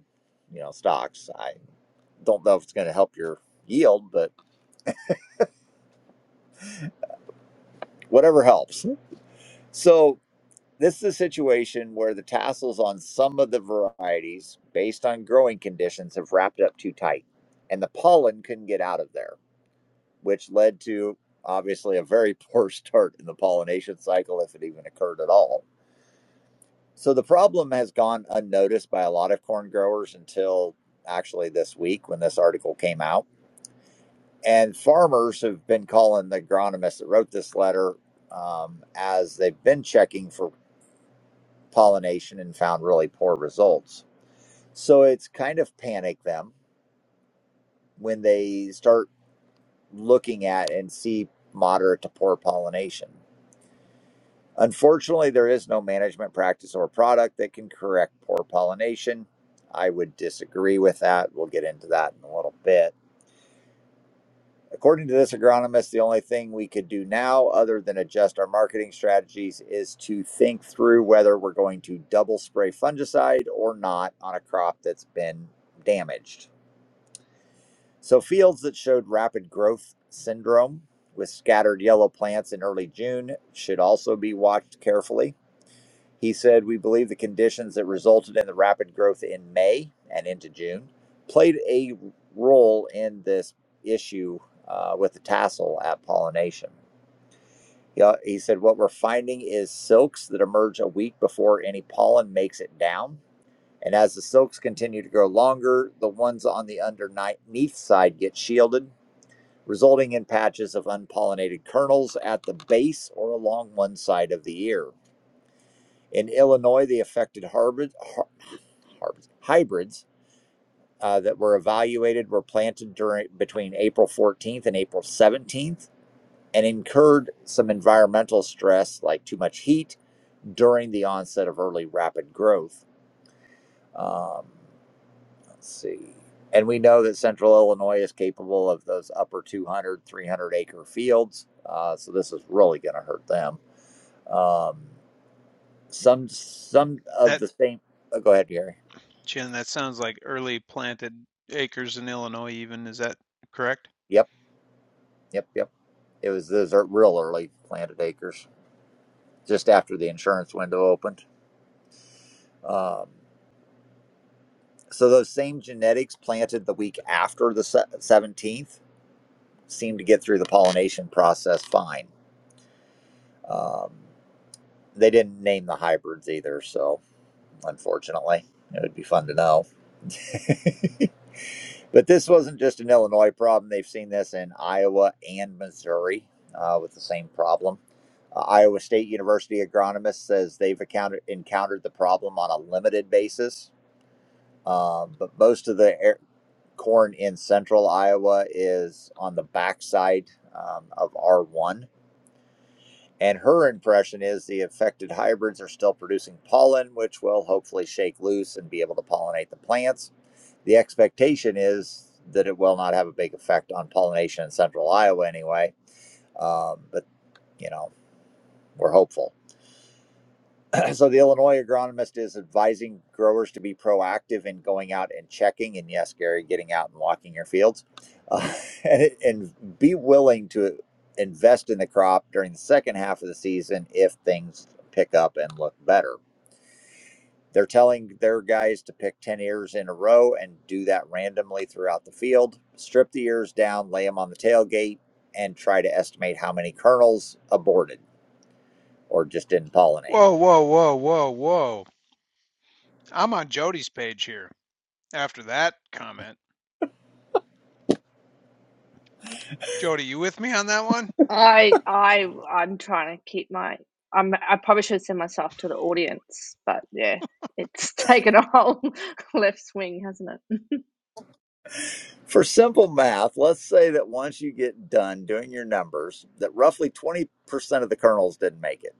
Speaker 2: you know, stocks, I don't know if it's going to help your yield, but whatever helps. So this is a situation where the tassels on some of the varieties, based on growing conditions, have wrapped up too tight, and the pollen couldn't get out of there. which led to obviously a very poor start in the pollination cycle if it even occurred at all. So the problem has gone unnoticed by a lot of corn growers until actually this week when this article came out. And farmers have been calling the agronomist that wrote this letter um, as they've been checking for pollination and found really poor results. So it's kind of panicked them when they start looking at and see moderate to poor pollination. Unfortunately, there is no management practice or product that can correct poor pollination. I would disagree with that. We'll get into that in a little bit. According to this agronomist, the only thing we could do now, other than adjust our marketing strategies, is to think through whether we're going to double spray fungicide or not on a crop that's been damaged. So, fields that showed rapid growth syndrome with scattered yellow plants in early June should also be watched carefully. He said, We believe the conditions that resulted in the rapid growth in May and into June played a role in this issue uh, with the tassel at pollination. He, al- he said, What we're finding is silks that emerge a week before any pollen makes it down. And as the silks continue to grow longer, the ones on the underneath side get shielded, resulting in patches of unpollinated kernels at the base or along one side of the ear. In Illinois, the affected harbors, harbors, hybrids uh, that were evaluated were planted during between April 14th and April 17th and incurred some environmental stress like too much heat during the onset of early rapid growth. Um, let's see. And we know that central Illinois is capable of those upper 200, 300 acre fields. Uh, so this is really going to hurt them. Um, some, some of
Speaker 12: that
Speaker 2: the same. Oh, go ahead, Gary.
Speaker 12: Chin, that sounds like early planted acres in Illinois even. Is that correct?
Speaker 2: Yep. Yep, yep. It was those are real early planted acres, just after the insurance window opened. Um, so those same genetics planted the week after the se- 17th seemed to get through the pollination process fine. Um, they didn't name the hybrids either, so unfortunately, it would be fun to know. But this wasn't just an Illinois problem. They've seen this in Iowa and Missouri uh, with the same problem. Uh, Iowa State University agronomist says they've encountered, encountered the problem on a limited basis, um, but most of the air, corn in central Iowa is on the backside um, of R1. And her impression is the affected hybrids are still producing pollen, which will hopefully shake loose and be able to pollinate the plants the expectation is that it will not have a big effect on pollination in central Iowa anyway, um, but you know, we're hopeful. so the Illinois agronomist is advising growers to be proactive in going out and checking, and yes, Gary, getting out and walking your fields, uh, and, and be willing to invest in the crop during the second half of the season if things pick up and look better They're telling their guys to pick 10 ears in a row and do that randomly throughout the field. Strip the ears down, lay them on the tailgate, and try to estimate how many kernels aborted or just didn't pollinate.
Speaker 12: Whoa, whoa, whoa, whoa, whoa. I'm on Jody's page here. After that comment, Jody, you with me on that one?
Speaker 11: I I I'm trying to keep my I'm I probably should send myself to the audience, but yeah, it's taken a whole left swing, hasn't it?
Speaker 2: For simple math, let's say that once you get done doing your numbers, that roughly 20% of the kernels didn't make it.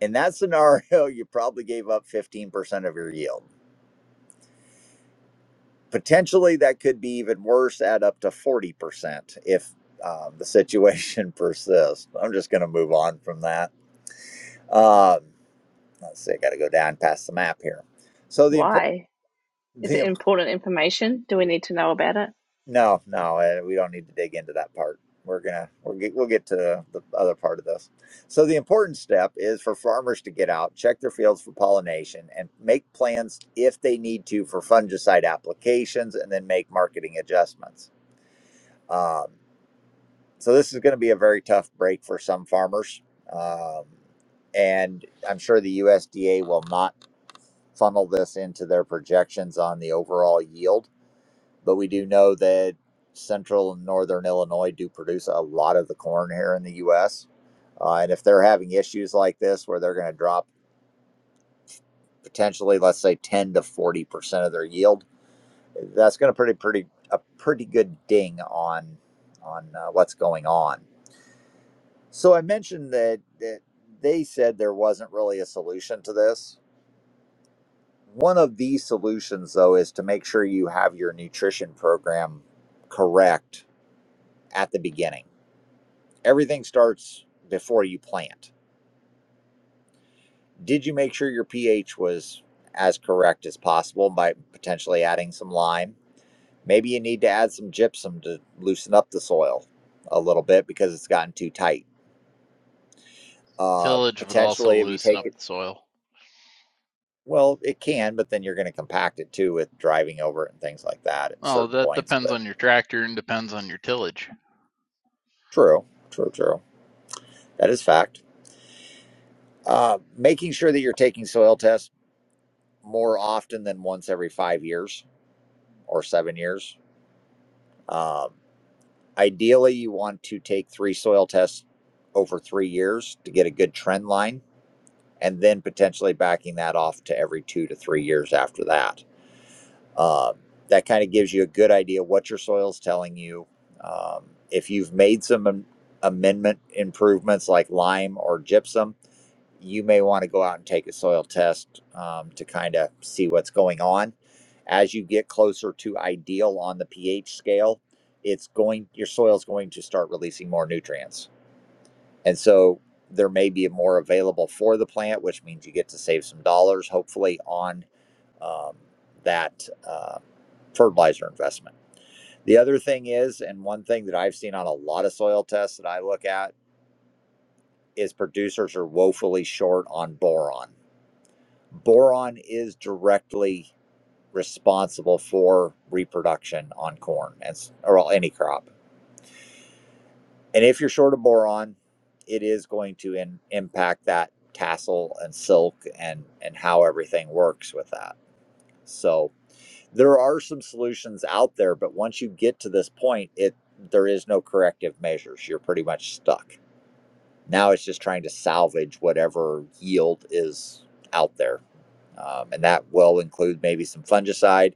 Speaker 2: In that scenario, you probably gave up 15% of your yield. potentially that could be even worse at up to 40% if um, the situation persists i'm just going to move on from that um, let's see i got to go down past the map here so the important
Speaker 11: Why? Is
Speaker 2: the
Speaker 11: it
Speaker 2: im-
Speaker 11: important information? Do we need to know about it?
Speaker 2: no no eh, we don't need to dig into that part we're gonna we'll get, we'll get to the other part of this so the important step is for farmers to get out check their fields for pollination and make plans if they need to for fungicide applications and then make marketing adjustments Um, So this is going to be a very tough break for some farmers, um, and I'm sure the USDA will not funnel this into their projections on the overall yield. But we do know that central and northern Illinois do produce a lot of the corn here in the U.S. Uh, and if they're having issues like this, where they're going to drop potentially, let's say, 10 to 40 percent of their yield, that's going to pretty pretty a pretty good ding on on uh, what's going on. So I mentioned that that they said there wasn't really a solution to this. One of the solutions though is to make sure you have your nutrition program correct at the beginning. Everything starts before you plant. Did you make sure your pH was as correct as possible by potentially adding some lime? Maybe you need to add some gypsum to loosen up the soil a little bit because it's gotten too tight. Uh,
Speaker 8: Tillage would also
Speaker 2: potentially, if you
Speaker 8: loosen
Speaker 2: take
Speaker 8: up the soil.
Speaker 2: Well, it can, but then you're going to compact it too with driving over it and things like that at
Speaker 8: Oh,
Speaker 2: certain
Speaker 8: that
Speaker 2: points.
Speaker 8: depends
Speaker 2: But
Speaker 8: on your tractor and depends on your tillage.
Speaker 2: true, true, true. That is fact. Uh, making sure that you're taking soil tests more often than once every five years or seven years. Um, ideally, you want to take three soil tests over three years to get a good trend line, and then potentially backing that off to every two to three years after that Um, that kind of gives you a good idea what your soil's telling you. Um, if you've made some am- amendment improvements like lime or gypsum, you may want to go out and take a soil test um, to kind of see what's going on. As you get closer to ideal on the pH scale, it's going your soil's going to start releasing more nutrients. And so there may be more available for the plant, which means you get to save some dollars, hopefully, on um, that uh, fertilizer investment. The other thing is, and one thing that I've seen on a lot of soil tests that I look at, is producers are woefully short on boron. Boron is directly responsible for reproduction on corn and or well, any crop. And if you're short of boron, it is going to in, impact that tassel and silk and and how everything works with that. So there are some solutions out there, but once you get to this point, it there is no corrective measures. You're pretty much stuck. Now it's just trying to salvage whatever yield is out there. Um, and that will include maybe some fungicide.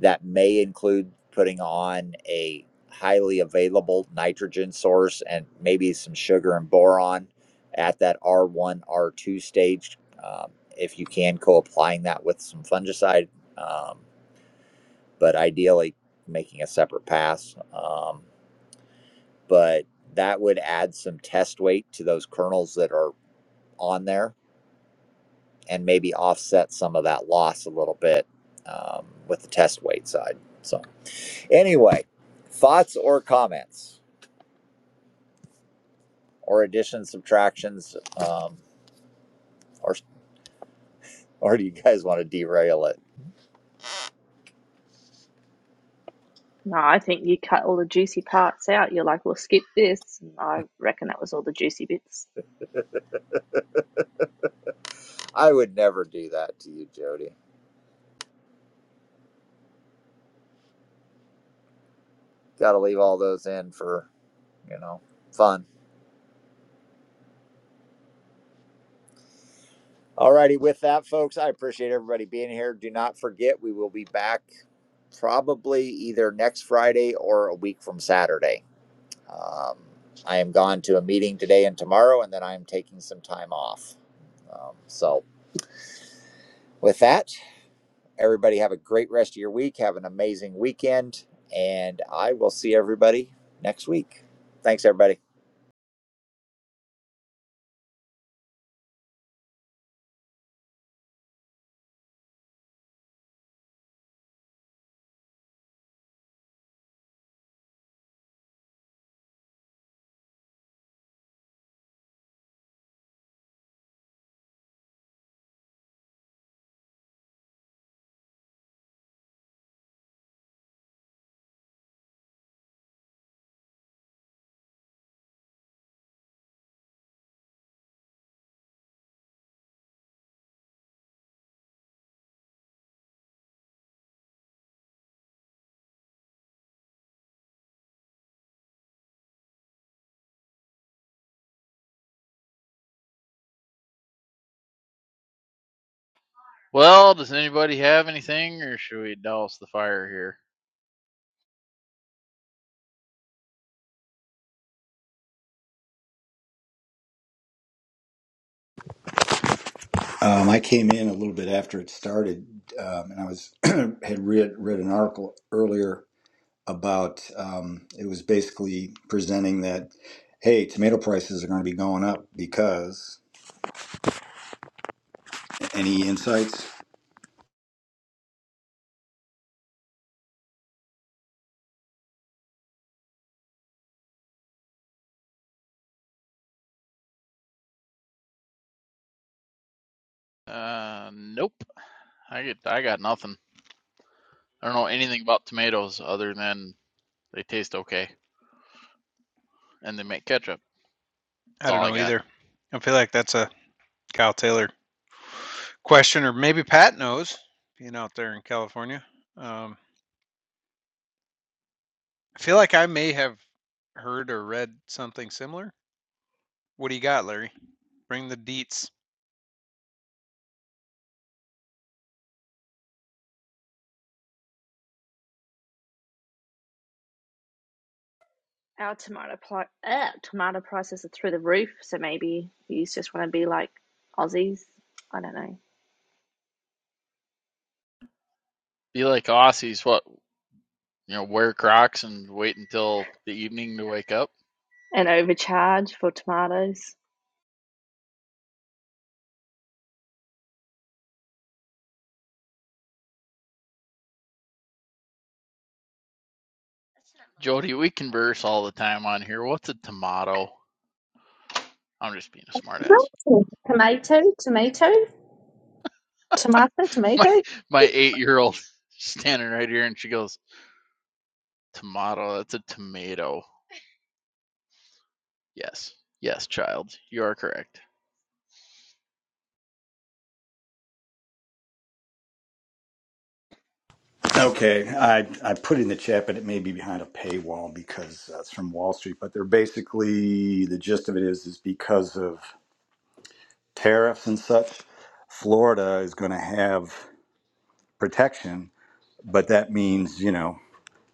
Speaker 2: That may include putting on a highly available nitrogen source and maybe some sugar and boron at that R1, R2 stage. Um, if you can, co applying that with some fungicide, um, but ideally making a separate pass. Um, but that would add some test weight to those kernels that are on there and maybe offset some of that loss a little bit um, with the test weight side. So, anyway, thoughts or comments or additions, subtractions, um, or or do you guys want to derail it?
Speaker 11: No, I think you cut all the juicy parts out. You're like, we'll skip this. And I reckon that was all the juicy bits.
Speaker 2: I would never do that to you, Jody. Got to leave all those in for you know fun. Alrighty, with that, folks, I appreciate everybody being here. Do not forget, we will be back probably either next Friday or a week from Saturday Um, I am gone to a meeting today and tomorrow, and then I am taking some time off. Um, so, with that, everybody have a great rest of your week. Have an amazing weekend, and I will see everybody next week. Thanks, everybody.
Speaker 8: Well, does anybody have anything, or should we douse the fire here?
Speaker 13: Um, I came in a little bit after it started, um, and I was had read read an article earlier about um, it was basically presenting that hey, tomato prices are going to be going up because any insights?
Speaker 8: Uh, nope. I get, I got nothing. I don't know anything about tomatoes other than they taste okay and they make ketchup. That's
Speaker 12: I don't
Speaker 8: all I
Speaker 12: know
Speaker 8: got.
Speaker 12: either. I feel like that's a Kyle Taylor question, or maybe Pat knows, being out there in California. Um, I feel like I may have heard or read something similar. What do you got, Larry? Bring the deets.
Speaker 11: our tomato pli uh, tomato prices are through the roof. So maybe you just want to be like Aussies. I don't know.
Speaker 8: Be like Aussies, what you know, wear Crocs and wait until the evening to wake up.
Speaker 11: And overcharge for tomatoes.
Speaker 8: Jody, we converse all the time on here. What's a tomato? I'm just being a smartass.
Speaker 11: Tomato, tomato, tomato,
Speaker 8: My
Speaker 11: tomato.
Speaker 8: my eight year old standing right here and she goes, tomato. That's a tomato. Yes. Yes, child. You are correct.
Speaker 13: Okay, I I put it in the chat, but it may be behind a paywall because uh, it's from Wall Street. But they're basically the gist of it is is because of tariffs and such, Florida is going to have protection, but that means you know.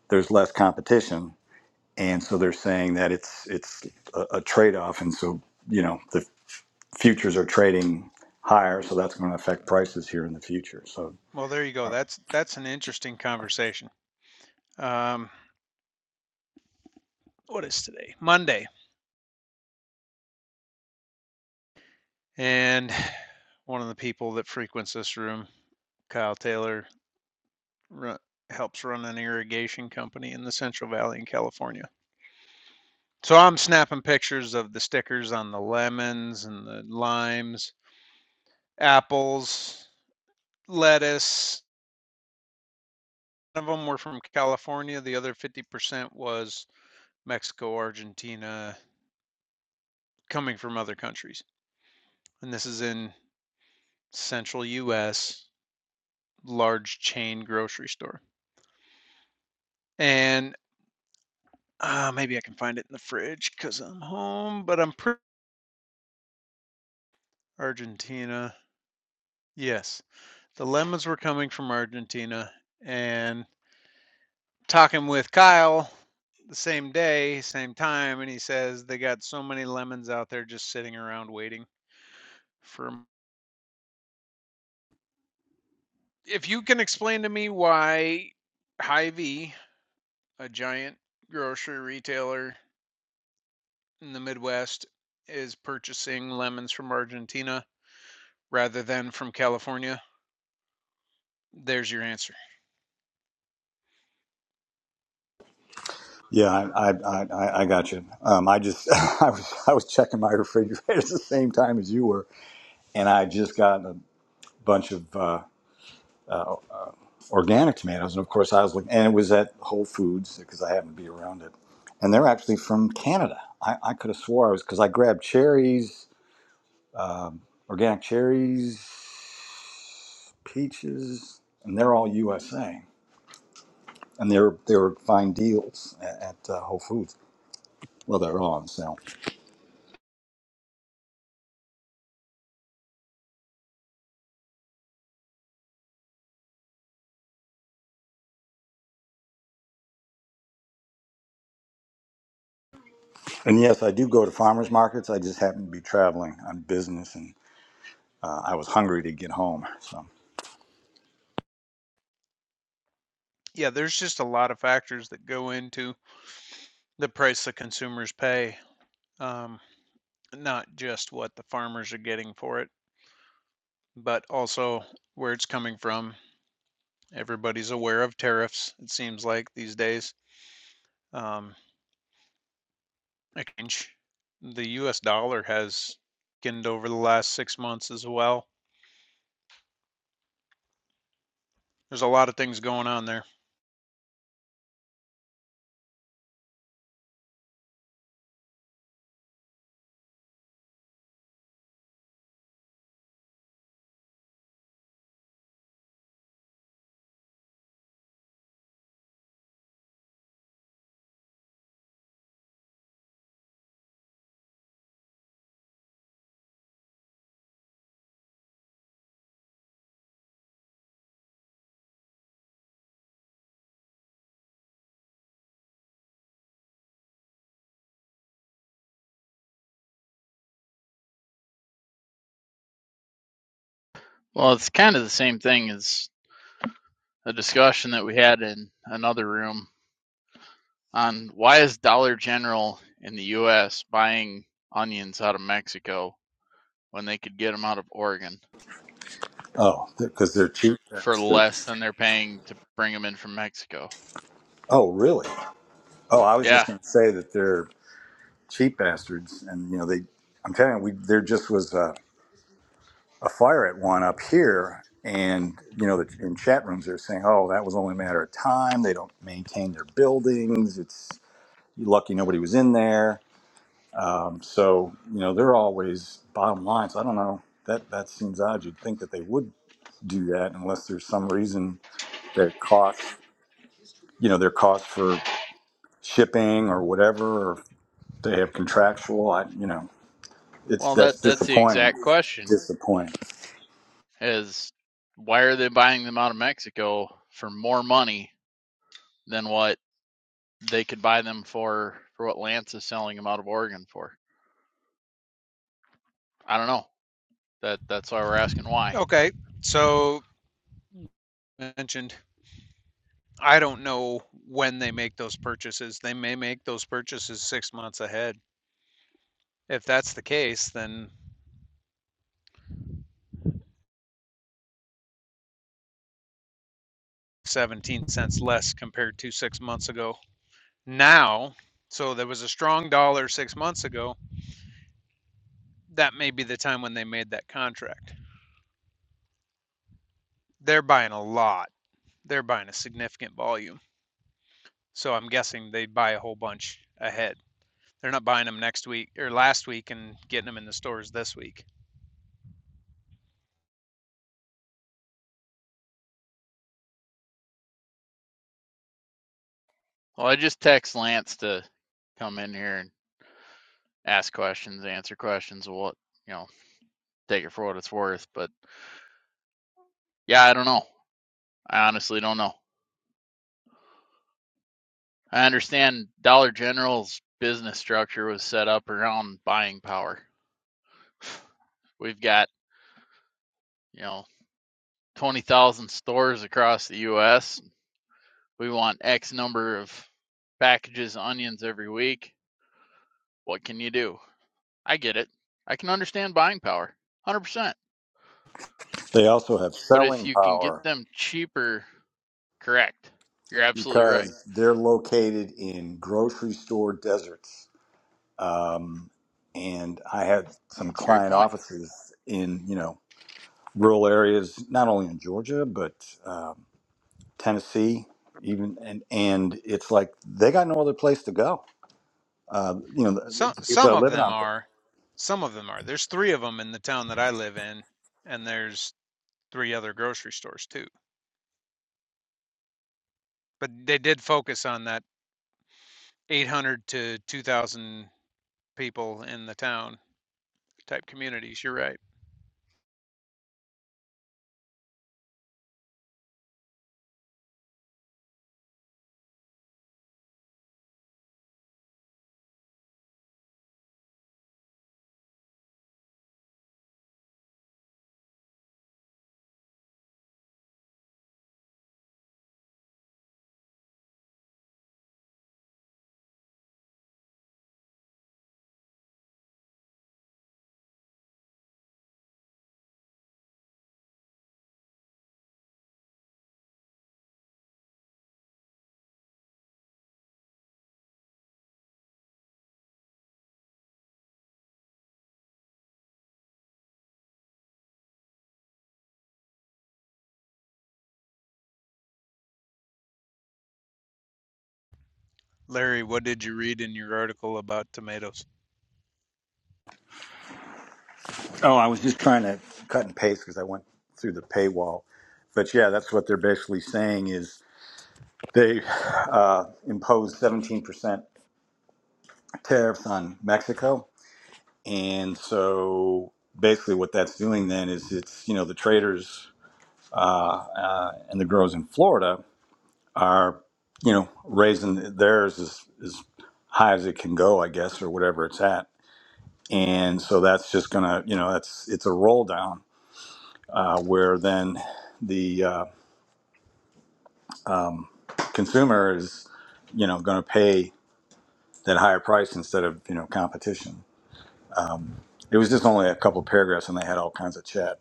Speaker 13: there's less competition, and so they're saying that it's it's a, a trade-off, and so you know the futures are trading higher, so that's going to affect prices here in the future. So
Speaker 12: Well, there you go. That's that's an interesting conversation. Um, what is today? Monday. And one of the people that frequents this room, Kyle Taylor, ru- helps run an irrigation company in the Central Valley in California. So I'm snapping pictures of the stickers on the lemons and the limes, apples, lettuce. None of them were from California. The other 50% was Mexico, Argentina, coming from other countries. And this is in central US, large chain grocery store. And Uh, maybe I can find it in the fridge because I'm home, but I'm pretty Argentina. Yes, the lemons were coming from Argentina, and talking with Kyle the same day, same time, and he says they got so many lemons out there just sitting around waiting for. 'em. If you can explain to me why Hy-Vee, a giant grocery retailer in the Midwest, is purchasing lemons from Argentina rather than from California, there's your answer.
Speaker 13: yeah, I I, I, I I got you. Um, I just I was I was checking my refrigerator at the same time as you were, and I just got a bunch of uh, organic tomatoes, and of course I was looking, and it was at Whole Foods because I happened to be around it, and they're actually from Canada. I, I could have swore I was because I grabbed cherries organic cherries, peaches, and they're all USA. And they're they're fine deals at, at uh, Whole Foods. Well, they're all on sale. And yes, I do go to farmers markets. I just happen to be traveling on business, and uh, I was hungry to get home. So,
Speaker 12: Yeah, there's just a lot of factors that go into the price the consumers pay, um, not just what the farmers are getting for it, but also where it's coming from. Everybody's aware of tariffs, it seems like these days. Um, exchange. The US dollar has skinned over the last six months as well. There's a lot of things going on there.
Speaker 8: Well, it's kind of the same thing as a discussion that we had in another room on why is Dollar General in the US buying onions out of Mexico when they could get them out of Oregon
Speaker 13: oh, because they're cheap
Speaker 8: for less
Speaker 13: bastards.
Speaker 8: than they're paying to bring them in from Mexico.
Speaker 13: Oh, really? Oh, I was just
Speaker 8: Yeah.
Speaker 13: going to say that they're cheap bastards, and you know they. I'm telling you, we there just was. a. a fire at one up here, and you know, the, in chat rooms they're saying, "Oh, that was only a matter of time. They don't maintain their buildings. It's you're lucky nobody was in there." Um, so you know, they're always bottom line. So I don't know. That that seems odd. You'd think that they would do that unless there's some reason their costs, you know, their costs for shipping or whatever, or they have contractual. I, you know, it's
Speaker 8: Well, that
Speaker 13: that's
Speaker 8: that's the
Speaker 13: disappointing.
Speaker 8: exact question
Speaker 13: Disappointing.
Speaker 8: is why are they buying them out of Mexico for more money than what they could buy them for for what Lance is selling them out of Oregon for? I don't know. That that's why we're asking why.
Speaker 12: Okay, so mentioned. I don't know when they make those purchases. They may make those purchases six months ahead If that's the case, then 17 cents less compared to six months ago. Now, so there was a strong dollar six months ago. That may be the time when they made that contract. They're buying a lot, they're buying a significant volume. So I'm guessing they buy a whole bunch ahead. They're not buying them next week or last week and getting them in the stores this week.
Speaker 8: Well, I just text Lance to come in here and ask questions, answer questions, what you know, take it for what it's worth. But yeah, I don't know. I honestly don't know. I understand Dollar General's business structure was set up around buying power. We've got, you know, twenty thousand stores across the US. We want X number of packages of onions every week. What can you do? I get it. I can understand buying power. 100%.
Speaker 13: They also have
Speaker 8: But if
Speaker 13: selling
Speaker 8: you can get
Speaker 13: power
Speaker 8: them cheaper, correct. You're absolutely right.
Speaker 13: because they're located in grocery store deserts. Um, and I had some
Speaker 8: That's a great
Speaker 13: client
Speaker 8: point.
Speaker 13: offices in, you know, rural areas, not only in Georgia, but um, Tennessee, even. And, and it's like they got no other place to go. Uh, you know, the,
Speaker 12: Some
Speaker 13: the people that
Speaker 12: some
Speaker 13: are
Speaker 12: of
Speaker 13: living
Speaker 12: them
Speaker 13: out there.
Speaker 12: are, some of them are. There's three of them in the town that I live in, and there's three other grocery stores too. But they did focus on that 800 to 2,000 people in the town type communities. You're right. Larry, what did you read in your article about tomatoes?
Speaker 13: Oh, I was just trying to cut and paste because I went through the paywall. But yeah, that's what they're basically saying is they uh, imposed 17% tariffs on Mexico And so basically, what that's doing then is it's, you know, the traders uh, uh, and the growers in Florida are, you know, raising theirs as, as high as it can go, I guess, or whatever it's at. And so that's just going to, you know, that's it's a roll down uh, where then the uh, consumer is, you know, going to pay that higher price instead of, you know, competition. It was just only a couple of paragraphs and they had all kinds of chat.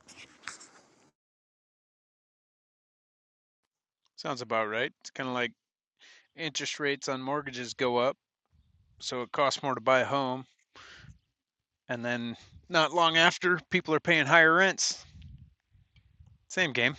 Speaker 12: Sounds about right. It's kind of like interest rates on mortgages go up, so it costs more to buy a home. And then not long after, people are paying higher rents. Same game.